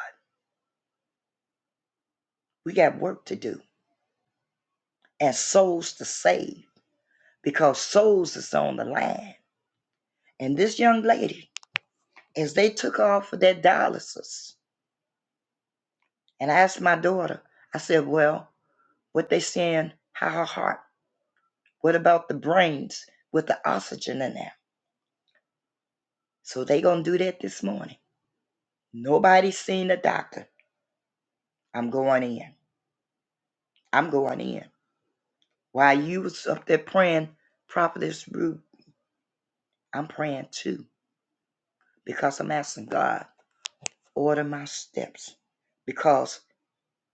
[SPEAKER 8] We got work to do and souls to save because souls is on the line. And this young lady, as they took off for their dialysis, and I asked my daughter, I said, Well, what they saying, how her heart? What about the brains with the oxygen in there? So they gonna do that this morning. Nobody seen the doctor. I'm going in. I'm going in. While you was up there praying, Prophetess Ruth, I'm praying too because I'm asking God order my steps because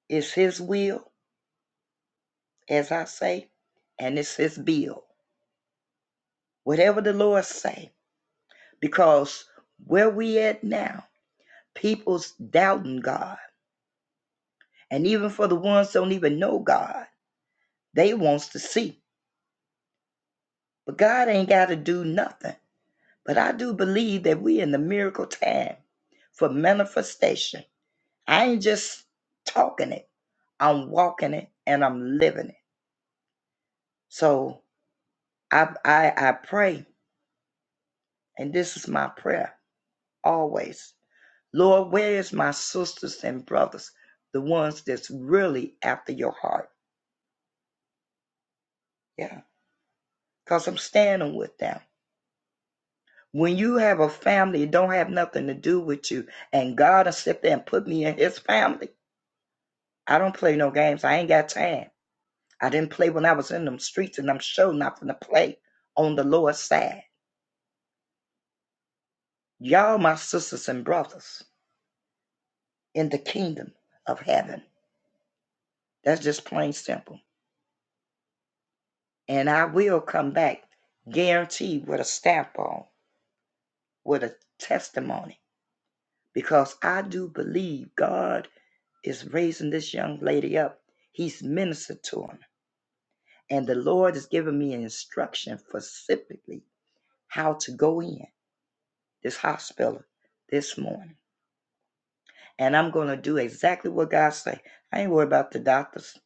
[SPEAKER 8] it's His will, as I say, and it's His bill. Whatever the Lord say, because where we at now, people's doubting God, and even for the ones don't even know God, they wants to see, but God ain't got to do nothing. But I do believe that we in the miracle time for manifestation. I ain't just talking it. I'm walking it and I'm living it. So I I I pray, and this is my prayer always. Lord, where is my sisters and brothers? The ones that's really after your heart. Yeah. Because I'm standing with them. When you have a family, it don't have nothing to do with you. And God has stepped there and put me in his family. I don't play no games. I ain't got time. I didn't play when I was in them streets, and I'm sure not going to play on the Lord's side. Y'all, my sisters and brothers in the kingdom of heaven. That's just plain simple. And I will come back guaranteed with a stamp on, with a testimony, because I do believe God is raising this young lady up. He's ministered to her. And the Lord has given me an instruction specifically how to go in this hospital this morning and I'm going to do exactly what God say. I ain't worried about the doctors.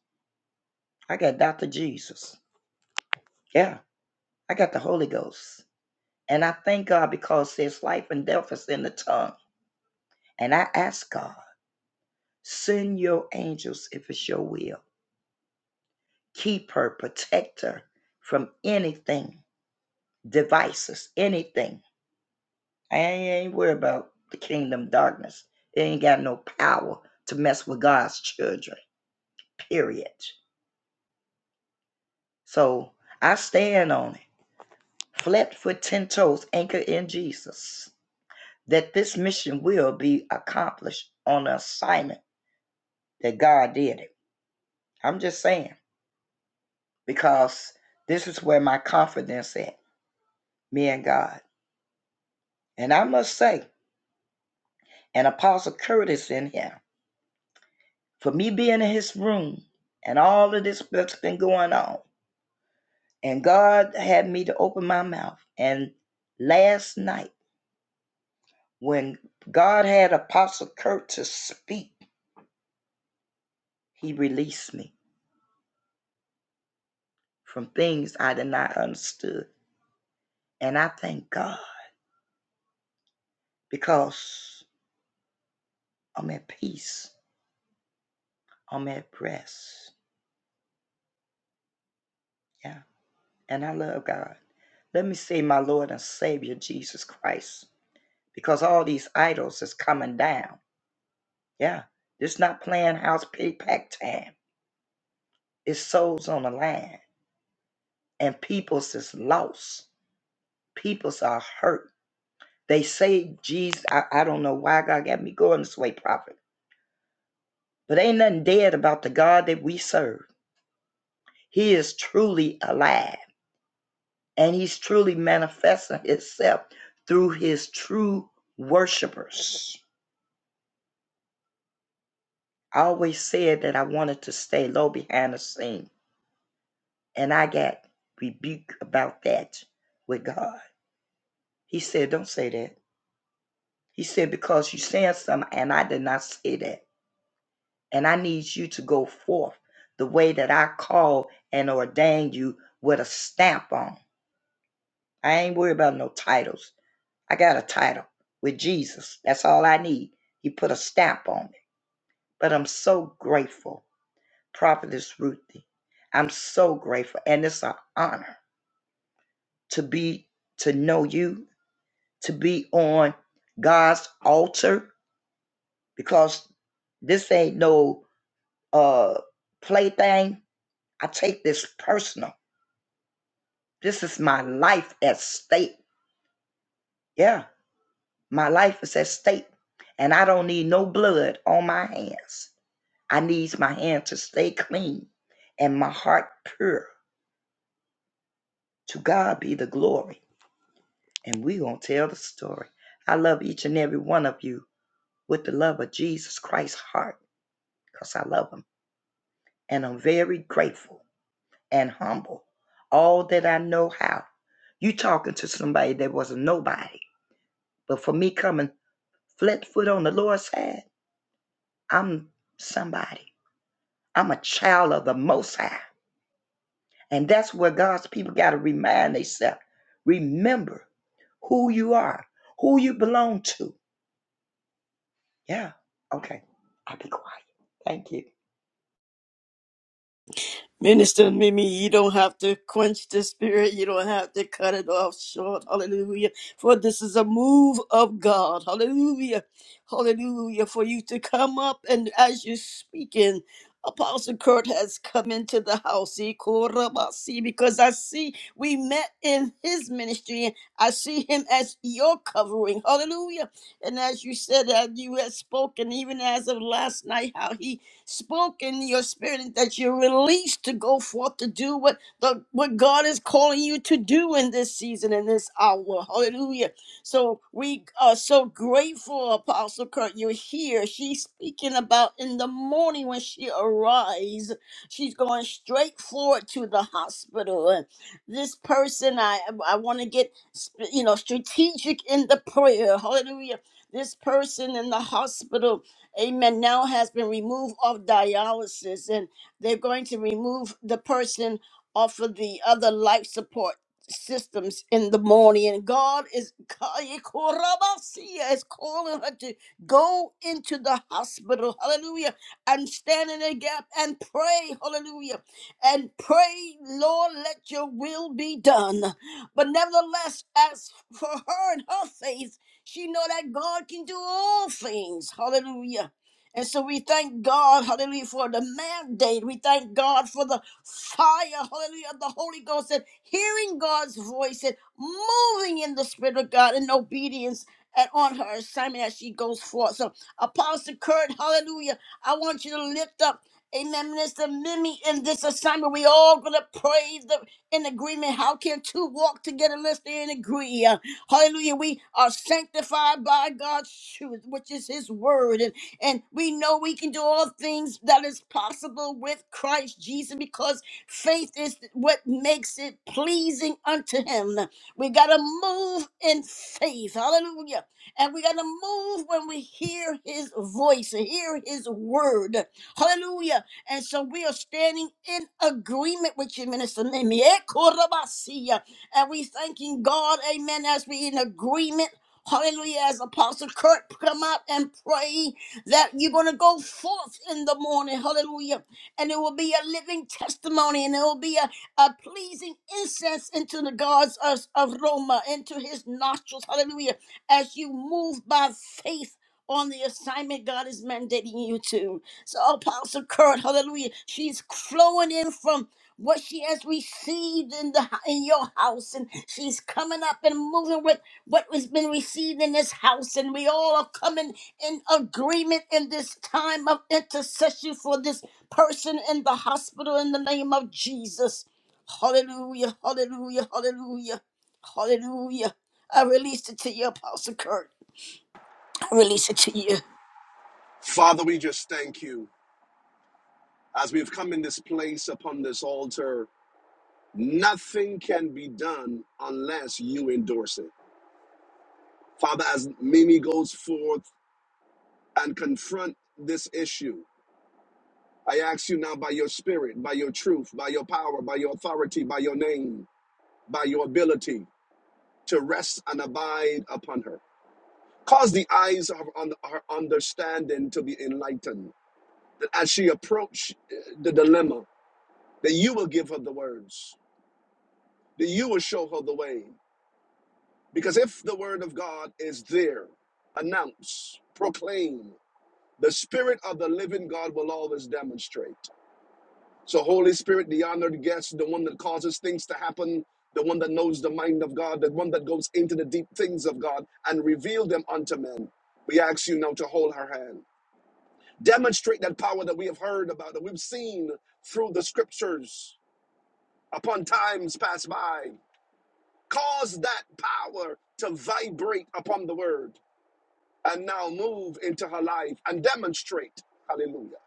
[SPEAKER 8] I got Dr. Jesus. Yeah, I got the Holy Ghost. And I thank God because there's life and death is in the tongue. And I ask God, send your angels if it's your will. Keep her, protect her from anything, devices, anything. I ain't worried about the kingdom darkness. It ain't got no power to mess with God's children, period. So I stand on it. flat foot, ten toes, anchored in Jesus. That this mission will be accomplished on an assignment that God did it. I'm just saying because this is where my confidence is, me and God. And I must say, and Apostle Curtis in here, for me being in his room and all of this that's been going on, and God had me to open my mouth. And last night, when God had Apostle Curtis speak, he released me. from things I did not understood. And I thank God because I'm at peace. I'm at rest. Yeah. And I love God. Let me say my Lord and Savior Jesus Christ. Because all these idols is coming down. Yeah. It's not playing house pig time. It's souls on the line. And peoples is lost. Peoples are hurt. They say Jesus, I, I don't know why God got me going this way, prophet. But ain't nothing dead about the God that we serve. He is truly alive and he's truly manifesting himself through his true worshipers. I always said that I wanted to stay low behind the scene, and I got rebuked about that with God. He said, Don't say that. He said, Because you said something, and I did not say that. And I need you to go forth the way that I call and ordained you with a stamp on. I ain't worried about no titles. I got a title with Jesus. That's all I need. He put a stamp on it. But I'm so grateful, Prophetess Ruthie. I'm so grateful. And it's an honor to be, to know you, to be on God's altar because this ain't no uh plaything. I take this personal. This is my life at stake. Yeah, my life is at stake. And I don't need no blood on my hands. I needs my hand to stay clean and my heart pure. To God be the glory. And we going to tell the story. I love each and every one of you with the love of Jesus Christ's heart because I love him. And I'm very grateful and humble. All that I know how. You talking to somebody that was a nobody. But for me coming flat foot on the Lord's side, I'm somebody. I'm a child of the Most High. And that's where God's people got to remind themselves. Remember who you are, who you belong to. Yeah. Okay. I'll be quiet. Thank you.
[SPEAKER 2] Minister Mimi, you don't have to quench the spirit. You don't have to cut it off short. Hallelujah. For this is a move of God. Hallelujah. Hallelujah. For you to come up and as you're speaking, Apostle Kurt has come into the house. He called up, I see, Because I see we met in his ministry. I see him as your covering. Hallelujah. And as you said, as you had spoken, even as of last night, how he spoken in your spirit that you're released to go forth to do what the, what God is calling you to do in this season, in this hour. Hallelujah. So we are so grateful, Apostle Kurt, you're here. She's speaking about in the morning when she arrives, she's going straight forward to the hospital. And this person, I I want to get you know strategic in the prayer. Hallelujah. This person in the hospital amen, now has been removed off dialysis and they're going to remove the person off of the other life support systems in the morning. And God is, is calling her to go into the hospital, hallelujah, and stand in the gap and pray, hallelujah, and pray, Lord, let your will be done. But nevertheless, as for her and her faith, she know that God can do all things. Hallelujah. And so we thank God, hallelujah, for the mandate. We thank God for the fire, hallelujah, of the Holy Ghost and hearing God's voice and moving in the Spirit of God in obedience and on her assignment as she goes forth. So, Apostle Kurt, hallelujah, I want you to lift up, amen, Minister Mimi in this assignment. We all going to pray the, in agreement. How can two walk together unless they in agree? Hallelujah. We are sanctified by God's truth, which is his word. And, and we know we can do all things that is possible with Christ Jesus because faith is what makes it pleasing unto him. We got to move in faith. Hallelujah. And we got to move when we hear his voice, hear his word. Hallelujah. And so we are standing in agreement with you, Minister Mimi. Eh, Korabasiya. And we thanking God, amen, as we in agreement. Hallelujah, as Apostle Kurt come up and pray that you're going to go forth in the morning. Hallelujah. And it will be a living testimony and it will be a, a pleasing incense into the God's aroma, into his nostrils. Hallelujah. As you move by faith on the assignment God is mandating you to. So, Apostle Kurt, hallelujah, she's flowing in from what she has received in the in your house, and she's coming up and moving with what has been received in this house, and we all are coming in agreement in this time of intercession for this person in the hospital in the name of Jesus. Hallelujah, hallelujah, hallelujah, hallelujah. I release it to you, Apostle Kurt. I release it to you.
[SPEAKER 9] Father, we just thank you. As we've come in this place upon this altar, nothing can be done unless you endorse it. Father, as Mimi goes forth and confront this issue, I ask you now by your spirit, by your truth, by your power, by your authority, by your name, by your ability to rest and abide upon her. Cause the eyes of un- her understanding to be enlightened, that as she approach uh, the dilemma, that you will give her the words that you will show her the way. Because if the word of God is there, announce, proclaim, the spirit of the living God will always demonstrate. So, Holy Spirit, the honored guest, the one that causes things to happen, the one that knows the mind of God, the one that goes into the deep things of God and reveal them unto men, we ask you now to hold her hand. Demonstrate that power that we have heard about, that we've seen through the scriptures upon times past by. Cause that power to vibrate upon the word and now move into her life and demonstrate. Hallelujah.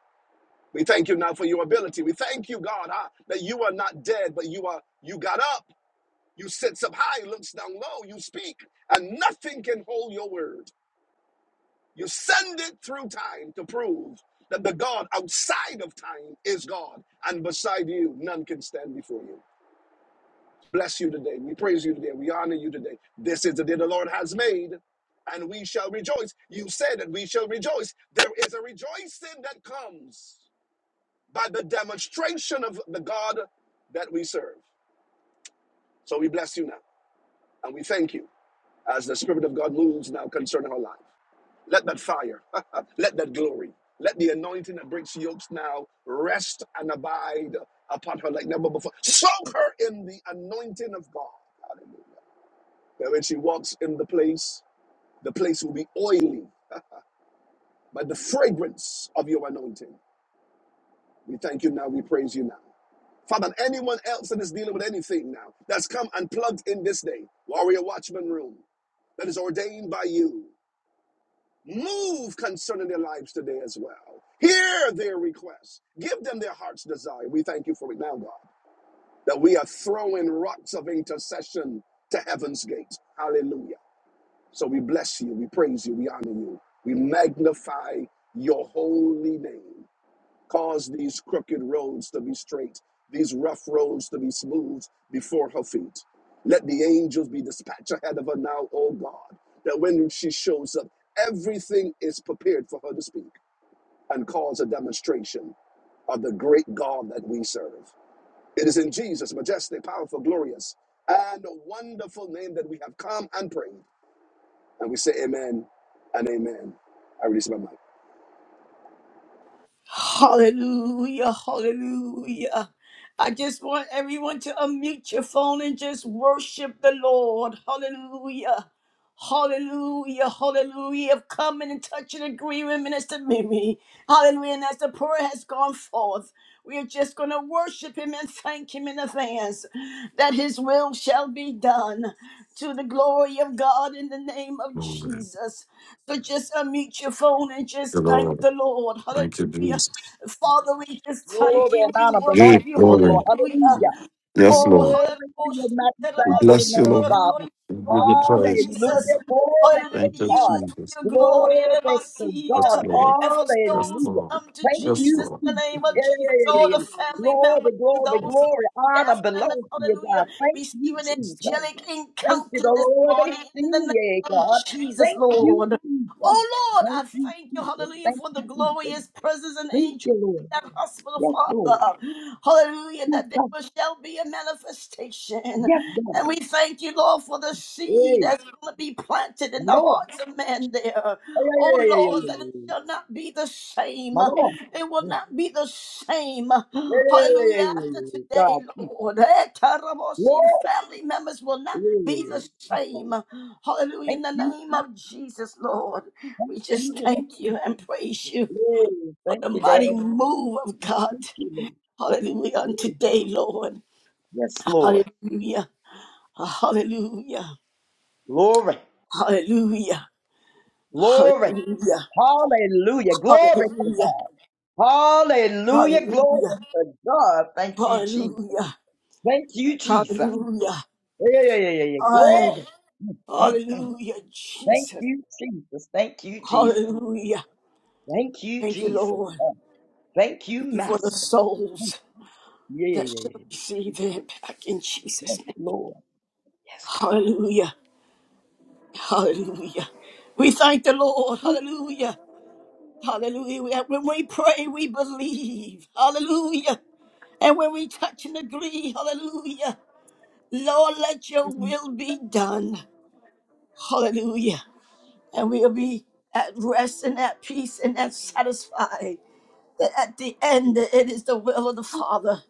[SPEAKER 9] We thank you now for your ability. We thank you, God, ah, that you are not dead, but you are you got up, you sits up high, looks down low, you speak, and nothing can hold your word. You send it through time to prove that the God outside of time is God, and beside you, none can stand before you. bless you today. We praise you today. We honor you today. This is the day the Lord has made, and we shall rejoice. You said that we shall rejoice. There is a rejoicing that comes by the demonstration of the God that we serve. So we bless you now, and we thank you as the Spirit of God moves now concerning our life. Let that fire, let that glory, let the anointing that breaks yokes now rest and abide upon her like never before. Soak her in the anointing of God. Hallelujah. That when she walks in the place, the place will be oily by the fragrance of your anointing. We thank you now. We praise you now. Father, anyone else that is dealing with anything now that's come unplugged in this day, Warrior Watchman Room, that is ordained by you, move concerning their lives today as well. Hear their requests. Give them their heart's desire. We thank you for it now, God, that we are throwing rocks of intercession to heaven's gate. Hallelujah. So we bless you, we praise you, we honor you, we magnify your holy name. Cause these crooked roads to be straight, these rough roads to be smooth before her feet. Let the angels be dispatched ahead of her now, O God, that when she shows up, everything is prepared for her to speak and cause a demonstration of the great God that we serve. It is in Jesus' majestic, powerful, glorious, and wonderful name that we have come and prayed. And we say amen and amen. I release my mic.
[SPEAKER 2] Hallelujah, hallelujah. I just want everyone to unmute your phone and just worship the Lord. Hallelujah. Hallelujah, hallelujah. Of coming and touching and agreeing with Minister Mimi. Hallelujah. And as the prayer has gone forth, we are just going to worship him and thank him in advance that his will shall be done to the glory of God in the name of Jesus. So just unmute your phone and just thank the Lord. Hallelujah. Father, we just thank
[SPEAKER 8] Glory
[SPEAKER 2] you.
[SPEAKER 8] and
[SPEAKER 2] We
[SPEAKER 8] honor belongs
[SPEAKER 2] worship you.
[SPEAKER 8] to you, Lord.
[SPEAKER 2] Hallelujah.
[SPEAKER 8] Hallelujah.
[SPEAKER 2] Oh,
[SPEAKER 8] Glory to you, magnify
[SPEAKER 2] hallelujah,
[SPEAKER 8] your name,
[SPEAKER 2] your
[SPEAKER 8] Father.
[SPEAKER 2] anointing, Lord
[SPEAKER 8] Hallelujah.
[SPEAKER 2] Jesus.
[SPEAKER 8] Glory
[SPEAKER 2] Hallelujah,
[SPEAKER 8] to
[SPEAKER 2] be
[SPEAKER 8] God.
[SPEAKER 2] used for your glory
[SPEAKER 8] Glory to God.
[SPEAKER 2] hallelujah. and for souls to
[SPEAKER 8] Hallelujah.
[SPEAKER 2] come to
[SPEAKER 8] Thank you,
[SPEAKER 2] Jesus in the
[SPEAKER 8] Jesus. Yeah,
[SPEAKER 2] name
[SPEAKER 8] yeah,
[SPEAKER 2] of Jesus.
[SPEAKER 8] yeah,
[SPEAKER 2] All
[SPEAKER 8] yeah,
[SPEAKER 2] the
[SPEAKER 8] yeah.
[SPEAKER 2] family
[SPEAKER 8] Glory,
[SPEAKER 2] members,
[SPEAKER 8] glory,
[SPEAKER 2] those
[SPEAKER 8] glory. Honor
[SPEAKER 2] staff members,
[SPEAKER 8] belongs to you, God.
[SPEAKER 2] hallelujah,
[SPEAKER 8] Thank
[SPEAKER 2] receive
[SPEAKER 8] you,
[SPEAKER 2] an
[SPEAKER 8] Jesus.
[SPEAKER 2] angelic
[SPEAKER 8] Thank you,
[SPEAKER 2] encounter
[SPEAKER 8] the
[SPEAKER 2] this
[SPEAKER 8] Lord. They
[SPEAKER 2] morning
[SPEAKER 8] see
[SPEAKER 2] in the
[SPEAKER 8] you,
[SPEAKER 2] name of
[SPEAKER 8] God.
[SPEAKER 2] Jesus,
[SPEAKER 8] Thank you,
[SPEAKER 2] Lord.
[SPEAKER 8] Jesus.
[SPEAKER 2] Oh Lord,
[SPEAKER 8] Thank
[SPEAKER 2] I
[SPEAKER 8] you,
[SPEAKER 2] thank you,
[SPEAKER 8] Jesus.
[SPEAKER 2] hallelujah,
[SPEAKER 8] Thank
[SPEAKER 2] for the
[SPEAKER 8] you, Jesus.
[SPEAKER 2] glorious presence and
[SPEAKER 8] Thank
[SPEAKER 2] angels
[SPEAKER 8] you,
[SPEAKER 2] in
[SPEAKER 8] Lord.
[SPEAKER 2] that hospital,
[SPEAKER 8] Yes, Lord.
[SPEAKER 2] Father. Hallelujah,
[SPEAKER 8] Yes,
[SPEAKER 2] that there
[SPEAKER 8] God.
[SPEAKER 2] shall be a manifestation.
[SPEAKER 8] Yes, God.
[SPEAKER 2] And we thank you, Lord, for the seed
[SPEAKER 8] Hey,
[SPEAKER 2] that's going to be planted
[SPEAKER 8] my
[SPEAKER 2] in the
[SPEAKER 8] Lord.
[SPEAKER 2] hearts of men there.
[SPEAKER 8] Hey, hey,
[SPEAKER 2] Oh
[SPEAKER 8] hey, hey, hey,
[SPEAKER 2] Lord,
[SPEAKER 8] hey,
[SPEAKER 2] that it
[SPEAKER 8] hey. hey.
[SPEAKER 2] shall not be the same.
[SPEAKER 8] My Lord.
[SPEAKER 2] It will
[SPEAKER 8] Hey, hey,
[SPEAKER 2] not be the same.
[SPEAKER 8] hey, hey, hey, hey,
[SPEAKER 2] Hallelujah.
[SPEAKER 8] hey,
[SPEAKER 2] After
[SPEAKER 8] hey, hey.
[SPEAKER 2] today,
[SPEAKER 8] God.
[SPEAKER 2] Lord, eh, Tarabosi, the
[SPEAKER 8] Lord.
[SPEAKER 2] family members will not be
[SPEAKER 8] Hey.
[SPEAKER 2] the same. Hallelujah.
[SPEAKER 8] Thank
[SPEAKER 2] In the
[SPEAKER 8] you,
[SPEAKER 2] name of Jesus, Lord, we just
[SPEAKER 8] Jesus.
[SPEAKER 2] thank you and praise you
[SPEAKER 8] Hey,
[SPEAKER 2] for
[SPEAKER 8] thank
[SPEAKER 2] the
[SPEAKER 8] you, Dad.
[SPEAKER 2] mighty move of God.
[SPEAKER 8] Thank you, Lord.
[SPEAKER 2] Hallelujah. On today, Lord.
[SPEAKER 8] Yes, Lord.
[SPEAKER 2] Hallelujah. Hallelujah.
[SPEAKER 8] Glory.
[SPEAKER 2] Hallelujah.
[SPEAKER 8] Glory.
[SPEAKER 2] Hallelujah.
[SPEAKER 8] Hallelujah. Glory to God.
[SPEAKER 2] Hallelujah.
[SPEAKER 8] Hallelujah. Glory
[SPEAKER 2] Hallelujah.
[SPEAKER 8] to God. Thank you, Jesus.
[SPEAKER 2] Hallelujah.
[SPEAKER 8] Thank you, Jesus.
[SPEAKER 2] Hallelujah.
[SPEAKER 8] Yeah, yeah, yeah, yeah, yeah.
[SPEAKER 2] Hallelujah.
[SPEAKER 8] Glory. Mm.
[SPEAKER 2] Hallelujah,
[SPEAKER 8] Thank
[SPEAKER 2] Jesus.
[SPEAKER 8] you, Jesus. Thank you, Jesus.
[SPEAKER 2] Hallelujah.
[SPEAKER 8] Thank you,
[SPEAKER 2] Thank you,
[SPEAKER 8] Jesus.
[SPEAKER 2] Lord.
[SPEAKER 8] Oh, Thank you,
[SPEAKER 2] Thank you for the
[SPEAKER 8] Master.
[SPEAKER 2] souls
[SPEAKER 8] Yeah,
[SPEAKER 2] that
[SPEAKER 8] yeah, yeah,
[SPEAKER 2] shall
[SPEAKER 8] yeah.
[SPEAKER 2] receive it back in
[SPEAKER 8] Yes,
[SPEAKER 2] Jesus' name.
[SPEAKER 8] Lord. Yes, God.
[SPEAKER 2] Hallelujah. Hallelujah. We thank the Lord. Hallelujah. Hallelujah. When we pray, we believe. Hallelujah. And when we touch and agree, hallelujah. Lord, let your will be done. Hallelujah. and we'll be at rest and at peace and at satisfied that at the end that it is the will of the Father.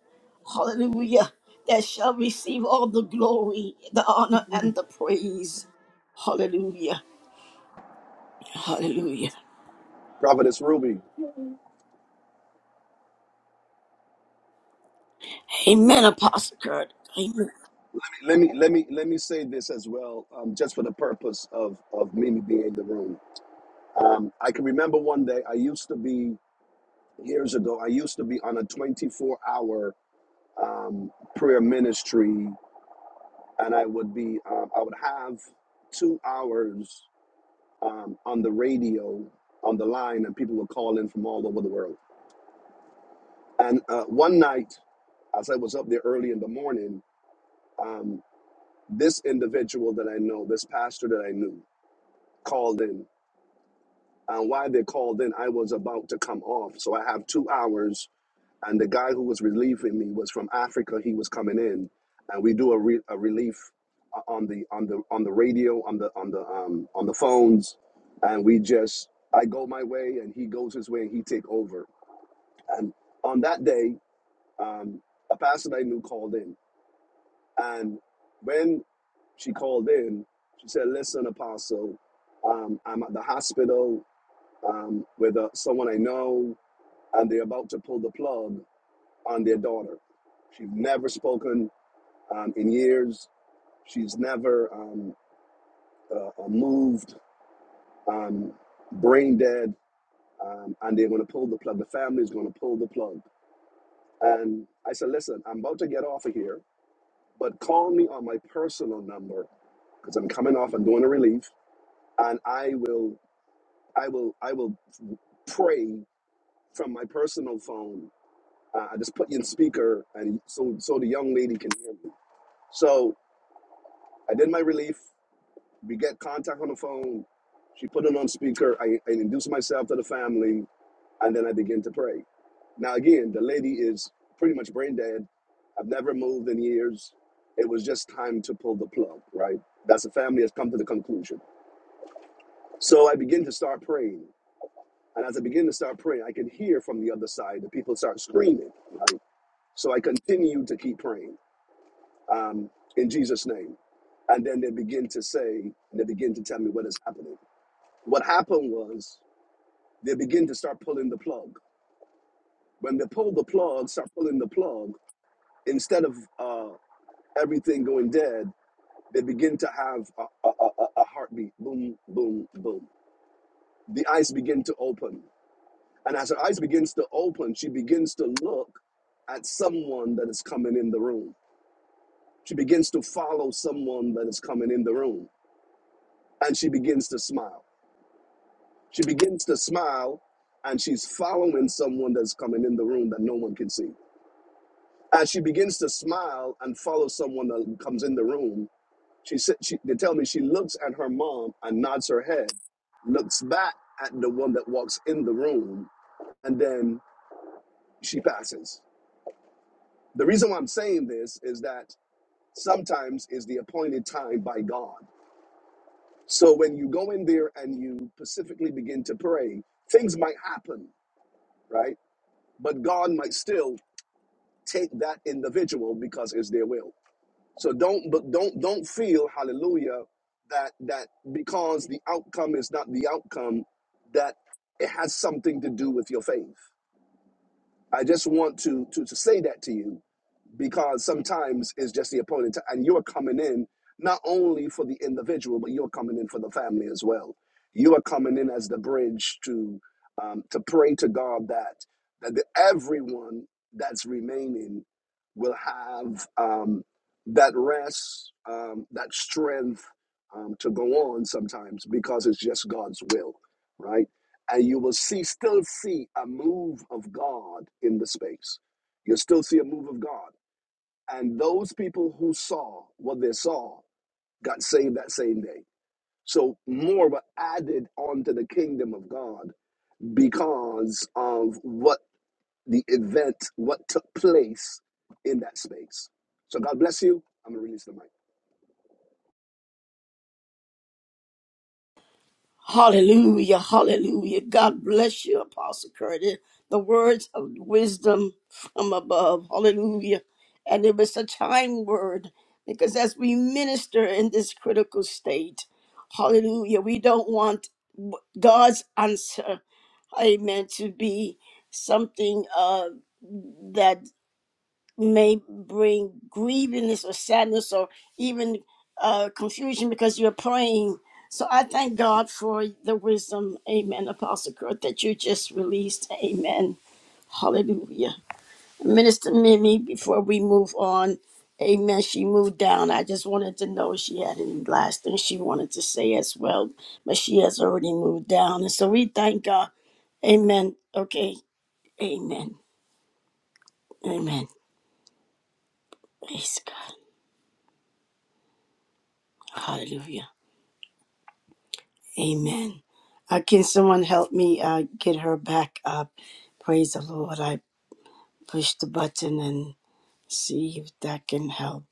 [SPEAKER 2] Hallelujah. That shall receive all the glory, the honor, and the praise. Hallelujah. Hallelujah.
[SPEAKER 9] Providence Ruby.
[SPEAKER 2] Amen, Apostle Kurt. Amen.
[SPEAKER 9] Let me let me let me say this as well, um, just for the purpose of of Mimi being in the room. Um, I can remember one day I used to be years ago. I used to be on a twenty four hour um, prayer ministry, and I would be um, I would have two hours um, on the radio on the line, and people would call in from all over the world. And uh, one night, as I was up there early in the morning. um, this individual that I know, this pastor that I knew, called in. And why they called in, I was about to come off. So I have two hours. And the guy who was relieving me was from Africa. He was coming in, and we do a, re- a relief uh, on the on the on the radio, on the on the um, on the phones, and we just I go my way and he goes his way and he take over. And on that day, um, a pastor that I knew called in, and when She called in. She said, "Listen, Apostle, um, I'm at the hospital um, with uh, someone I know, and they're about to pull the plug on their daughter. She's never spoken um, in years. She's never um, uh, uh, moved, um, brain dead, um, and they're going to pull the plug. The family's going to pull the plug." And I said, "Listen, I'm about to get off of here, but call me on my personal number because I'm coming off. and doing a relief." and I will I will I will pray from my personal phone. Uh, I just put you in speaker, and so so the young lady can hear me. So I did my relief. We get contact on the phone. She put it on speaker. I, I introduce myself to the family, and then I begin to pray. Now again, the lady is pretty much brain dead. I've never moved in years. It was just time to pull the plug, right? That's the family has come to the conclusion. So I begin to start praying. And as I begin to start praying, I can hear from the other side the people start screaming. Right? So I continue to keep praying um, in Jesus' name. And then they begin to say, they begin to tell me what is happening. What happened was they begin to start pulling the plug. When they pull the plug, start pulling the plug, instead of uh, everything going dead, they begin to have a, a, a a heartbeat. Boom, boom, boom. The eyes begin to open. And as her eyes begins to open, she begins to look at someone that is coming in the room. She begins to follow someone that is coming in the room. And she begins to smile. She begins to smile and she's following someone that's coming in the room that no one can see. As she begins to smile and follow someone that comes in the room, she, sa- she they tell me she looks at her mom and nods her head, looks back at the one that walks in the room, and then she passes. The reason why I'm saying this is that sometimes is the appointed time by God. So when you go in there and you specifically begin to pray, things might happen, right? But God might still take that individual because it's their will. So don't but don't don't feel hallelujah that that because the outcome is not the outcome that it has something to do with your faith. I just want to to, to say that to you because sometimes it's just the opponent and you're coming in not only for the individual but you're coming in for the family as well you are coming in as the bridge to um, to pray to god that that the, everyone that's remaining will have um, that rest um, that strength um, to go on sometimes because it's just god's will right and you will see still see a move of god in the space you'll still see a move of god and those people who saw what they saw got saved that same day. So more were added onto the kingdom of God because of what the event, what took place in that space. So God bless you. I'm gonna release the mic.
[SPEAKER 2] Hallelujah, hallelujah. God bless you, Apostle Curtis. The words of wisdom from above. Hallelujah. And it was such time word because as we minister in this critical state, hallelujah, we don't want God's answer, amen, to be something uh, may bring grievingness or sadness or even uh, confusion because you're praying. So I thank God for the wisdom, amen, Apostle Kurt, that you just released, amen. Hallelujah. Minister Mimi, before we move on, amen, she moved down. I just wanted to know if she had any last thing she wanted to say as well, but she has already moved down. And so we thank God, amen. Okay, amen, amen. Praise God. Hallelujah. Amen. Uh, can someone help me uh, get her back up? Praise the Lord. I pushed the button and see if that can help.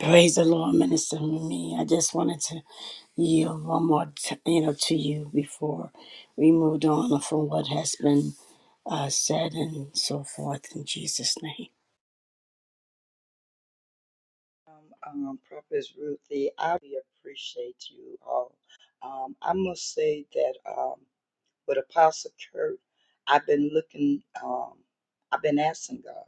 [SPEAKER 2] Praise the Lord, Minister me. I just wanted to yield one more, t- you know, to you before we moved on from what has been uh, said and so forth. In Jesus' name,
[SPEAKER 8] Um, um, Prophetess Ruthie, I really appreciate you all. Um, I must say that um, with Apostle Kurt, I've been looking, um, I've been asking God.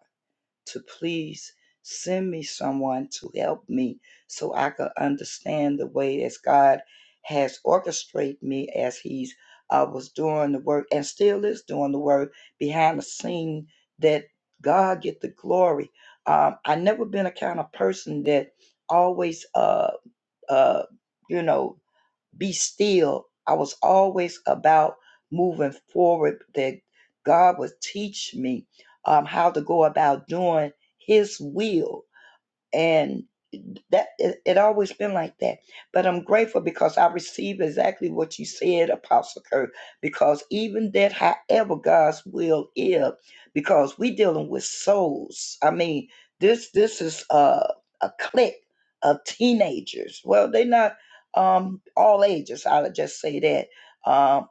[SPEAKER 8] to please send me someone to help me so I could understand the way as God has orchestrated me as He's uh, was doing the work and still is doing the work behind the scene that God get the glory. Um, I never been a kind of person that always uh uh you know be still. I was always about moving forward, that God would teach me um, how to go about doing His will and that it, it always been like that but i'm grateful because i receive exactly what you said apostle kirk because even that however god's will is because we dealing with souls i mean this this is a, a clique of teenagers well they're not um all ages i'll just say that um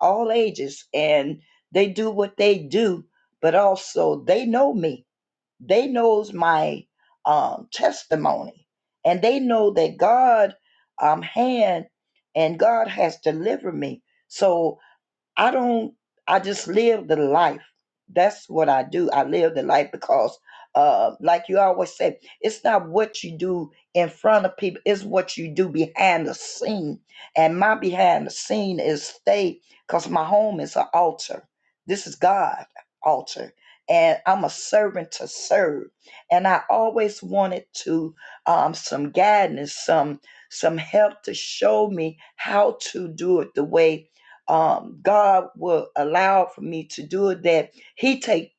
[SPEAKER 8] all ages and they do what they do but also they know me they knows my um, testimony, and they know that God um, hand and God has delivered me. So I don't. I just live the life. That's what I do. I live the life because, uh, like you always say, it's not what you do in front of people. It's what you do behind the scene. And my behind the scene is stay because my home is an altar. This is God altar, and I'm a servant to serve. And I always wanted to um, some guidance, some some help to show me how to do it the way um, God will allow for me to do it, that He take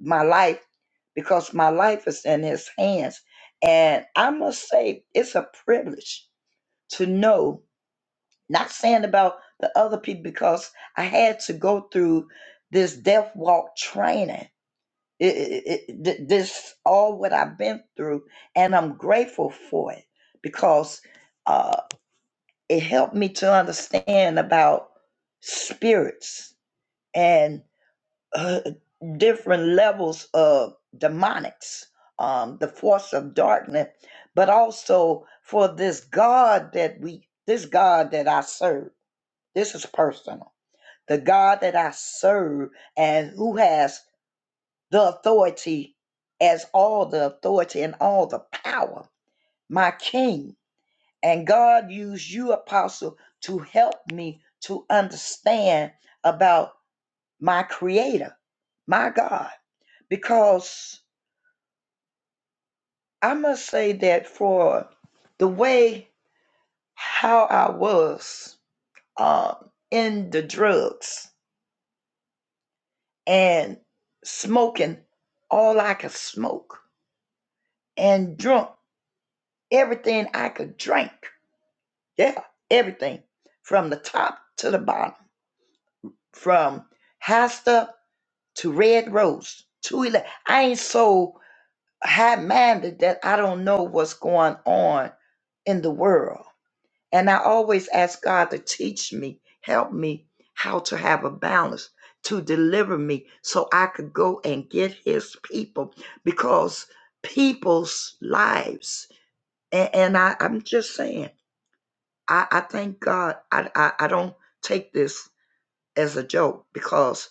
[SPEAKER 8] my life because my life is in His hands. And I must say, it's a privilege to know, not saying about the other people, because I had to go through this death walk training. It- it- it- th- this all what I've been through, and I'm grateful for it because uh, it helped me to understand about spirits and. uh, different levels of demonics, um, the force of darkness, but also for this God that we, this God that I serve. This is personal. The God that I serve and who has the authority as all the authority and all the power, my King. And God used you, Apostle, to help me to understand about my Creator, my God, because I must say that for the way how I was um, in the drugs and smoking all I could smoke and drunk everything I could drink. Yeah, everything from the top to the bottom, from high stuff to red rose to ele- I ain't so high minded that I don't know what's going on in the world. And I always ask God to teach me, help me how to have a balance, to deliver me so I could go and get his people because people's lives. And, and I, I'm just saying, I, I thank God I, I, I don't take this as a joke because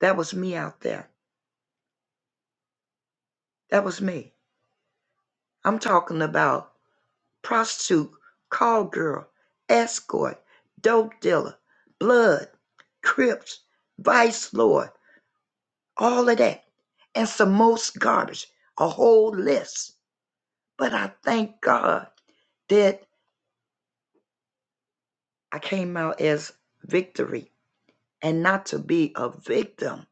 [SPEAKER 8] that was me out there. That was me. I'm talking about prostitute, call girl, escort, dope dealer, blood, crips, vice lord, all of that, and some most garbage, a whole list. But I thank God that I came out as victory and not to be a victim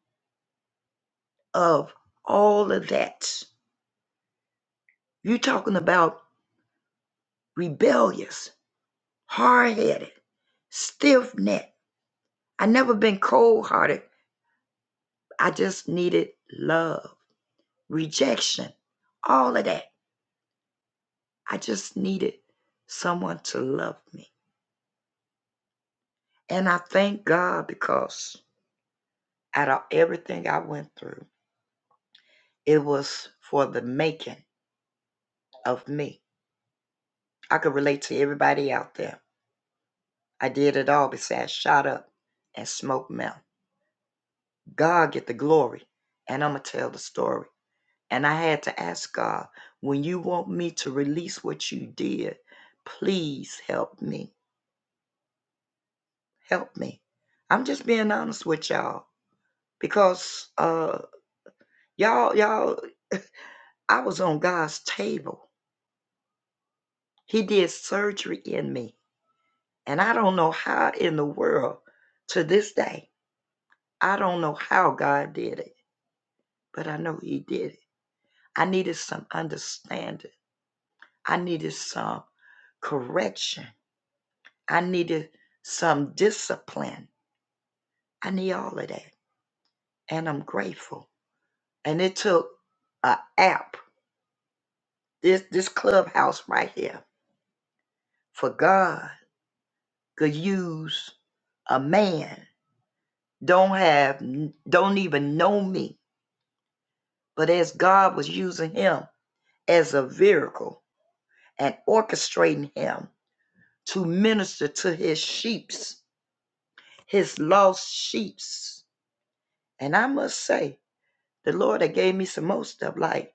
[SPEAKER 8] of all of that. you are talking about rebellious, hard headed, stiff necked. I never been cold hearted. I just needed love. rejection, all of that. I just needed someone to love me. And I thank God because out of everything I went through, it was for the making of me. I could relate to everybody out there. I did it all besides shot up and smoke meth. God get the glory, and I'm going to tell the story. And I had to ask God, when you want me to release what you did, please help me. Help me. I'm just being honest with y'all because uh y'all y'all I was on God's table. He did surgery in me. And I don't know how in the world to this day. I don't know how God did it, but I know he did it. I needed some understanding. I needed some correction. I needed some discipline. I need all of that. And I'm grateful. And it took a app, this this clubhouse right here for God could use a man don't have don't even know me, but as God was using him as a vehicle and orchestrating him to minister to his sheep's, his lost sheep's. And I must say, the Lord that gave me some most of like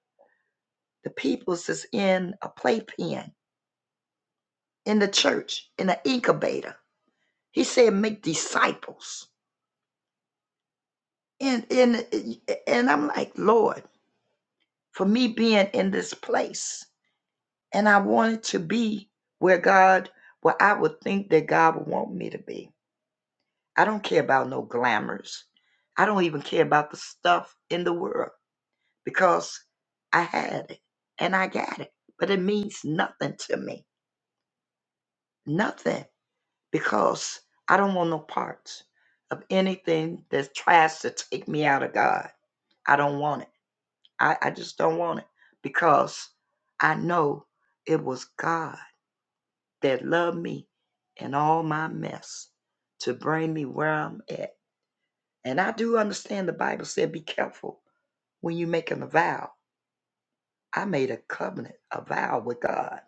[SPEAKER 8] the people's is in a playpen in the church in an incubator. He said, make disciples, and and and I'm like, Lord. for me being in this place. And I wanted to be where God, where I would think that God would want me to be. I don't care about no glamours. I don't even care about the stuff in the world because I had it and I got it. But it means nothing to me. Nothing. Because I don't want no parts of anything that tries to take me out of God. I don't want it. I, I just don't want it because I know it was God that loved me in all my mess to bring me where I'm at. And I do understand the Bible said, be careful when you making a vow. I made a covenant, a vow with God.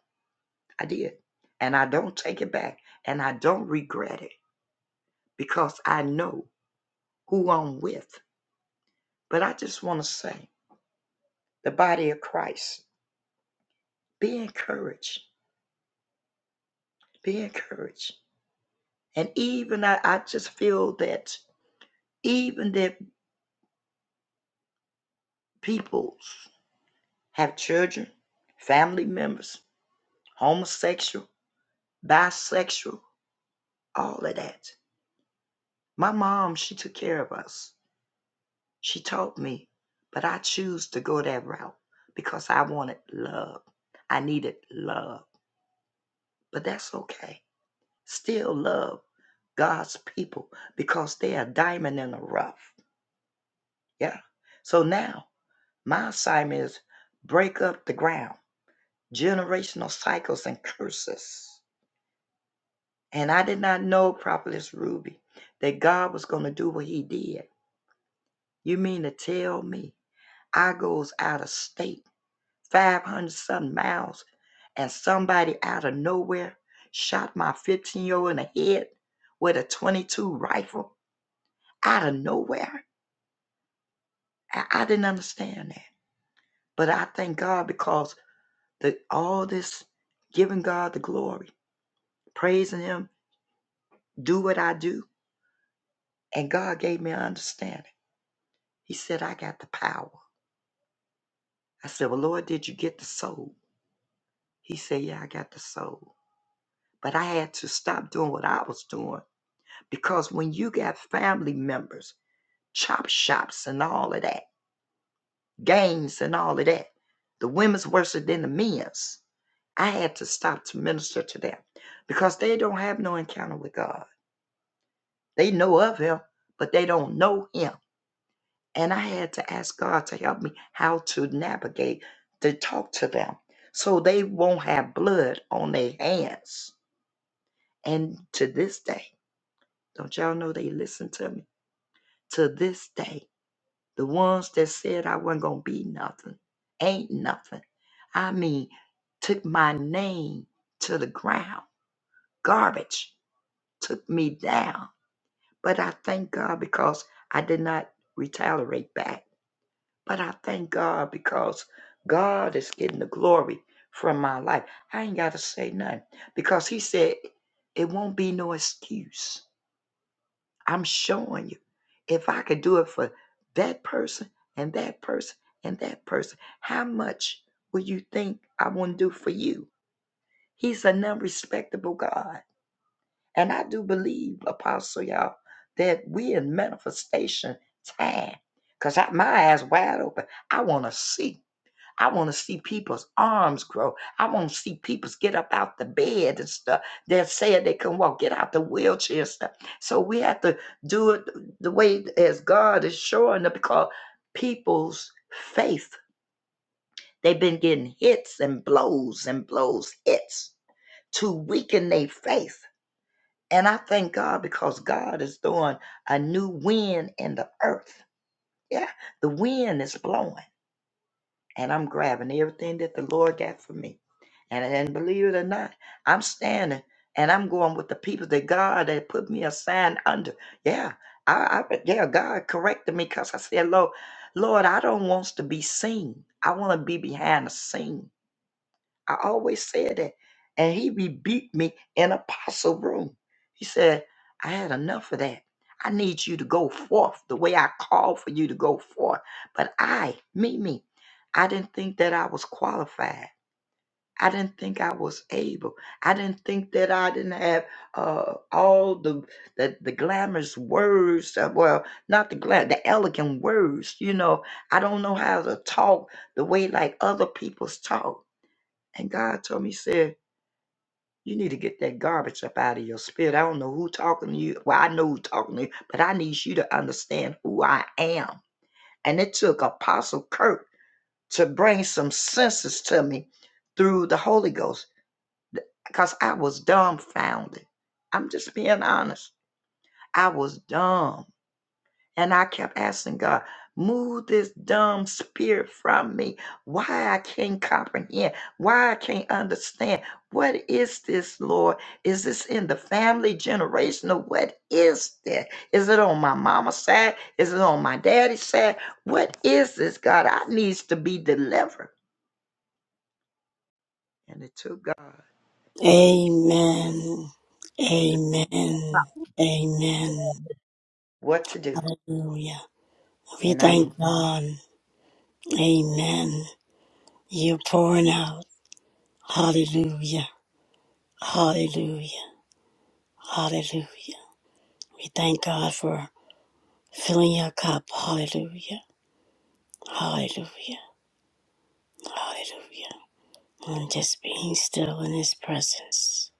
[SPEAKER 8] I did. And I don't take it back. And I don't regret it because I know who I'm with. But I just want to say, the body of Christ, be encouraged. Be encouraged. And even I, I just feel that even the peoples. have children, family members, homosexual, bisexual, all of that. My mom, she took care of us. She taught me, but I choose to go that route because I wanted love. I needed love, but that's okay. Still love God's people because they are diamond in the rough. Yeah. So now my assignment is break up the ground, generational cycles and curses. And I did not know, Prophetess Ruby, that God was going to do what he did. You mean to tell me I goes out of state, 500 something miles, and somebody out of nowhere shot my 15 year old in the head with a 22 rifle out of nowhere? I, I didn't understand that. But I thank God because the, all this giving God the glory, praising him, do what I do, and God gave me understanding. He said, I got the power. I said, Well, Lord, did you get the soul? He said, Yeah, I got the soul. But I had to stop doing what I was doing because when you got family members, chop shops and all of that, gangs and all of that, the women's worse than the men's. I had to stop to minister to them because they don't have no encounter with God. They know of Him, but they don't know Him. And I had to ask God to help me how to navigate to talk to them so they won't have blood on their hands. And to this day, don't y'all know they listen to me? To this day, the ones that said I wasn't going to be nothing, ain't nothing. I mean, took my name to the ground. Garbage took me down. But I thank God because I did not retaliate back. But I thank God because God is getting the glory from my life. I ain't got to say nothing because He said it won't be no excuse. I'm showing you. If I could do it for that person and that person and that person, how much will you think I won't do for you? He's a non respectable God. And I do believe, Apostle, y'all, that we in manifestation time. Because my eyes wide open. I want to see. I want to see people's arms grow. I want to see people get up out the bed and stuff. They're saying they can walk, get out the wheelchair and stuff. So we have to do it the way as God is showing up because people's faith, they've been getting hits and blows and blows, hits to weaken their faith. And I thank God because God is doing a new wind in the earth. Yeah, the wind is blowing. and I'm grabbing everything that the Lord got for me. And, and believe it or not, I'm standing and I'm going with the people that God had put me assigned under. Yeah, I, I yeah, God corrected me because I said, Lord, Lord, I don't want to be seen. I want to be behind the scene. I always said that. And he rebuked me in apostle room. He said, I had enough of that. I need you to go forth the way I called for you to go forth. But I, me, me, I didn't think that I was qualified. I didn't think I was able. I didn't think that I didn't have uh, all the, the the glamorous words. uh, well, not the glam, the elegant words. You know, I don't know how to talk the way like other people's talk. And God told me, He said, you need to get that garbage up out of your spirit. I don't know who talking to you. Well, I know who talking to you, but I need you to understand who I am. And it took Apostle Kirk to bring some senses to me through the Holy Ghost because I was dumbfounded. I'm just being honest. I was dumb. And I kept asking God, move this dumb spirit from me. Why I can't comprehend, why I can't understand. What is this, Lord? Is this in the family generational? What is that? Is it on my mama's side? Is it on my daddy's side? What is this, God? I needs to be delivered. And it took God
[SPEAKER 2] Amen.
[SPEAKER 8] to
[SPEAKER 2] Amen. Amen.
[SPEAKER 8] what to do.
[SPEAKER 2] Hallelujah. We
[SPEAKER 8] And I
[SPEAKER 2] thank God. Amen. You're pouring out. Hallelujah. Hallelujah. Hallelujah. We thank God for filling your cup. Hallelujah. Hallelujah. Hallelujah. And just being still in His presence.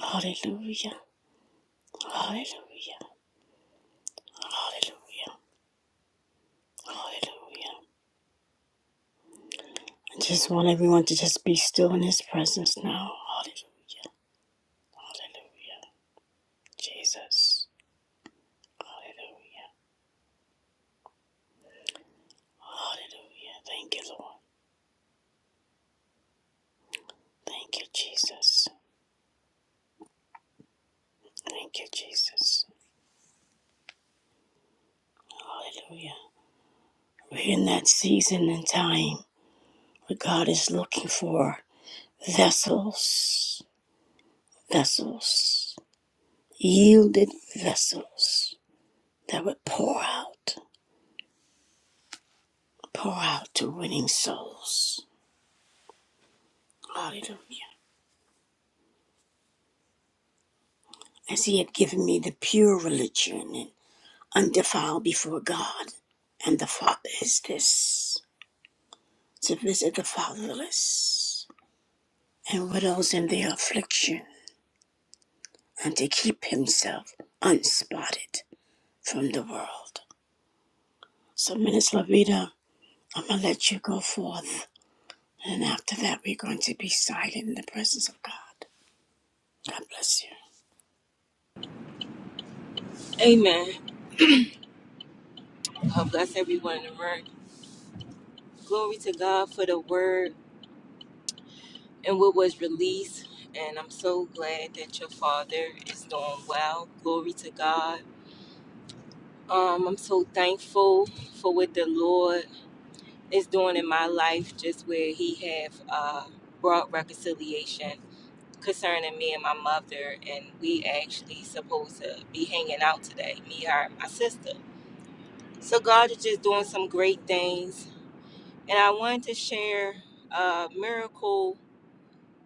[SPEAKER 2] Hallelujah. Hallelujah. Hallelujah. Hallelujah. I just want everyone to just be still in His presence now. Hallelujah. Hallelujah. Jesus. Hallelujah. Hallelujah. Thank you, Lord. Thank you, Jesus. Thank you, Jesus. Hallelujah. We're in that season and time where God is looking for vessels, vessels, yielded vessels that would pour out, pour out to winning souls. Hallelujah. As He had given me the pure religion and undefiled before God and the Father is this to visit the fatherless and widows in their affliction and to keep himself unspotted from the world. So, Minister Lavita, I'm going to let you go forth. And after that, we're going to be silent in the presence of God. God bless you.
[SPEAKER 10] Amen. God bless everyone in the room. Glory to God for the word and what was released. And I'm so glad that your father is doing well. Glory to God. Um, I'm so thankful for what the Lord is doing in my life, just where He have uh, brought reconciliation concerning me and my mother. And we actually supposed to be hanging out today, me, her, and my sister. So God is just doing some great things and I wanted to share a miracle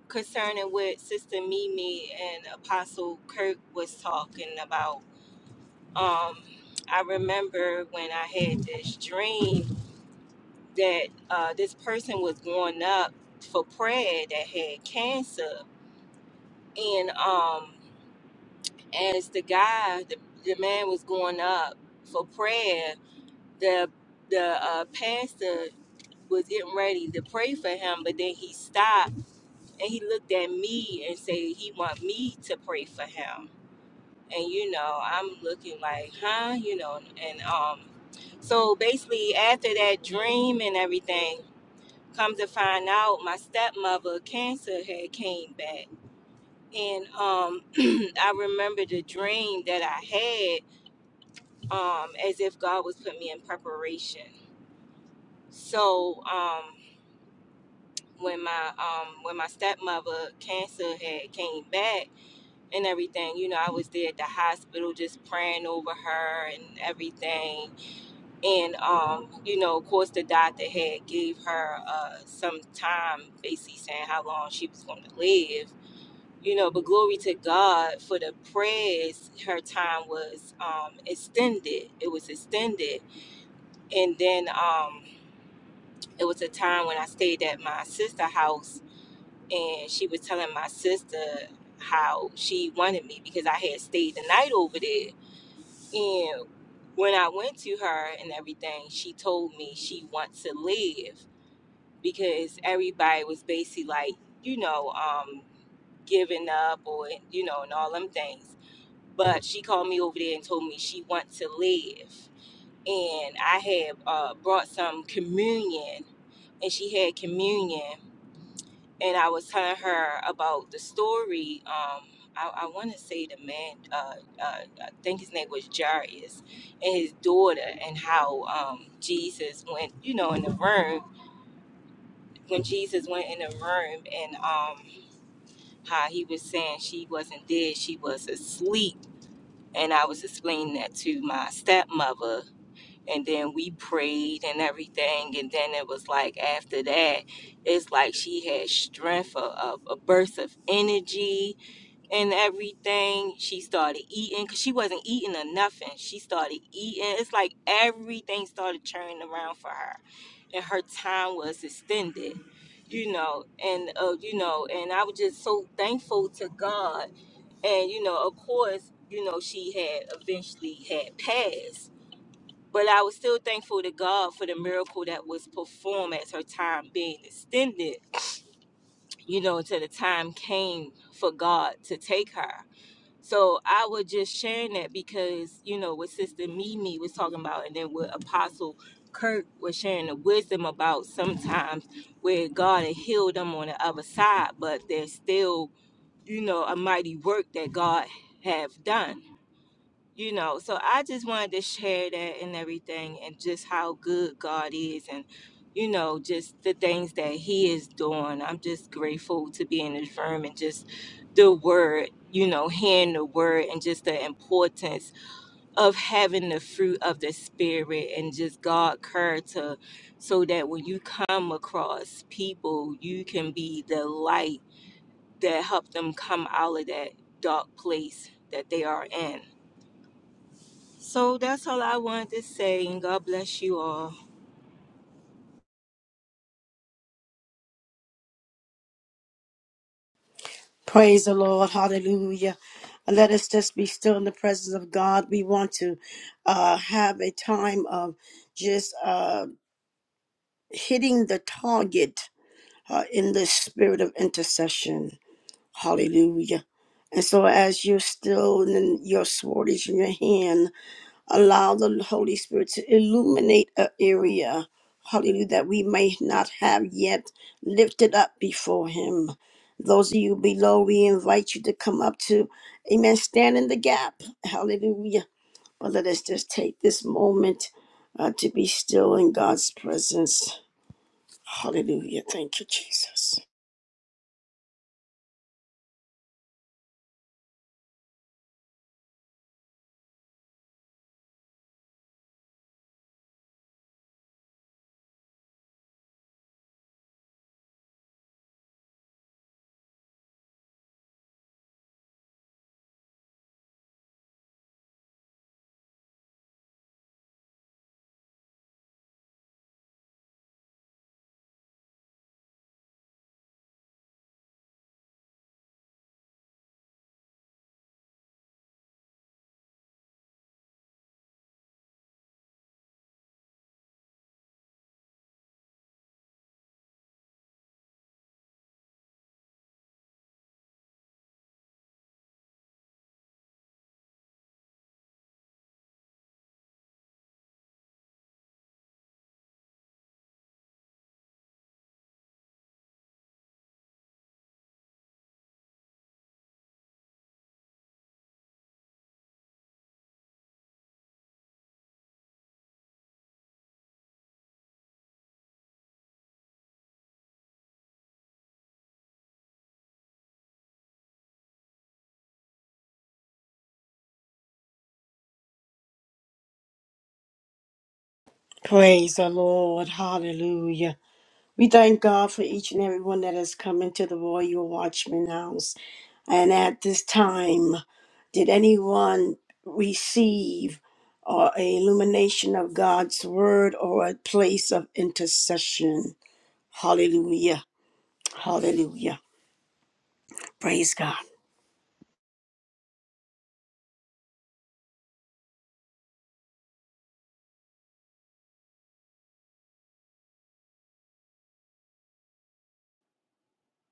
[SPEAKER 10] concerning what Sister Mimi and Apostle Kirk was talking about. Um, I remember when I had this dream that uh, this person was going up for prayer that had cancer, and um, as the guy, the, the man was going up for prayer, the the uh, pastor was getting ready to pray for him, but then he stopped and he looked at me and said he want me to pray for him and you know i'm looking like huh you know and um so basically after that dream and everything come to find out my stepmother cancer had came back and um i remember the dream that i had um as if god was putting me in preparation so um when my um when my stepmother cancer had came back and everything. You know, I was there at the hospital just praying over her and everything. And um, you know, of course, the doctor had gave her uh, some time, basically saying how long she was going to live. You know, but glory to God for the prayers. Her time was um, extended. It was extended, and then um, it was a time when I stayed at my sister house, and she was telling my sister how she wanted me because I had stayed the night over there And when I went to her and everything, she told me she wants to live because everybody was basically like, you know, um, giving up or, you know, and all them things. But she called me over there and told me she wants to live. And I had uh, brought some communion and she had communion and I was telling her about the story. Um, I, I want to say the man, uh, uh, I think his name was Jairus, and his daughter, and how um, Jesus went, you know, in the room when Jesus went in the room, and um, how he was saying she wasn't dead, she was asleep. And I was explaining that to my stepmother, and then we prayed and everything and then it was like after that it's like she had strength of, of a burst of energy and everything she started eating because she wasn't eating or nothing she started eating it's like everything started turning around for her and her time was extended you know and uh, you know and i was just so thankful to god and you know of course you know she had eventually had passed but I was still thankful to God for the miracle that was performed as her time being extended, you know, until the time came for God to take her. So I was just sharing that because, you know, what Sister Mimi was talking about and then what Apostle Kirk was sharing the wisdom about sometimes where God had healed them on the other side, but there's still, you know, a mighty work that God have done you know so i just wanted to share that and everything and just how good god is and you know just the things that he is doing i'm just grateful to be in this room and just the word you know hearing the word and just the importance of having the fruit of the spirit and just god character so that when you come across people you can be the light that help them come out of that dark place that they are in so that's all I wanted to say, and God bless you all.
[SPEAKER 2] Praise the Lord. Hallelujah. Let us just be still in the presence of God. We want to uh, have a time of just uh, hitting the target uh, in the spirit of intercession. Hallelujah. And so, as you're still in your sword is in your hand, allow the Holy Spirit to illuminate an area, hallelujah, that we may not have yet lifted up before Him. Those of you below, we invite you to come up to, amen, stand in the gap, hallelujah. But let us just take this moment uh, to be still in God's presence. Hallelujah. Thank you, Jesus. Praise the Lord. Hallelujah. We thank God for each and every one that has come into the Royal Watchman House. And at this time, did anyone receive or a illumination of God's word or a place of intercession? Hallelujah. Hallelujah. Praise God.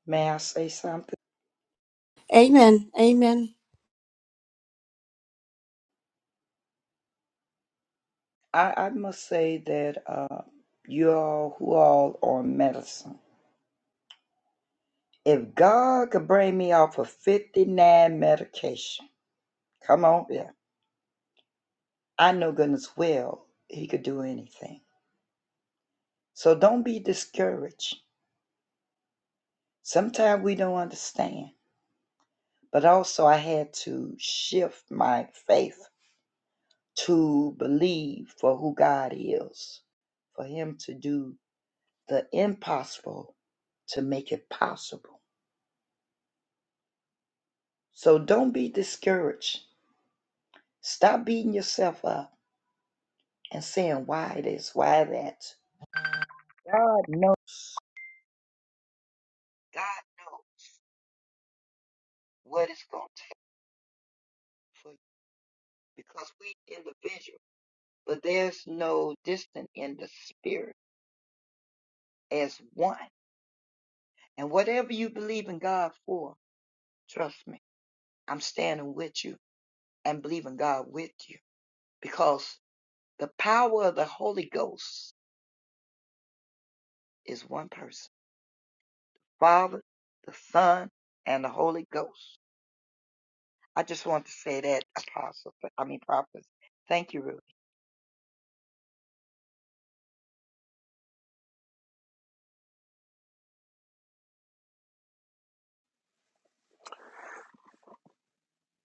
[SPEAKER 8] May I say something?
[SPEAKER 2] Amen. Amen.
[SPEAKER 8] I, I must say that uh, you all who all on medicine. If God could bring me off of 59 medication, come on here. I know goodness well he could do anything. So don't be discouraged. Sometimes we don't understand. But also I had to shift my faith to believe for who God is, for him to do the impossible to make it possible. So don't be discouraged. Stop beating yourself up and saying why this, why that. God knows. God knows what it's going to take for you because we individual, but there's no distance in the spirit as one. And whatever you believe in God for, trust me, I'm standing with you and believing God with you because the power of the Holy Ghost is one person, Father, the Son, and the Holy Ghost. I just want to say that, Apostle. I mean, Prophet. Thank you, Ruth.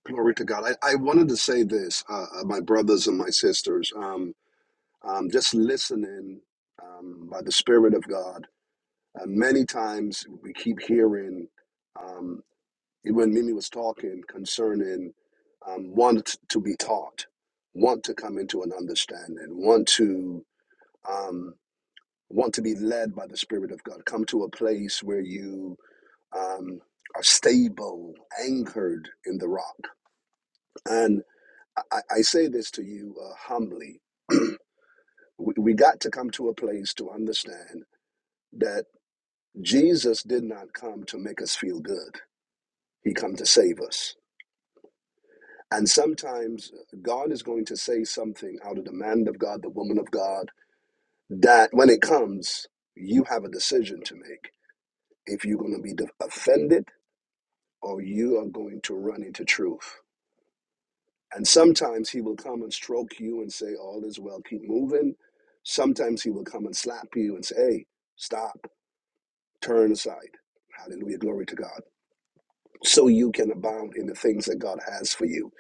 [SPEAKER 9] Glory to God. I, I wanted to say this, uh, uh, my brothers and my sisters. Um, um, just listening um, by the Spirit of God. Uh, many times we keep hearing. um, when Mimi was talking concerning um, want t- to be taught, want to come into an understanding, want to um, want to be led by the Spirit of God, come to a place where you um, are stable, anchored in the rock. And I, I I say this to you uh, humbly: we, we got to come to a place to understand that Jesus did not come to make us feel good; He come to save us. And sometimes uh, God is going to say something out of the man of God, the woman of God, that when it comes, you have a decision to make if you're going to be de- offended or you are going to run into truth. And sometimes he will come and stroke you and say, All is well, keep moving. Sometimes he will come and slap you and say, Hey, stop, turn aside. Hallelujah, glory to God. So you can abound in the things that God has for you.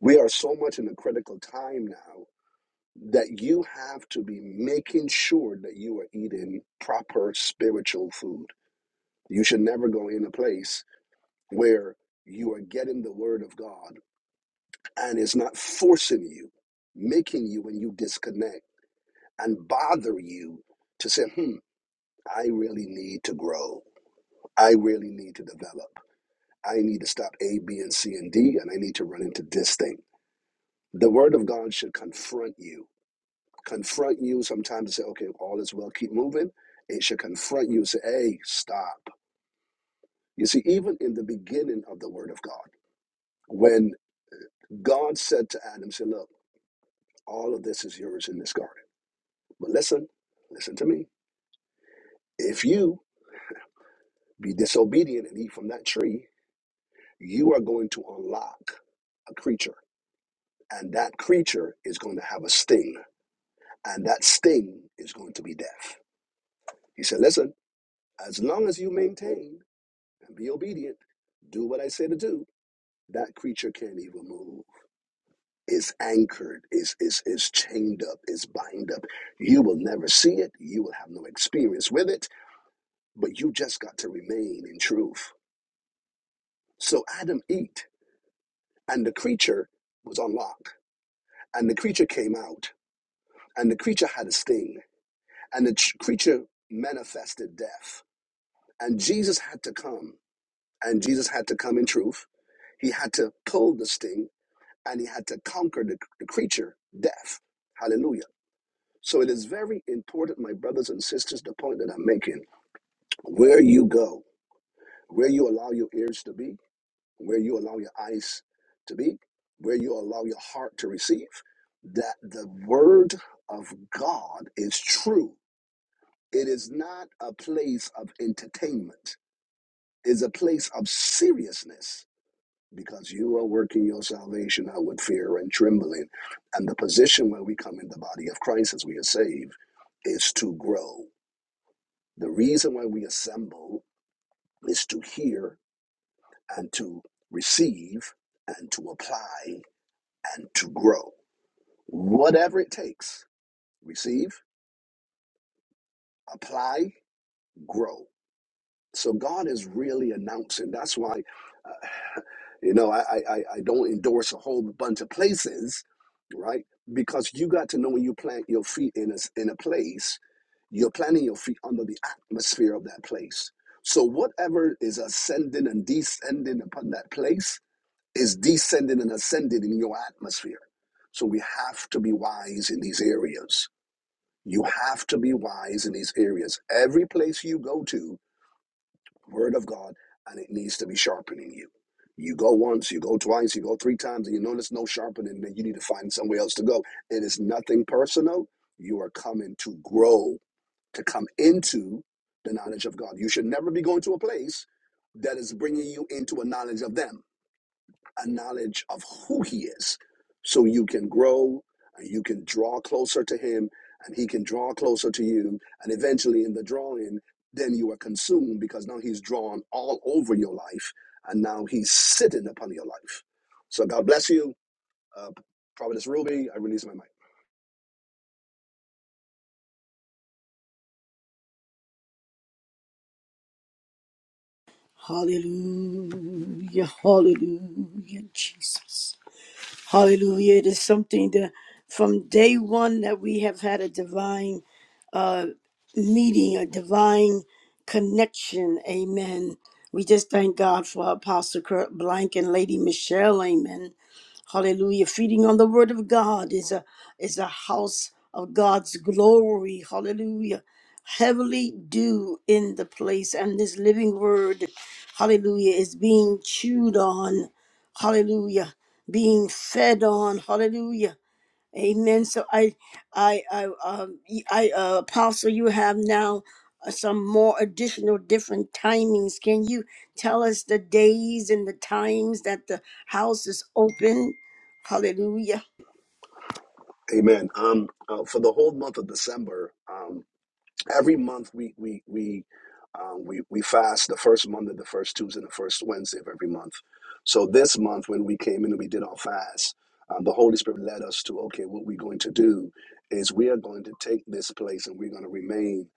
[SPEAKER 9] We are so much in a critical time now that you have to be making sure that you are eating proper spiritual food. You should never go in a place where you are getting the word of God and it's not forcing you, making you when you disconnect and bother you to say, hmm, I really need to grow. I really need to develop. I need to stop A, B, and C, and D, and I need to run into this thing. The word of God should confront you confront you sometimes to say, okay, all is well, keep moving. It should confront you, say, hey, stop. You see, even in the beginning of the Word of God, when God said to Adam, say, look, all of this is yours in this garden. But listen, listen to me. If you be disobedient and eat from that tree, you are going to unlock a creature. And that creature is going to have a sting. And that sting is going to be death. He said, listen, as long as you maintain and be obedient, do what I say to do, that creature can't even move. It's anchored, it's, it's, it's chained up, it's bind up. You will never see it, you will have no experience with it, but you just got to remain in truth. So Adam ate, and the creature was unlocked, and the creature came out, and the creature had a sting, and the tr- creature manifested death. And Jesus had to come, and Jesus had to come in truth. He had to pull the sting and he had to conquer the, the creature, death. Hallelujah. So it is very important, my brothers and sisters, the point that I'm making where you go, where you allow your ears to be, where you allow your eyes to be, where you allow your heart to receive, that the word of God is true. It is not a place of entertainment, it's a place of seriousness because you are working your salvation out with fear and trembling. And the position where we come in the body of Christ as we are saved is to grow. The reason why we assemble is to hear and to receive and to apply and to grow. Whatever it takes, receive, apply, grow. So God is really announcing. That's why. You know, I, I, I I don't endorse a whole bunch of places, right? Because you got to know when you plant your feet in a, s- in a place, you're planting your feet under the atmosphere of that place. So whatever is ascending and descending upon that place is descending and ascending in your atmosphere. So we have to be wise in these areas. You have to be wise in these areas. Every place you go to, Word of God, and it needs to be sharpening you. You go once, you go twice, you go three times, and you notice no sharpening, then you need to find somewhere else to go. It is nothing personal. You are coming to grow, to come into the knowledge of God. You should never be going to a place that is bringing you into a knowledge of them a knowledge of who he is so you can grow and you can draw closer to him and he can draw closer to you and eventually in the drawing then you are consumed because now he's drawn all over your life and now he's sitting upon your life so god bless you uh, providence ruby i release my mic
[SPEAKER 2] Hallelujah. Hallelujah, Jesus. Hallelujah. It is something that from day one that we have had a divine uh, meeting, a divine connection. Amen. We just thank God for Apostle Kurt Blank and Lady Michelle. Amen. Hallelujah. Feeding on the word of God is a is a house of God's glory. Hallelujah. Heavily due in the place. And this living word, hallelujah, is being chewed on. Hallelujah. Being fed on. Hallelujah. Amen. So I, I, I, um, y- I, uh, Apostle, you have now uh, some more additional different timings. Can you tell us the days and the times that the house is open? Hallelujah.
[SPEAKER 9] amen um, uh, for the whole month of december um, every month we we we um, we we fast the first Monday, the first Tuesday, and the first Wednesday of every month. So this month, when we came in and we did our fast, um, the Holy Spirit led us to okay, what we're going to do is we are going to take this place and we're going to remain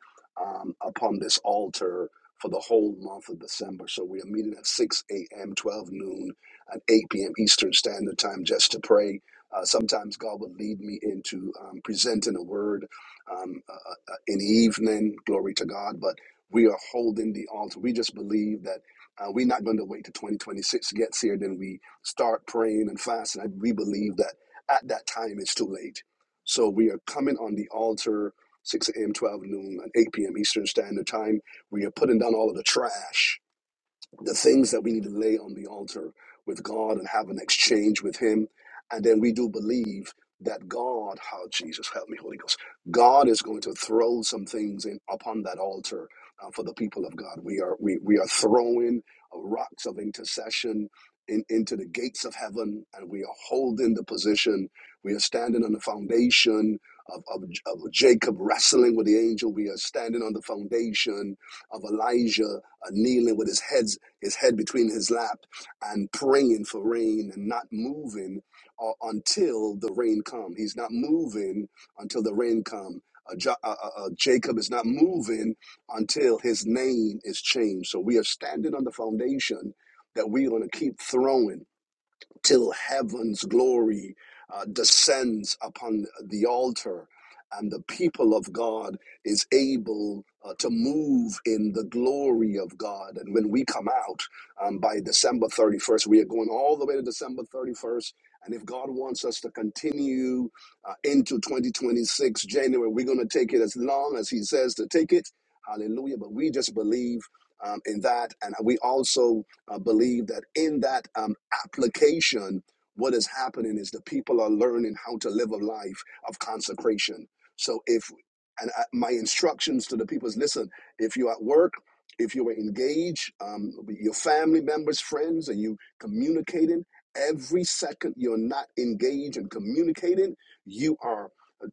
[SPEAKER 9] um, upon this altar for the whole month of December. So we are meeting at 6 a.m., 12 noon, and 8 p.m. Eastern Standard Time just to pray. Uh, sometimes God will lead me into um, presenting a word um, uh, uh, an evening. Glory to God. But we are holding the altar. We just believe that uh, we're not going to wait till 2026 gets here. Then we start praying and fasting. I, we believe that at that time it's too late. So we are coming on the altar 6 a.m., 12 noon, and 8 p.m. Eastern Standard Time. We are putting down all of the trash the things that we need to lay on the altar with God and have an exchange with Him. And then we do believe that God, how Jesus, help me, Holy Ghost, God is going to throw some things in upon that altar uh, for the people of God. We are we we are throwing uh, rocks of intercession. In, into the gates of heaven, and we are holding the position. We are standing on the foundation of, of, of Jacob wrestling with the angel. We are standing on the foundation of Elijah uh, kneeling with his head his head between his lap and praying for rain and not moving uh, until the rain come. He's not moving until the rain come. Uh, Jo- uh, uh, uh, Jacob is not moving until his name is changed. So we are standing on the foundation that we're going to keep throwing till heaven's glory uh, descends upon the altar and the people of God is able uh, to move in the glory of God. And when we come out um, by December 31st, we are going all the way to December 31st. And if God wants us to continue uh, into 2026, January, we're going to take it as long as He says to take it. Hallelujah. But we just believe um, in that. And we also I believe that in that um, application, what is happening is the people are learning how to live a life of consecration. So if and I, my instructions to the people is listen, if you're at work, if you are engaged, um, with your family members, friends, and you communicating, every second you're not engaged and communicating, you are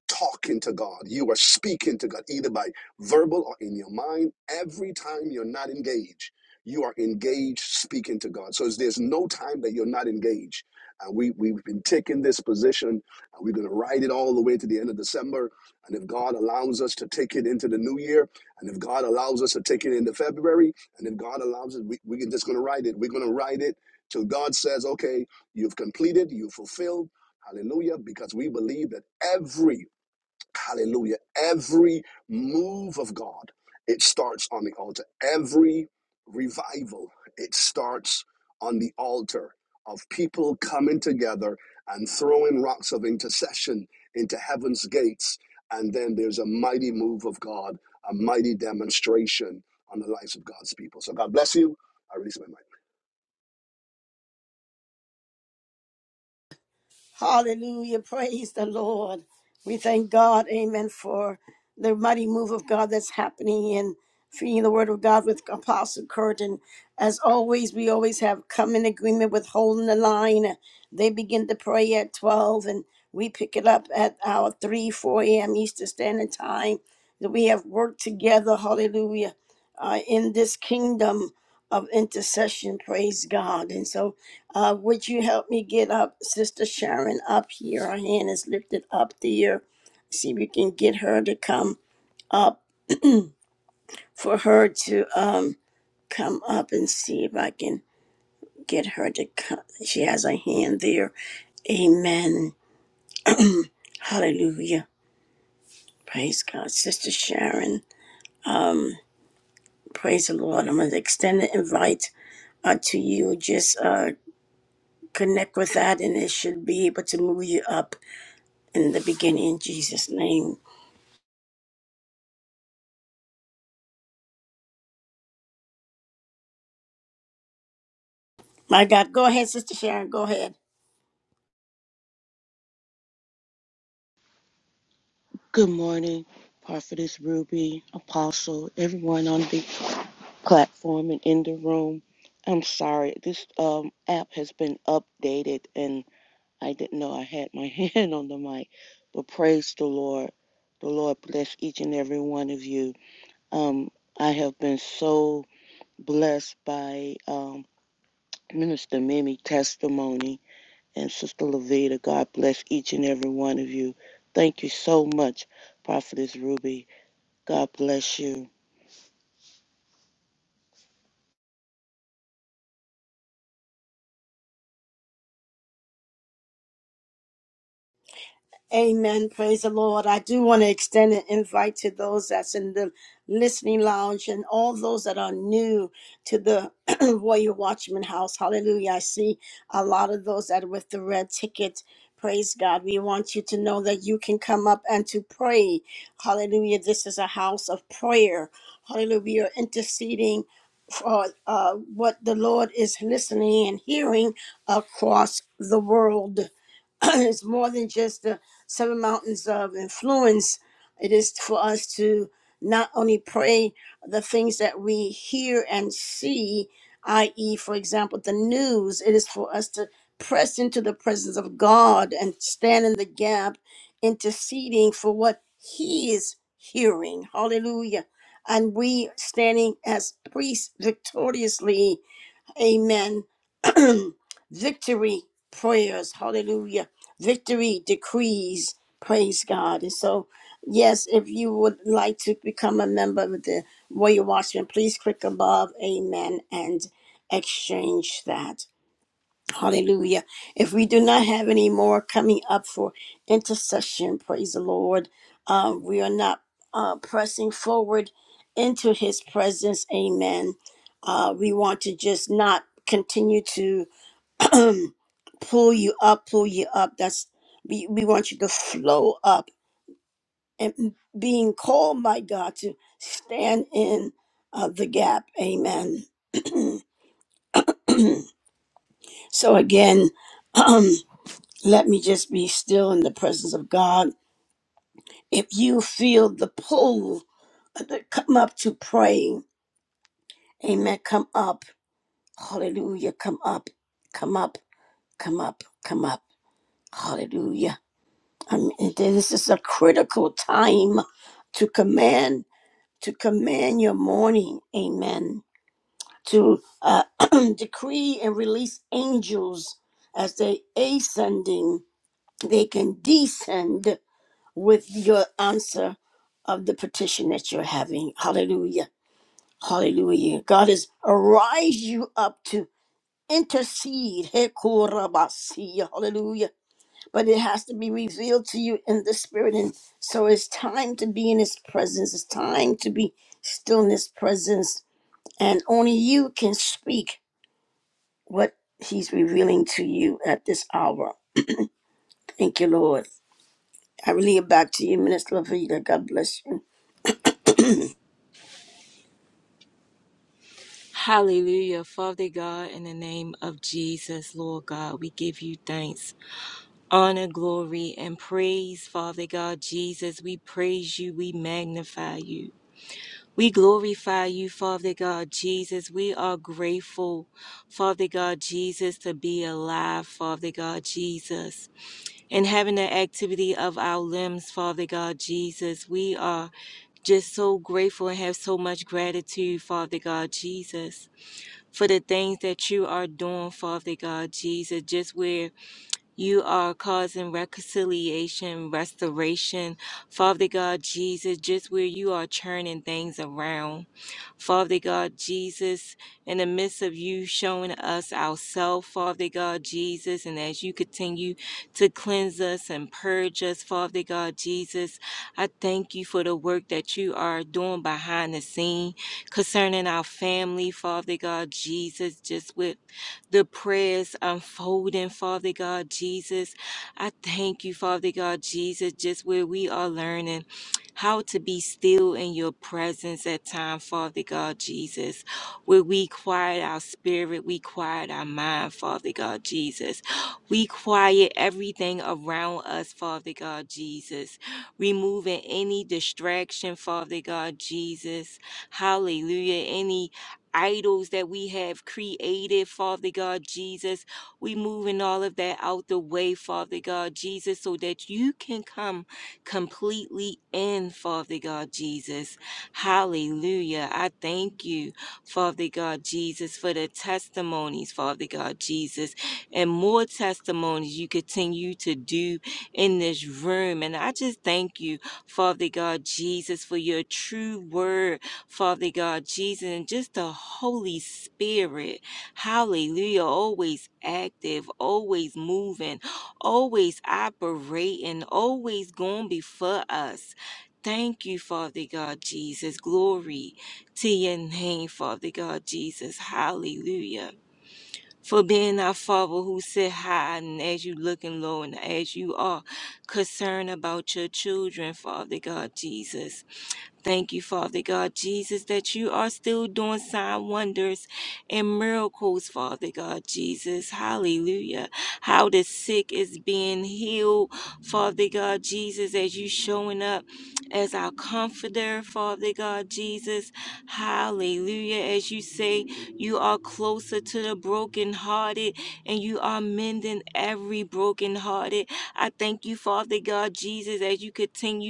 [SPEAKER 9] talking to God. You are speaking to God, either by verbal or in your mind. Every time you're not engaged you are engaged speaking to God. So there's no time that you're not engaged. And we, we've been taking this position and we're going to ride it all the way to the end of December. And if God allows us to take it into the new year, and if God allows us to take it into February, and if God allows it, we, we're just going to ride it. We're going to ride it till God says, okay, you've completed, you've fulfilled. Hallelujah. Because we believe that every Hallelujah. Every move of God, it starts on the altar. Every revival, it starts on the altar of people coming together and throwing rocks of intercession into heaven's gates. And then there's a mighty move of God, a mighty demonstration on the lives of God's people. So God bless you. I release my mic.
[SPEAKER 2] Hallelujah. Praise the Lord. We thank God, amen, for the mighty move of God that's happening in feeding the word of God with Apostle Kurt. And as always, we always have come in agreement with holding the line. They begin to pray at 12, and we pick it up at our 3, 4 a.m. Eastern Standard Time. That we have worked together, hallelujah, uh, in this kingdom of intercession. Praise God. And so, uh, would you help me get up, Sister Sharon, up here? Her hand is lifted up there. See if we can get her to come up. For her to um come up and see if I can get her to come. She has a hand there. Amen. Hallelujah. Praise God, Sister Sharon. mm, Praise the Lord. I'm gonna extend an invite uh, to you. Just uh, connect with that, and it should be able to move you up in the beginning. In Jesus' name. My God, go ahead, Sister Sharon. Go ahead.
[SPEAKER 11] Good morning, Prophetess Ruby, Apostle, everyone on the platform and in the room. I'm sorry, this um, app has been updated and I didn't know I had my hand on the mic, but praise the Lord. The Lord bless each and every one of you. Um, I have been so blessed by um, Minister Mimi testimony and Sister Levita. God bless each and every one of you. Thank you so much, Prophetess Ruby. God bless you.
[SPEAKER 2] Amen. Praise the Lord. I do want to extend an invite to those that's in the listening lounge and all those that are new to the Warrior Watchman House. Hallelujah. I see a lot of those that are with the red ticket. Praise God. We want you to know that you can come up and to pray. Hallelujah. This is a house of prayer. Hallelujah. We are interceding for uh, what the Lord is listening and hearing across the world. it's more than just the seven mountains of influence. It is for us to not only pray the things that we hear and see, i.e., for example, the news, it is for us to press into the presence of God and stand in the gap, interceding for what He is hearing. Hallelujah. And we standing as priests victoriously Amen. Victory prayers. Hallelujah. Victory decrees. Praise God. And so, yes, if you would like to become a member of the Royal Watchman, please click above. Amen. And exchange that. Hallelujah. If we do not have any more coming up for intercession, praise the Lord. Uh, we are not uh, pressing forward into his presence. Amen. Uh, we want to just not continue to um, pull you up, pull you up. That's we, we want you to flow up and being called by God to stand in uh, the gap. Amen. So again, let me just be still in the presence of God If you feel the pull, uh, come up to praying. Amen. Come up. Hallelujah. Come up. Come up. Come up. Come up. Hallelujah. I mean, this is a critical time to command, to command your morning. Amen. To uh, decree and release angels as they ascending, they can descend with your answer of the petition that you're having. Hallelujah Hallelujah. God has arise you up to intercede. Hekorabasi. Hallelujah. But it has to be revealed to you in the spirit. And so it's time to be in his presence. It's time to be still in his presence. And only you can speak what he's revealing to you at this hour. Thank you, Lord. I relay it back to you, Minister Lavita. God bless you.
[SPEAKER 10] Hallelujah. Father God, in the name of Jesus, Lord God, we give you thanks, honor, glory, and praise, Father God, Jesus. We praise you, we magnify you. We glorify you, Father God, Jesus. We are grateful, Father God, Jesus, to be alive, Father God, Jesus, and having the activity of our limbs, Father God, Jesus. We are Just so grateful and have so much gratitude, Father God Jesus, for the things that you are doing, Father God Jesus, just where you are causing reconciliation, restoration. Father God Jesus, just where you are turning things around. Father God Jesus, in the midst of you showing us ourselves, Father God Jesus, and as you continue to cleanse us and purge us, Father God Jesus, I thank you for the work that you are doing behind the scene concerning our family, Father God Jesus, just with the prayers unfolding, Father God Jesus. I thank you, Father God Jesus, just where we are learning how to be still in your presence at time, Father God Jesus, where we quiet our spirit, we quiet our mind, Father God Jesus. We quiet everything around us, Father God Jesus, removing any distraction, Father God Jesus. Hallelujah. Any idols that we have created, Father God Jesus. We moving all of that out the way, Father God Jesus, so that you can come completely in, Father God Jesus. Hallelujah. I thank you, Father God Jesus, for the testimonies, Father God Jesus, and more testimonies you continue to do in this room. And I just thank you, Father God Jesus, for your true word Father God, Jesus, and just the Holy Spirit. Hallelujah. Always active, always moving, always operating, always going before us. Thank you, Father God Jesus. Glory to your name, Father God Jesus. Hallelujah. For being our Father who sit high and as you looking low and as you are concerned about your children, Father God Jesus. Thank you, Father God Jesus, that you are still doing sign wonders and miracles, Father God Jesus. Hallelujah. How the sick is being healed, Father God Jesus, as you showing up as our comforter, Father God Jesus. Hallelujah. As you say, you are closer to the brokenhearted and you are mending every brokenhearted. I thank you, Father God Jesus, as you continue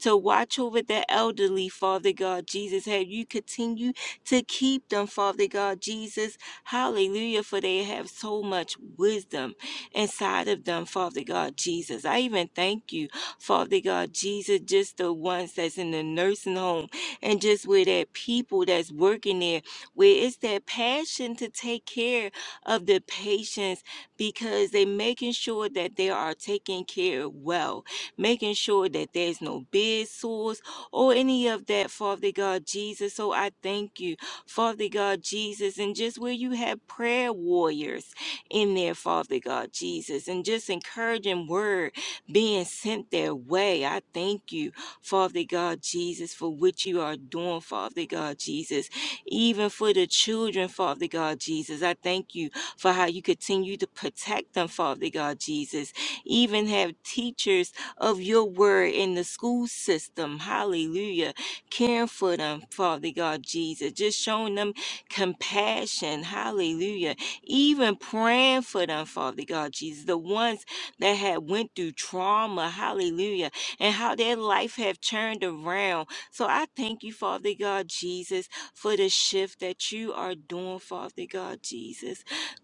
[SPEAKER 10] to watch over the elderly, Father God Jesus. Have you continue to keep them, Father God Jesus. Hallelujah, for they have so much wisdom inside of them, Father God Jesus. I even thank you, Father God Jesus, just the ones that's in the nursing home and just with that people that's working there, where it's that passion to take care of the patients because they're making sure that they are taken care of well making sure that there's no bed sores or any of that, Father God Jesus. So I thank you, Father God Jesus, and just where you have prayer warriors in there, Father God Jesus, and just encouraging word being sent their way. I thank you, Father God Jesus, for what you are doing, Father God Jesus, even for the children, Father God Jesus. I thank you for how you continue to protect them, Father God Jesus. Even have teachers of your word in the school system. Hallelujah. Caring for them, Father God Jesus. Just showing them compassion. Hallelujah. Even praying for them, Father God Jesus. The ones that had went through trauma. Hallelujah. And how their life have turned around. So I thank you, Father God Jesus, for the shift that you are doing, Father God Jesus.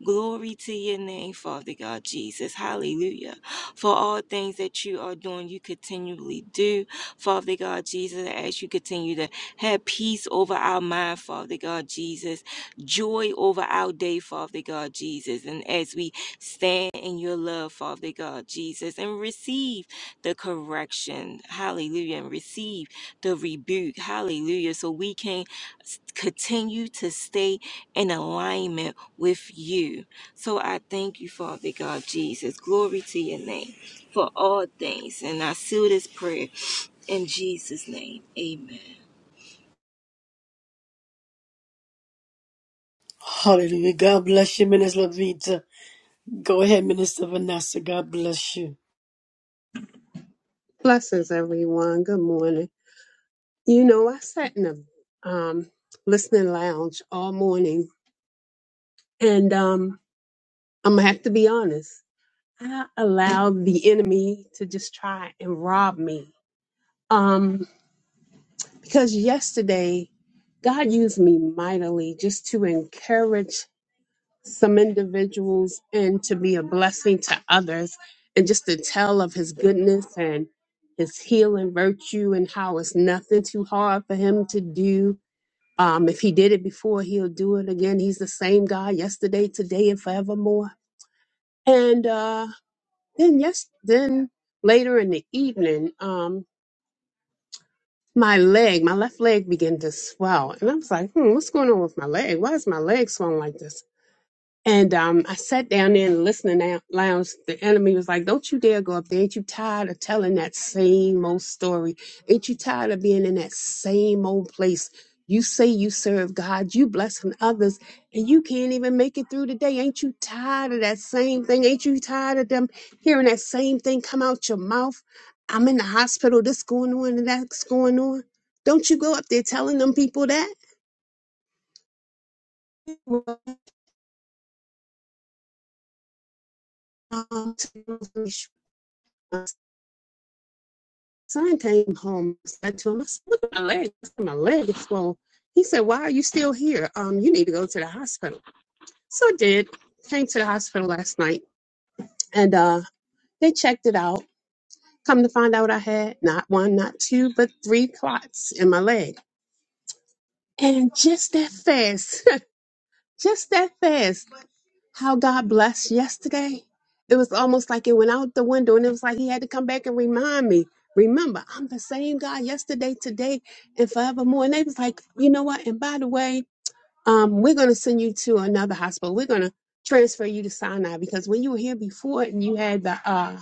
[SPEAKER 10] Glory to your name, Father God Jesus. Hallelujah. For all things that you are doing, you continually do. Father God Jesus, as you continue to have peace over our mind, Father God Jesus, joy over our day, Father God Jesus. And as we Stand in your love, Father God, Jesus, and receive the correction. Hallelujah. And receive the rebuke. Hallelujah. So we can s- continue to stay in alignment with you. So I thank you, Father God, Jesus. Glory to your name for all things. And I seal this prayer in Jesus' name. Amen.
[SPEAKER 2] Hallelujah. God bless you, Minister Lavita. Go ahead, Minister Vanessa. God bless you.
[SPEAKER 12] Blessings, everyone. Good morning. You know, I sat in a um, listening lounge all morning, and um, I'm gonna have to be honest. I allowed the enemy to just try and rob me. Um, because yesterday, God used me mightily just to encourage some individuals and to be a blessing to others, and just to tell of His goodness and His healing virtue and how it's nothing too hard for Him to do Um, if he did it before, he'll do it again. He's the same guy yesterday, today, and forevermore. And uh, then yes, then later in the evening, um, my leg, my left leg began to swell, and I was like, hmm, what's going on with my leg? Why is my leg swelling like this? And um, I sat down there in the listening lou- lounge. The enemy was like, Don't you dare go up there. Ain't you tired of telling that same old story? Ain't you tired of being in that same old place? You say you serve God, you blessing others, and you can't even make it through the day. Ain't you tired of that same thing? Ain't you tired of them hearing that same thing come out your mouth? I'm in the hospital, this going on and that's going on. Don't you go up there telling them people that? son came home said to him, I said, Look at my leg. My leg is swollen. He said, Why are you still here? Um, you need to go to the hospital. So I did. Came to the hospital last night and uh they checked it out. Come to find out I had not one, not two, but three clots in my leg. And just that fast, just that fast. How God blessed yesterday. It was almost like it went out the window and it was like he had to come back and remind me. Remember, I'm the same God yesterday, today, and forevermore. And they was like, you know what? And by the way, um, we're gonna send you to another hospital. We're gonna transfer you to Sinai because when you were here before and you had the uh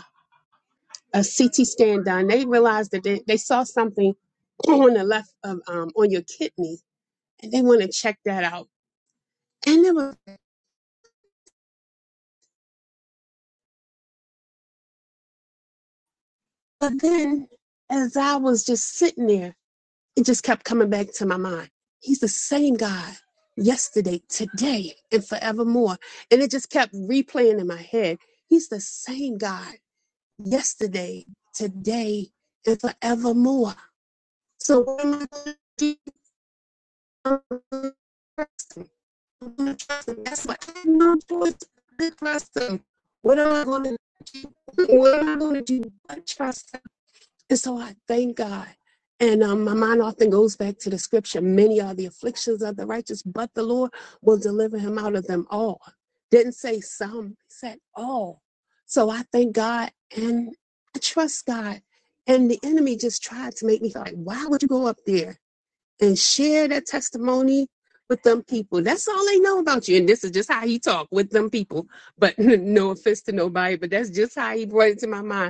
[SPEAKER 12] a CT scan done, they realized that they, they saw something on the left of um on your kidney and they want to check that out. And it was but then as I was just sitting there it just kept coming back to my mind. He's the same God yesterday, today, and forevermore. And it just kept replaying in my head. He's the same God yesterday, today, and forevermore. So what am I going to do? trust him. I'm gonna trust him. That's what I have no choice but to trust him. What am I going to do? What am I going to do but trust him? And so I thank God. And um, my mind often goes back to the scripture many are the afflictions of the righteous, but the Lord will deliver him out of them all. Didn't say some, he said all. So I thank God and I trust God. And the enemy just tried to make me feel like, why would you go up there and share that testimony with them people? That's all they know about you. And this is just how he talked with them people. But no offense to nobody, but that's just how he brought it to my mind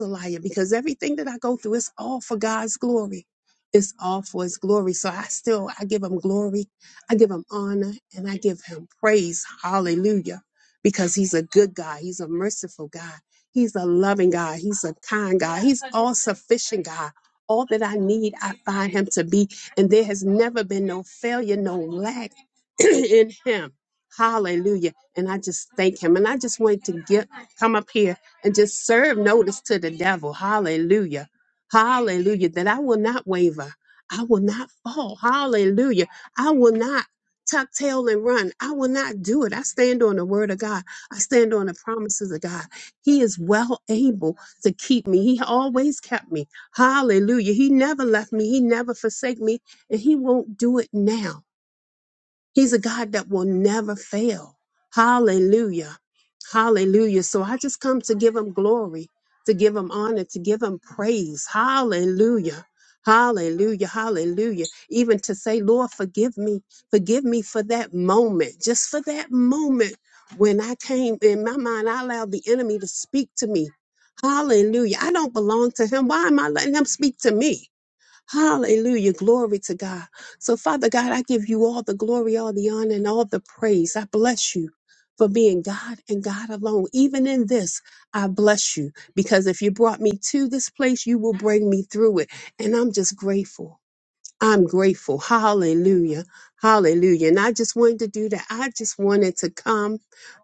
[SPEAKER 12] a liar because everything that I go through is all for God's glory. It's all for his glory. So I still I give him glory, I give him honor, and I give him praise. Hallelujah. Because he's a good God. He's a merciful God. He's a loving God. He's a kind God. He's all sufficient God. All that I need, I find him to be. And there has never been no failure, no lack in him. Hallelujah. And I just thank him. And I just wanted to get come up here and just serve notice to the devil. Hallelujah. Hallelujah. That I will not waver. I will not fall. Hallelujah. I will not tuck tail and run. I will not do it. I stand on the word of God. I stand on the promises of God. He is well able to keep me. He always kept me. Hallelujah. He never left me. He never forsake me. And he won't do it now. He's a God that will never fail. Hallelujah. Hallelujah. So I just come to give him glory, to give him honor, to give him praise. Hallelujah. Hallelujah. Hallelujah. Even to say, Lord, forgive me. Forgive me for that moment, just for that moment when I came in my mind, I allowed the enemy to speak to me. Hallelujah. I don't belong to him. Why am I letting him speak to me? Hallelujah. Glory to God. So, Father God, I give you all the glory, all the honor, and all the praise. I bless you for being God and God alone. Even in this, I bless you because if you brought me to this place, you will bring me through it. And I'm just grateful. I'm grateful. Hallelujah. Hallelujah. And I just wanted to do that. I just wanted to come.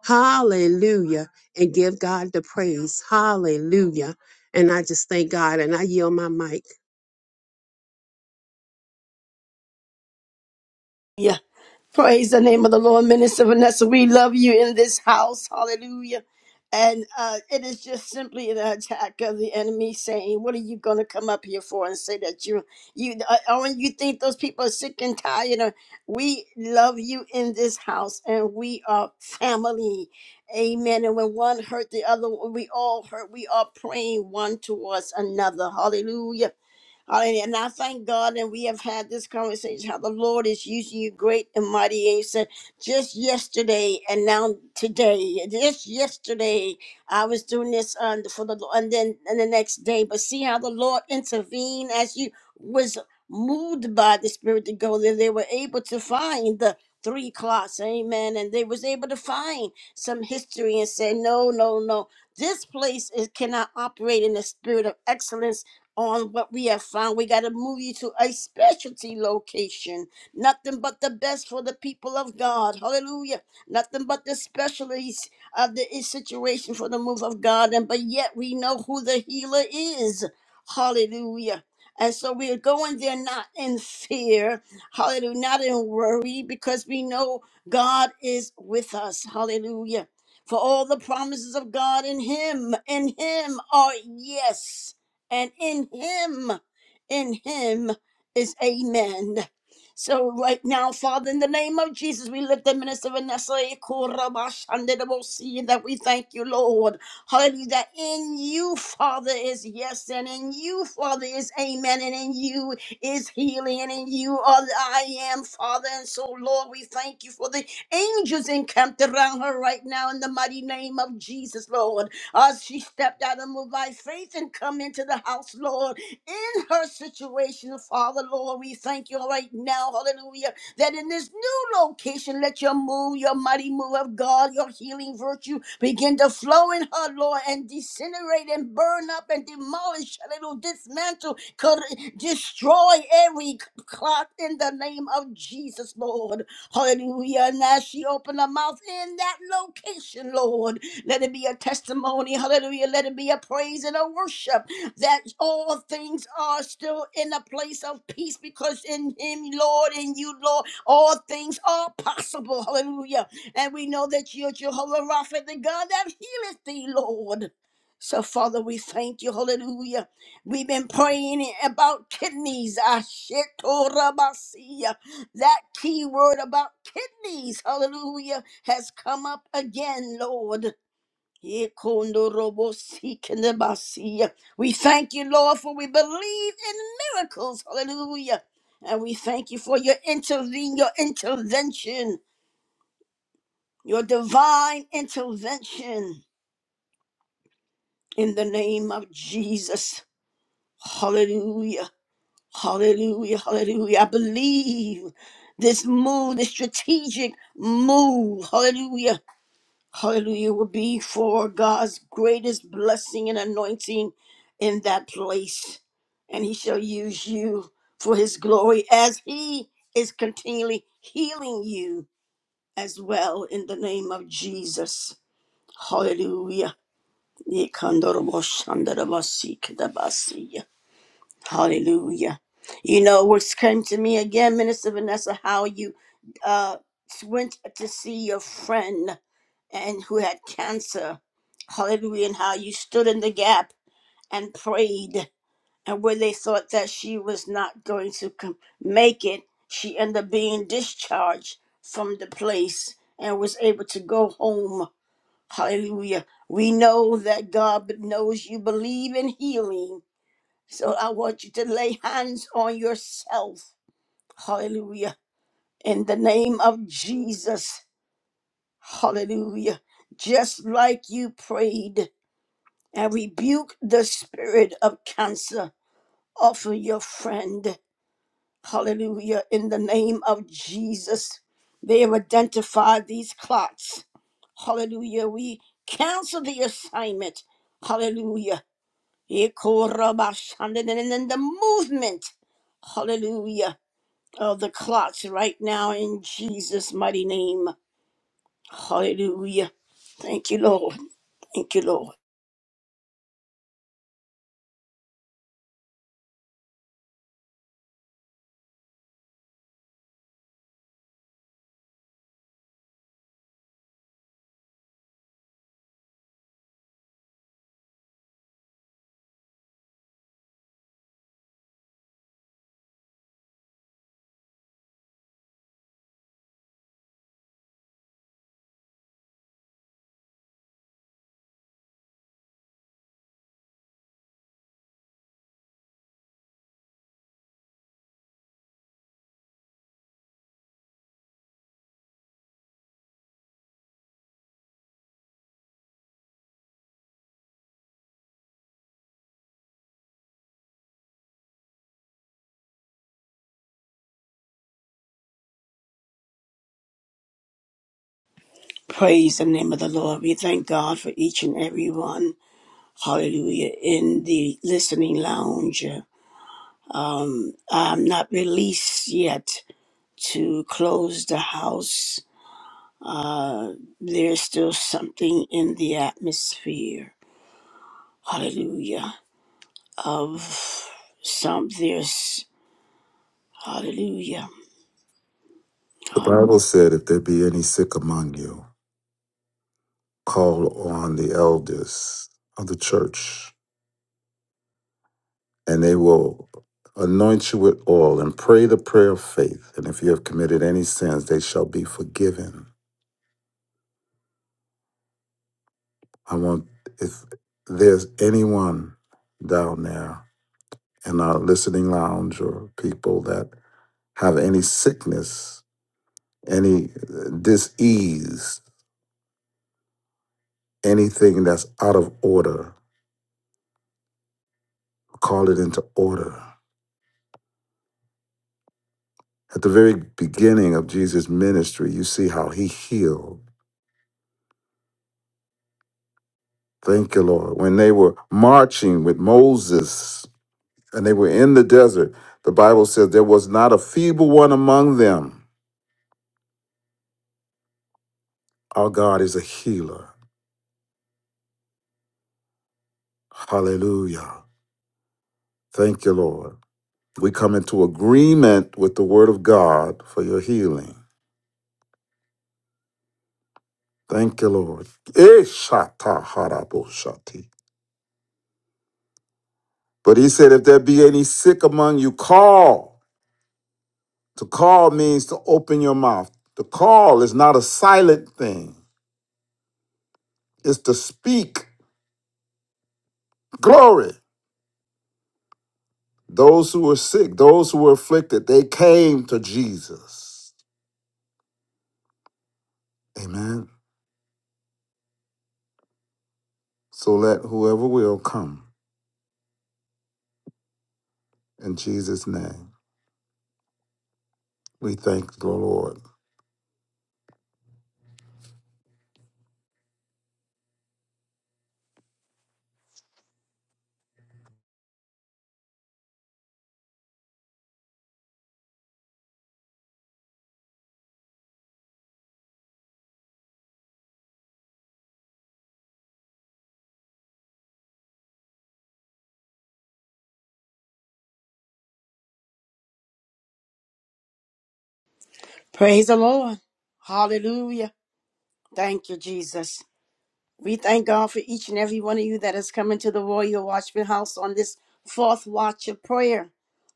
[SPEAKER 12] Hallelujah. And give God the praise. Hallelujah. And I just thank God and I yield my mic.
[SPEAKER 2] Praise the name of the Lord, Minister Vanessa. We love you in this house. Hallelujah. And uh, it is just simply an attack of the enemy saying, What are you going to come up here for and say that you, you, uh, oh, and you think those people are sick and tired? Of, we love you in this house and we are family. Amen. And when one hurt the other, we all hurt. We are praying one towards another. Hallelujah Hallelujah. And I thank God and we have had this conversation how the Lord is using you great and mighty. He said, just yesterday and now today, just yesterday, I was doing this um, for the Lord, and then and the next day. But see how the Lord intervened as you was moved by the Spirit to go there. They were able to find the three clots, amen. And they was able to find some history and say, no, no, no. This place is cannot operate in the spirit of excellence on what we have found. We got to move you to a specialty location. Nothing but the best for the people of God. Hallelujah. Nothing but the specialties of the situation for the move of God. And but yet we know who the healer is. Hallelujah. And so we are going there not in fear, hallelujah, not in worry, because we know God is with us. Hallelujah. For all the promises of God in Him, in Him are yes and in him, in him is amen. So right now, Father, in the name of Jesus, we lift the minister Vanessa Ikorabash, and then we'll that we thank you, Lord. Hallelujah. That in you, Father, is yes, and in you, Father, is amen, and in you is healing, and in you are the I am, Father. And so, Lord, we thank you for the angels encamped around her right now in the mighty name of Jesus, Lord. As she stepped out of moved by faith and come into the house, Lord, in her situation, Father, Lord. We thank you right now, hallelujah, that in this new location, let your move, your mighty move of God, your healing virtue begin to flow in her, Lord, and disintegrate and burn up and demolish, hallelujah, dismantle, cor- destroy every clock in the name of Jesus, Lord. Hallelujah. And as she opened her mouth in that location, Lord, let it be a testimony. Hallelujah. Let it be a praise and a worship that all things are still in a place of peace because in Him, Lord, in you, Lord, all things are possible. Hallelujah. And we know that you're Jehovah Rapha, the God that healeth thee, Lord. So, Father, we thank you. Hallelujah. We've been praying about kidneys. Ashetorabasia. That key word about kidneys, hallelujah, has come up again, Lord. Ikondorobosikindabasiya. We thank you, Lord, for we believe in miracles. Hallelujah. And we thank you for your intervene, your intervention, your divine intervention in the name of Jesus. Hallelujah. Hallelujah. Hallelujah. I believe this move, this strategic move. Hallelujah Hallelujah will be for God's greatest blessing and anointing in that place. And he shall use you for his glory as he is continually healing you as well in the name of Jesus. Hallelujah. Hallelujah. You know what's came to me again, Minister Vanessa, how you uh, went to see your friend and who had cancer. Hallelujah. And how you stood in the gap and prayed. And where they thought that she was not going to com- make it, she ended up being discharged from the place and was able to go home. Hallelujah. We know that God knows you believe in healing so I want you to lay hands on yourself. Hallelujah. In the name of Jesus. Hallelujah. Just like you prayed and rebuke the spirit of cancer off of your friend. Hallelujah. In the name of Jesus. They have identified these clots. Hallelujah. We cancel the assignment. Hallelujah. Ekorabashandin- And in the movement. Hallelujah of the clots right now in Jesus' mighty name. Hallelujah. Thank you, Lord. Thank you, Lord. Praise the name of the Lord. We thank God for each and every one. Hallelujah. In the listening lounge. Um, I'm not released yet to close the house. There's still something in the atmosphere. Hallelujah. Of some, there's, hallelujah.
[SPEAKER 6] The Bible said, If there be any sick among you, call on the elders of the church, and they will anoint you with oil and pray the prayer of faith. And if you have committed any sins, they shall be forgiven. I want, if there's anyone down there in our listening lounge or people that have any sickness, any uh, disease, anything that's out of order, call it into order At the very beginning of Jesus' ministry, you see how he healed. Thank you, Lord. When they were marching with Moses and they were in the desert, the Bible says there was not a feeble one among them. Our God is a healer. Hallelujah. Thank you, Lord. We come into agreement with the word of God for your healing. Thank you, Lord. Ishata haraboshati. But he said, if there be any sick among you, call. To call means to open your mouth. To call is not a silent thing, it's to speak. Glory. Those who were sick, those who were afflicted, they came to Jesus. Amen. So let whoever will come in Jesus' name. We thank the Lord.
[SPEAKER 2] Praise the Lord. Hallelujah. Thank you, Jesus. We thank God for each and every one of you that has come into the Royal Watchman House on this fourth watch of prayer.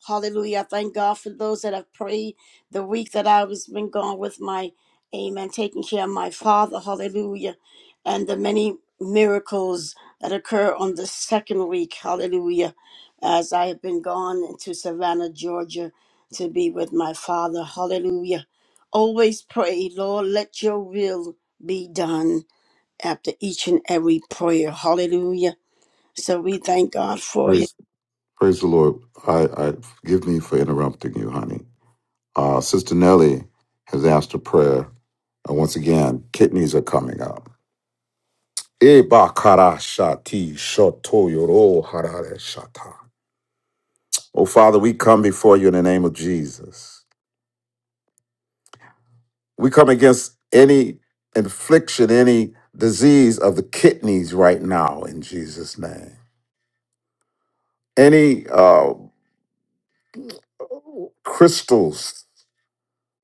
[SPEAKER 2] Hallelujah. I thank God for those that have prayed the week that I was been gone with my amen, taking care of my father. Hallelujah. And the many miracles that occur on the second week. Hallelujah. As I have been gone into Savannah, Georgia to be with my father. Hallelujah. Always pray, Lord, let your will be done after each and every prayer. Hallelujah. So we thank God for His.
[SPEAKER 6] Praise the Lord. I, I forgive me for interrupting you, honey. Uh, Sister Nellie has asked a prayer. And once again, kidneys are coming up. Ebakarashati shotoyoro harare shata. Oh, Father, we come before you in the name of Jesus. We come against any infliction, any disease of the kidneys right now in Jesus' name. Any uh, crystals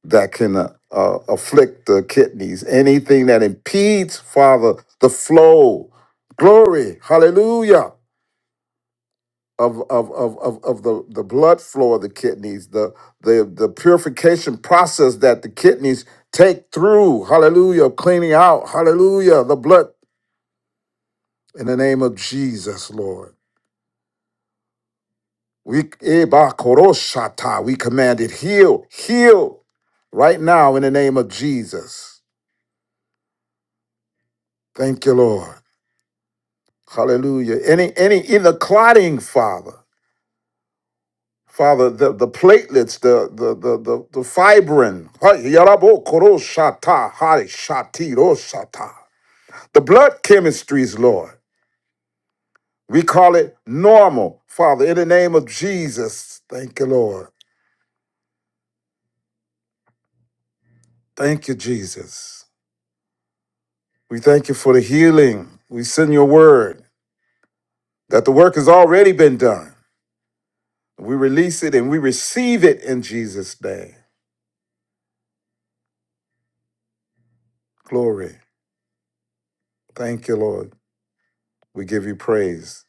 [SPEAKER 6] that can uh, uh, afflict the kidneys, anything that impedes, Father, the flow. Glory, hallelujah of of of of, of the, the blood flow of the kidneys, the the the purification process that the kidneys take through, hallelujah, cleaning out, hallelujah, the blood in the name of Jesus, Lord. We Eba koroshata, we command it, heal, heal right now in the name of Jesus. Thank you, Lord. Hallelujah. Any any in the clotting, Father. Father, the, the platelets, the the the the, the fibrin, Hey, yarabo koro shata, hari shati ro shata. the blood chemistries, Lord. We call it normal, Father, in the name of Jesus. Thank you, Lord. Thank you, Jesus. We thank you for the healing. We send your word that the work has already been done. We release it and we receive it in Jesus' name. Glory. Thank you, Lord. We give you praise.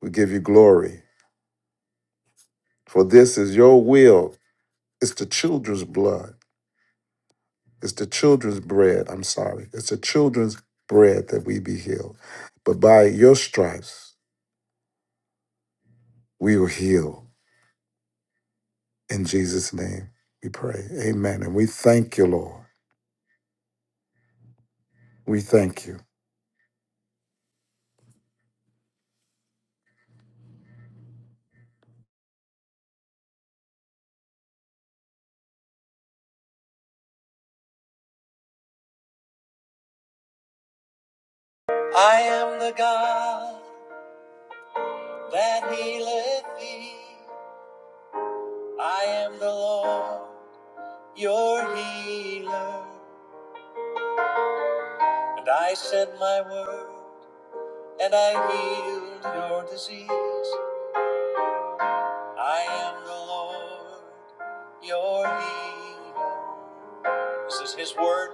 [SPEAKER 6] We give you glory. For this is your will. It's the children's blood. It's the children's bread. I'm sorry. It's the children's bread that we be healed. But by your stripes, we will heal. In Jesus' name, we pray. Amen. And we thank you, Lord. We thank you.
[SPEAKER 2] I am the God that healeth thee. I am the Lord, your healer. And I sent my word, and I healed your disease. I am the Lord, your healer. This is His word.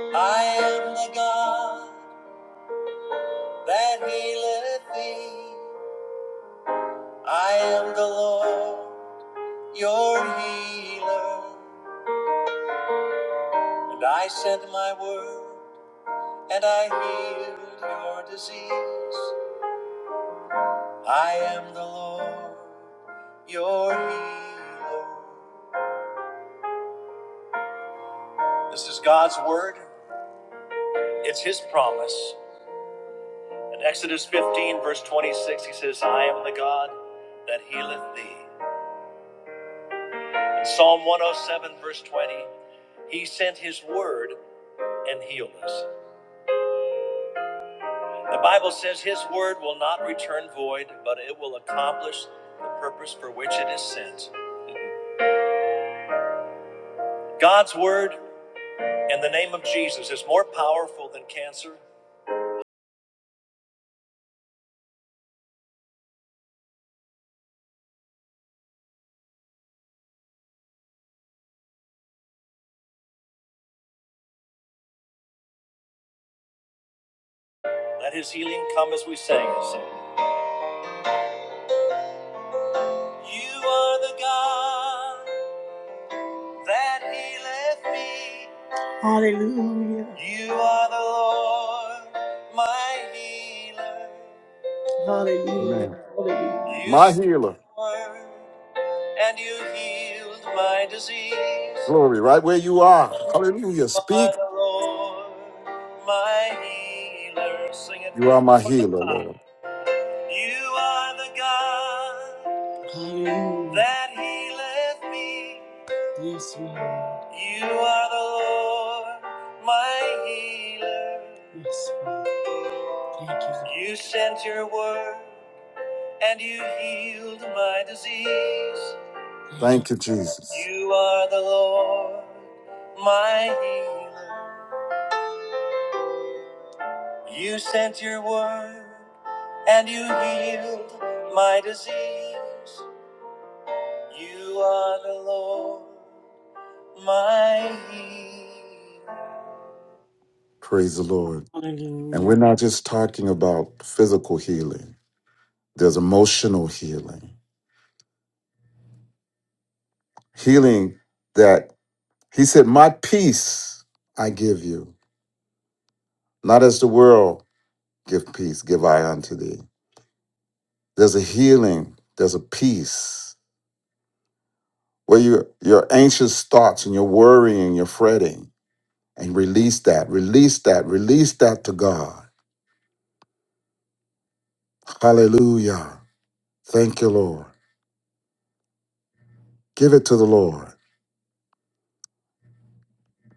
[SPEAKER 2] I am the God that healeth thee. I am the Lord, your healer, and I sent my word, and I healed your disease. I am the Lord, your healer. This is God's word, it's his promise. In Exodus 15, verse 26, he says, I am the God that healeth thee. In Psalm 107, verse 20, he sent his word and healed us. The Bible says his word will not return void, but it will accomplish the purpose for which it is sent. God's word in the name of Jesus is more powerful than cancer. Let his healing come as we sang this. You are the God that healeth me. Hallelujah. You are the Lord, my healer. Hallelujah. Hallelujah. You
[SPEAKER 6] My
[SPEAKER 2] said
[SPEAKER 6] healer.
[SPEAKER 2] your word. and you healed my disease. You
[SPEAKER 6] Glory, right where you are. Hallelujah. Speak.
[SPEAKER 2] are the Lord, my healer. Sing
[SPEAKER 6] You are
[SPEAKER 2] it.
[SPEAKER 6] my healer, Lord.
[SPEAKER 2] You are the God Hallelujah. that healeth me. Yes, Lord. You are the Lord, my healer. Yes, Lord. Thank you. Lord. You sent your word and you healed my disease. Thank you.
[SPEAKER 6] Thank you, Jesus.
[SPEAKER 2] You are the Lord, my healer. You sent your word and you healed my disease. You are the Lord, my healer.
[SPEAKER 6] Praise the Lord. And we're
[SPEAKER 2] Hallelujah.
[SPEAKER 6] not just talking about physical healing, there's emotional healing. Healing that he said, My peace I give you, not as the world give peace, give I unto thee. There's a healing, there's a peace where your your anxious thoughts and your worrying, your fretting, and release that, release that, release that to God. Hallelujah. Thank you, Lord. Give it to the Lord.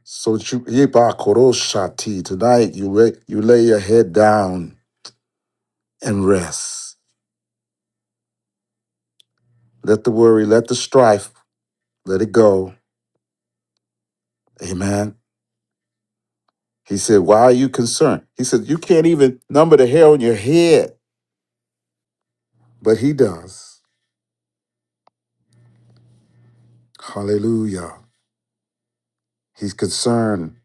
[SPEAKER 6] So that you Yibakoroshati, tonight you lay, you lay your head down and rest. Let the worry, let the strife, let it go. Amen. He said, Why are you concerned? He said, You can't even number the hair on your head. But he does. Hallelujah. He's concerned.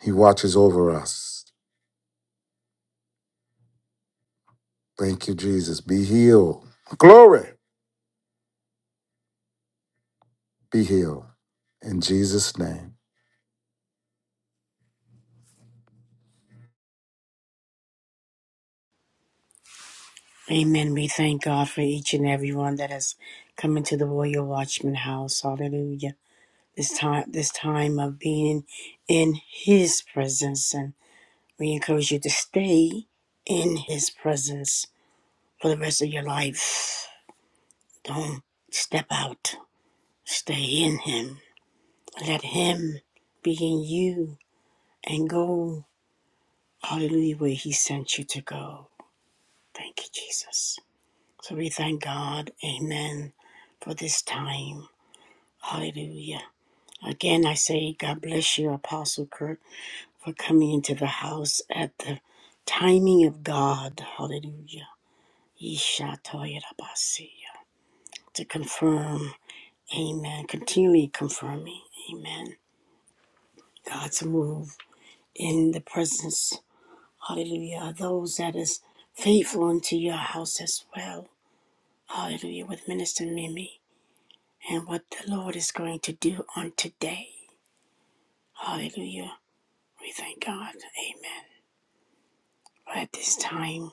[SPEAKER 6] He watches over us. Thank you, Jesus. Be healed. Glory. Be healed. In Jesus' name.
[SPEAKER 2] Amen. We thank God for each and every one that has come into the Royal Watchman house. Hallelujah. This time this time of being in his presence and We encourage you to stay in His presence for the rest of your life. Don't step out, stay in Him. Let Him be in you and go, hallelujah, where He sent you to go. Thank you, Jesus. So we thank God, amen, for this time. Hallelujah. Again, I say, God bless you, Apostle Kurt, for coming into the house at the timing of God. Hallelujah. Ishatoyerabasiya. To confirm, amen. Continually confirming, amen. God's move in the presence, hallelujah, those that is faithful unto your house as well. Hallelujah, with Minister Mimi and what the Lord is going to do on today. Hallelujah. We thank God. Amen. But at this time,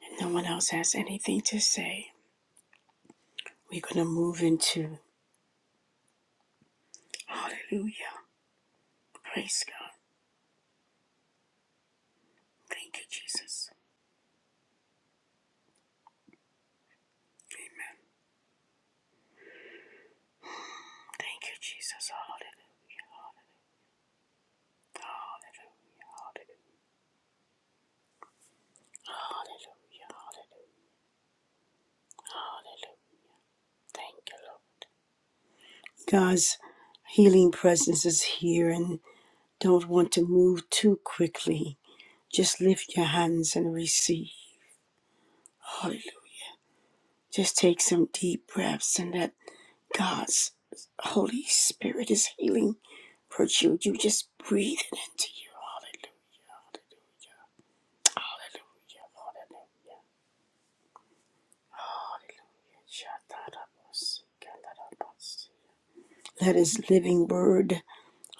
[SPEAKER 2] if no one else has anything to say, we're going to move into, hallelujah. Praise God. Thank you, Jesus. Thank you, Jesus. Hallelujah. Hallelujah. Hallelujah. Hallelujah. Hallelujah. Thank you, Lord. God's healing presence is here and don't want to move too quickly. Just lift your hands and receive. Hallelujah. Just take some deep breaths and let God's Holy Spirit is healing virtue. You just breathe it into you. Hallelujah. Hallelujah. Hallelujah. Hallelujah. Let his living word,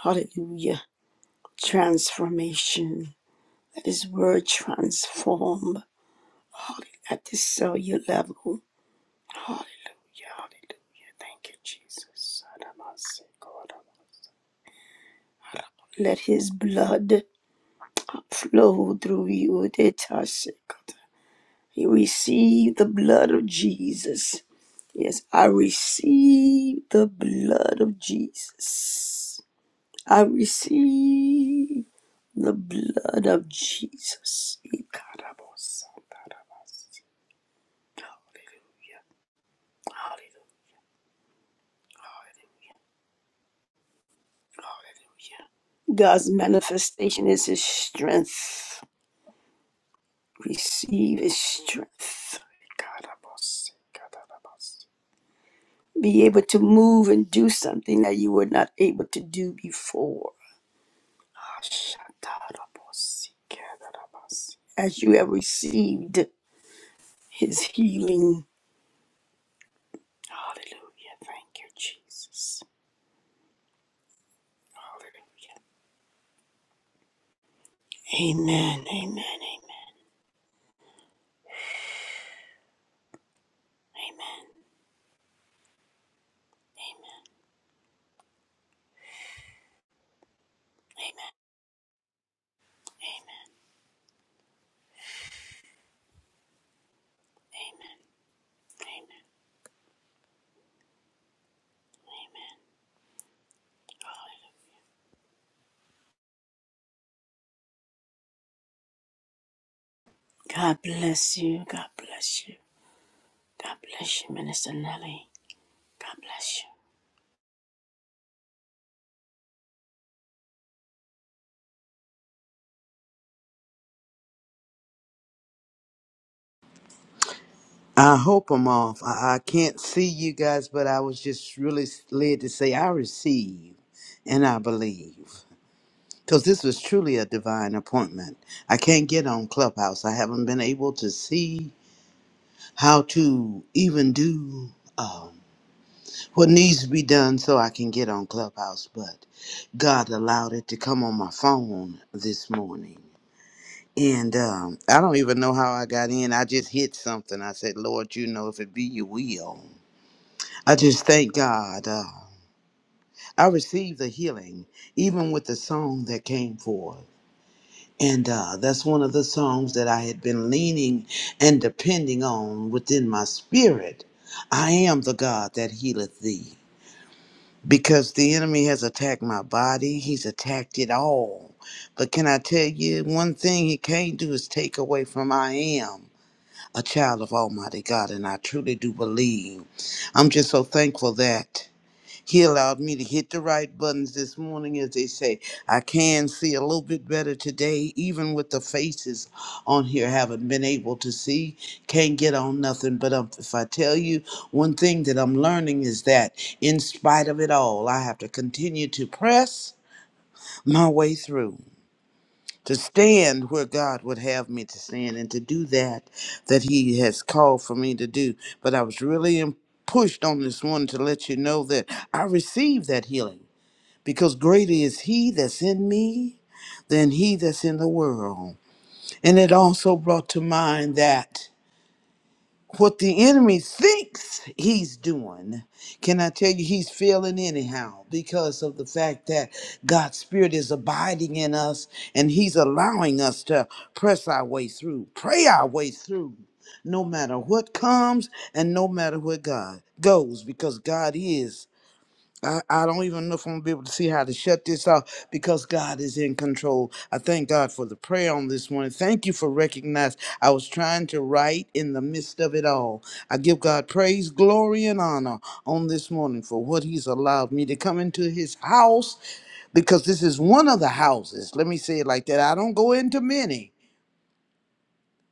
[SPEAKER 2] hallelujah, transformation. That is word transform hallelujah, at the cellular level. Hallelujah, hallelujah. Thank you, Jesus. Let his blood flow through you. You receive the blood of Jesus. Yes, I receive the blood of Jesus. I receive the blood of Jesus. Hallelujah. God's manifestation is his strength. Receive his strength. Be able to move and do something that you were not able to do before. As you have received his healing. Hallelujah. Thank you, Jesus. Hallelujah. Amen. Amen. Amen. Amen. Amen. God bless you. God bless you. God bless you, Minister Nelly. God bless you.
[SPEAKER 13] I hope I'm off. I, I can't see you guys, but I was just really led to say I receive and I believe. Because this was truly a divine appointment. I can't get on Clubhouse. I haven't been able to see how to even do um, what needs to be done so I can get on Clubhouse. But God allowed it to come on my phone this morning. And um, I don't even know how I got in. I just hit something. I said, Lord, you know, if it be your will. I just thank God. Uh, I received a healing even with the song that came forth. And uh, that's one of the songs that I had been leaning and depending on within my spirit. I am the God that healeth thee. Because the enemy has attacked my body, he's attacked it all. But can I tell you one thing he can't do is take away from I am a child of Almighty God, and I truly do believe. I'm just so thankful that. He allowed me to hit the right buttons this morning, as they say. I can see a little bit better today, even with the faces on here. Haven't been able to see, can't get on nothing. But um, if I tell you one thing that I'm learning is that, in spite of it all, I have to continue to press my way through, to stand where God would have me to stand, and to do that that He has called for me to do. But I was really um, pushed on this one to let you know that I received that healing because greater is he that's in me than he that's in the world. And it also brought to mind that what the enemy thinks he's doing, can I tell you, he's failing anyhow because of the fact that God's Spirit is abiding in us and he's allowing us to press our way through, pray our way through, no matter what comes and no matter where God goes, because God is. I, I don't even know if I'm gonna be able to see how to shut this off because God is in control. I thank God for the prayer on this morning. Thank you for recognizing I was trying to write in the midst of it all. I give God praise, glory, and honor on this morning for what He's allowed me to come into His house because this is one of the houses. Let me say it like that. I don't go into many,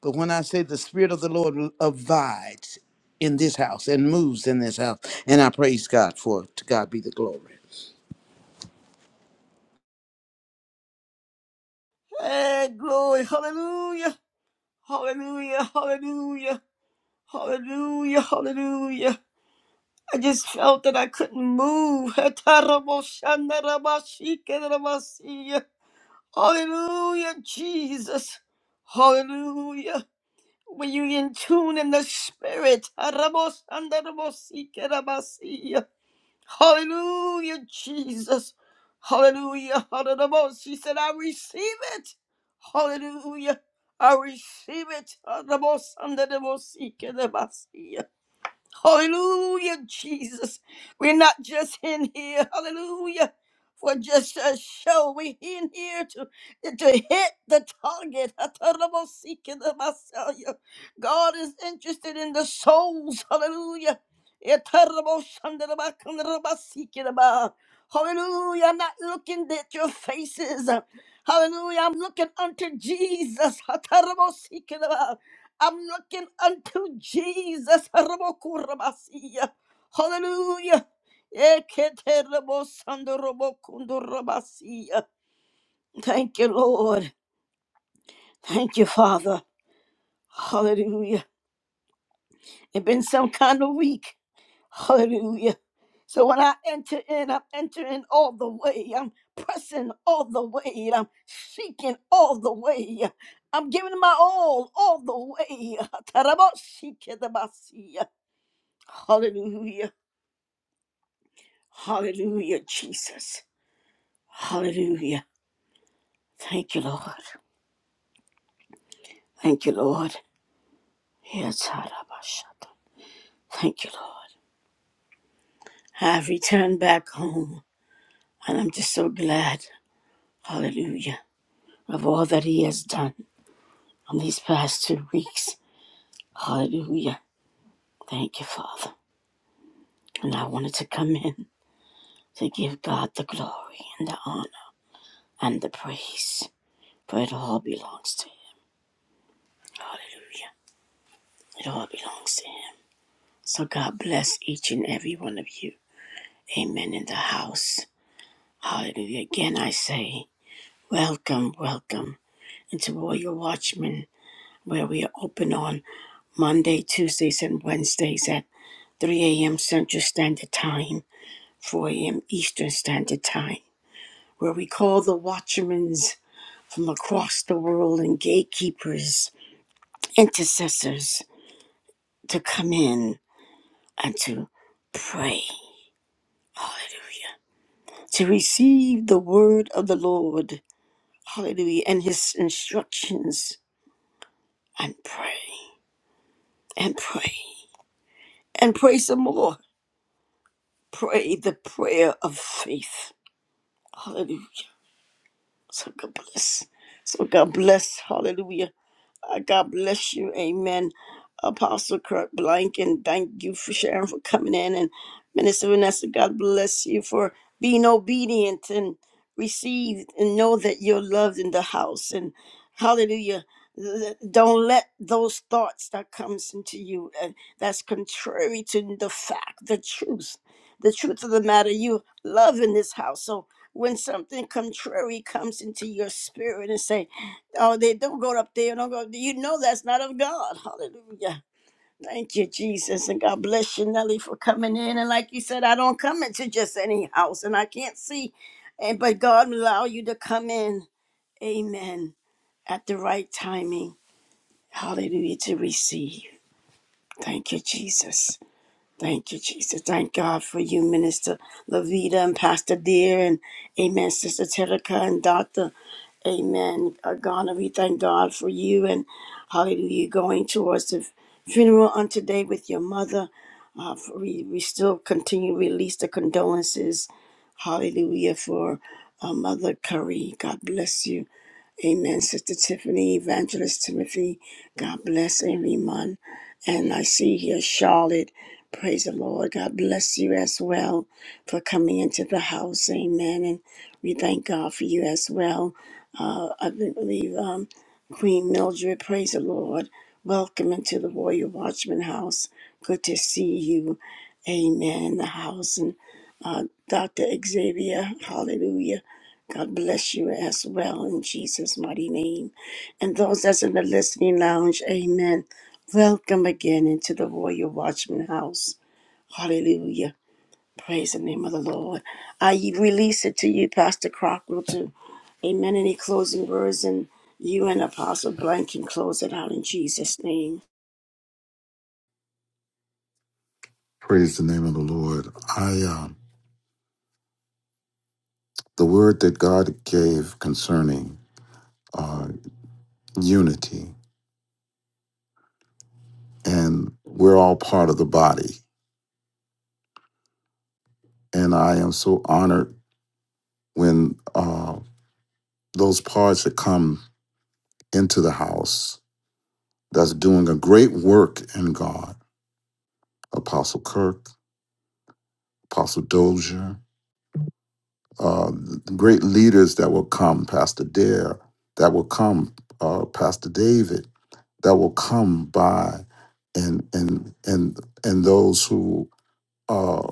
[SPEAKER 13] but when I say the Spirit of the Lord abides in this house and moves in this house, and I praise God for it. To God be the glory.
[SPEAKER 2] Hey, glory, hallelujah, hallelujah, hallelujah, hallelujah, hallelujah. I just felt that I couldn't move. Hallelujah, Jesus. Hallelujah. Were you in tune in the spirit? Arabosandarabosikerabasiya. Hallelujah, Jesus. Hallelujah. Hararabos. He said, I receive it. Hallelujah. I receive it. Arabosandarabosikerabasiya. Hallelujah, Jesus. We're not just in here, hallelujah, for just a show. We're in here to, to hit the target. God is interested in the souls, hallelujah. Hallelujah. I'm not looking at your faces. Hallelujah. I'm looking unto Jesus. I'm looking unto Jesus. Rabokurabasiya. Hallelujah. Eketerabosandorobokundorabasiya. Thank you, Lord. Thank you, Father. Hallelujah. It's been some kind of week. Hallelujah. So when I enter in, I'm entering all the way. I'm pressing all the way. I'm seeking all the way. I'm giving my all, all the way. Tarabosikedabasiya. Hallelujah. Hallelujah, Jesus. Hallelujah. Thank you, Lord. Thank you, Lord. Yes, Harabashata. Thank you, Lord. I've returned back home, and I'm just so glad, hallelujah, of all that He has done on these past two weeks. Hallelujah. Thank you, Father. And I wanted to come in to give God the glory and the honor and the praise, for it all belongs to Him. Hallelujah. It all belongs to Him. So God bless each and every one of you. Amen in the house. Hallelujah. Again, I say, welcome, welcome into Royal Watchmen, where we are open on Monday, Tuesdays, and Wednesdays at 3 a.m. Central Standard Time, 4 a.m. Eastern Standard Time, where we call the watchmen from across the world and gatekeepers, intercessors, to come in and to pray. Hallelujah. to receive the word of the Lord, hallelujah, and his instructions, and pray, and pray, and pray some more. Pray the prayer of faith, hallelujah. So God bless. So God bless, hallelujah. Uh, God bless you. Amen. Apostle Kurt Blanken, thank you for sharing, for coming in. And Minister Vanessa, God bless you for being obedient and received and know that you're loved in the house. And hallelujah. Th- Don't let those thoughts that comes into you and that's contrary to the fact, the truth, the truth of the matter. You love in this house. So when something contrary comes into your spirit and say, Oh, they don't go up there. Don't go. You know that's not of God. Hallelujah. Thank you, Jesus, and God bless you, Nelly, for coming in. And like you said, I don't come into just any house, and I can't see, and but God will allow you to come in. Amen. At the right timing. Hallelujah to receive. Thank you, Jesus. Thank you, Jesus. Thank God for you, Minister Lavita and Pastor Dear, and Amen, Sister Terica and Doctor. Amen. Uh, Ghana, we thank God for you and hallelujah going towards the funeral on today with your mother. Uh, for we, we still continue to release the condolences. Hallelujah for uh, Mother Curry. God bless you. Amen. Sister Tiffany, Evangelist Timothy, God bless everyone. And I see here Charlotte. Praise the Lord. God bless you as well for coming into the house. Amen. And we thank God for you as well. Uh, I believe um, Queen Mildred, praise the Lord. Welcome into the Warrior Watchman house. Good to see you. Amen. In the house. And uh, Dr. Xavier, hallelujah. God bless you as well in Jesus' mighty name. And those that's in the listening lounge, amen. Welcome again into the Royal Watchman House. Hallelujah. Praise the name of the Lord. I release it to you, Pastor Crockwell, too. Amen. Any closing words, and you and Apostle Blank can close it out in Jesus' name.
[SPEAKER 6] Praise the name of the Lord. I um. the word that God gave concerning uh, unity, and we're all part of the body. And I am so honored when uh, those parts that come into the house that's doing a great work in God, Apostle Kirk, Apostle Dozier, uh, great leaders that will come, Pastor Dare, that will come, uh, Pastor David, that will come by, and and and and those who. uh,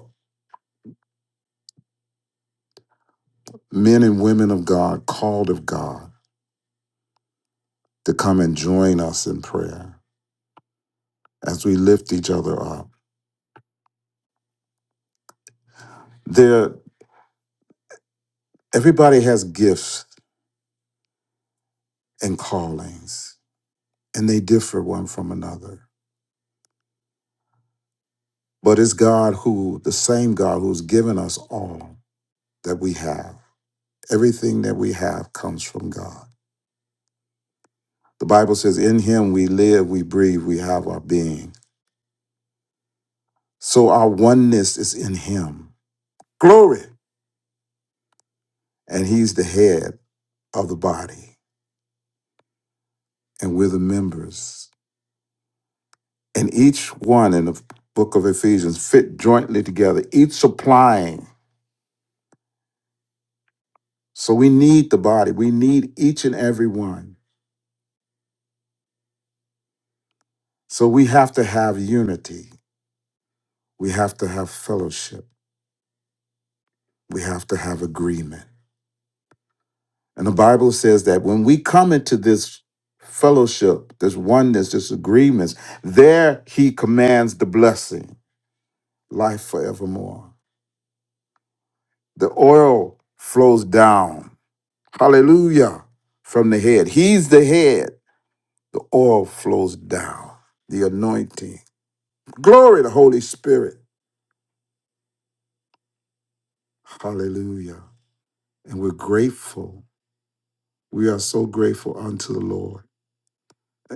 [SPEAKER 6] men and women of God, called of God, to come and join us in prayer as we lift each other up. There, everybody has gifts and callings, and they differ one from another. But it's God who, the same God who's given us all that we have. Everything that we have comes from God. The Bible says, In Him we live, we breathe, we have our being. So our oneness is in Him. Glory! And He's the head of the body. and we're the members. And each one in the book of Ephesians fit jointly together, each supplying. So we need the body, we need each and every one. So we have to have unity, we have to have fellowship, we have to have agreement. And the Bible says that when we come into this fellowship, this oneness, this agreements, there he commands the blessing, life forevermore. The oil flows down Hallelujah. From the head. He's the head. The oil flows down, the anointing. Glory to the Holy Spirit. Hallelujah. And we're grateful. We are so grateful unto the Lord.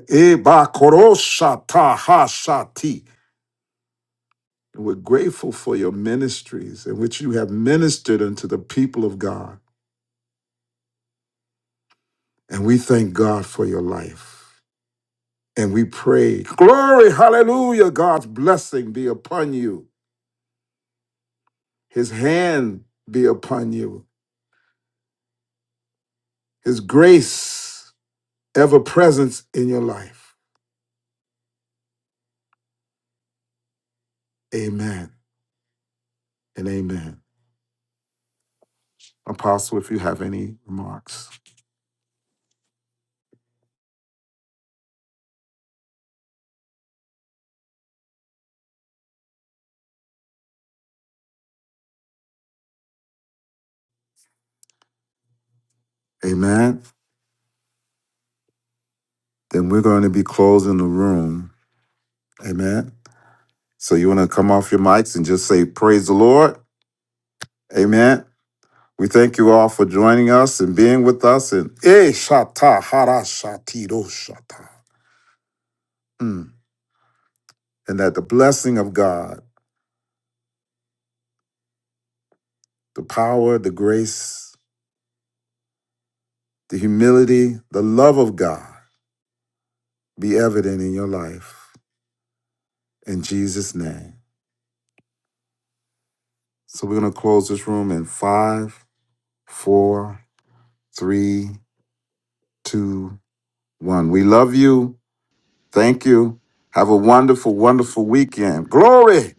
[SPEAKER 6] Eh, ba, And we're grateful for your ministries in which you have ministered unto the people of God. And we thank God for your life. And we pray, glory, hallelujah, God's blessing be upon you His hand be upon you. His grace ever presence in your life. Amen and amen. Apostle, if you have any remarks, amen. Then we're going to be closing the room. Amen. So you want to come off your mics and just say, Praise the Lord. Amen. We thank you all for joining us and being with us. And eh, shata, hara, shati, do, shata. Mm. And that the blessing of God, the power, the grace, the humility, the love of God be evident in your life in Jesus' name. So we're going to close this room in five, four, three, two, one. We love you. Thank you. Have a wonderful, wonderful weekend. Glory.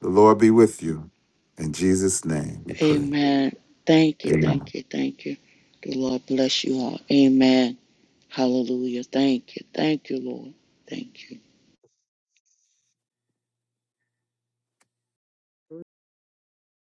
[SPEAKER 6] The Lord be with you. In Jesus' name we pray.
[SPEAKER 11] Amen. Thank you, thank you, thank you. The Lord bless you all. Amen. Hallelujah. Thank you, thank you, Lord. Thank you.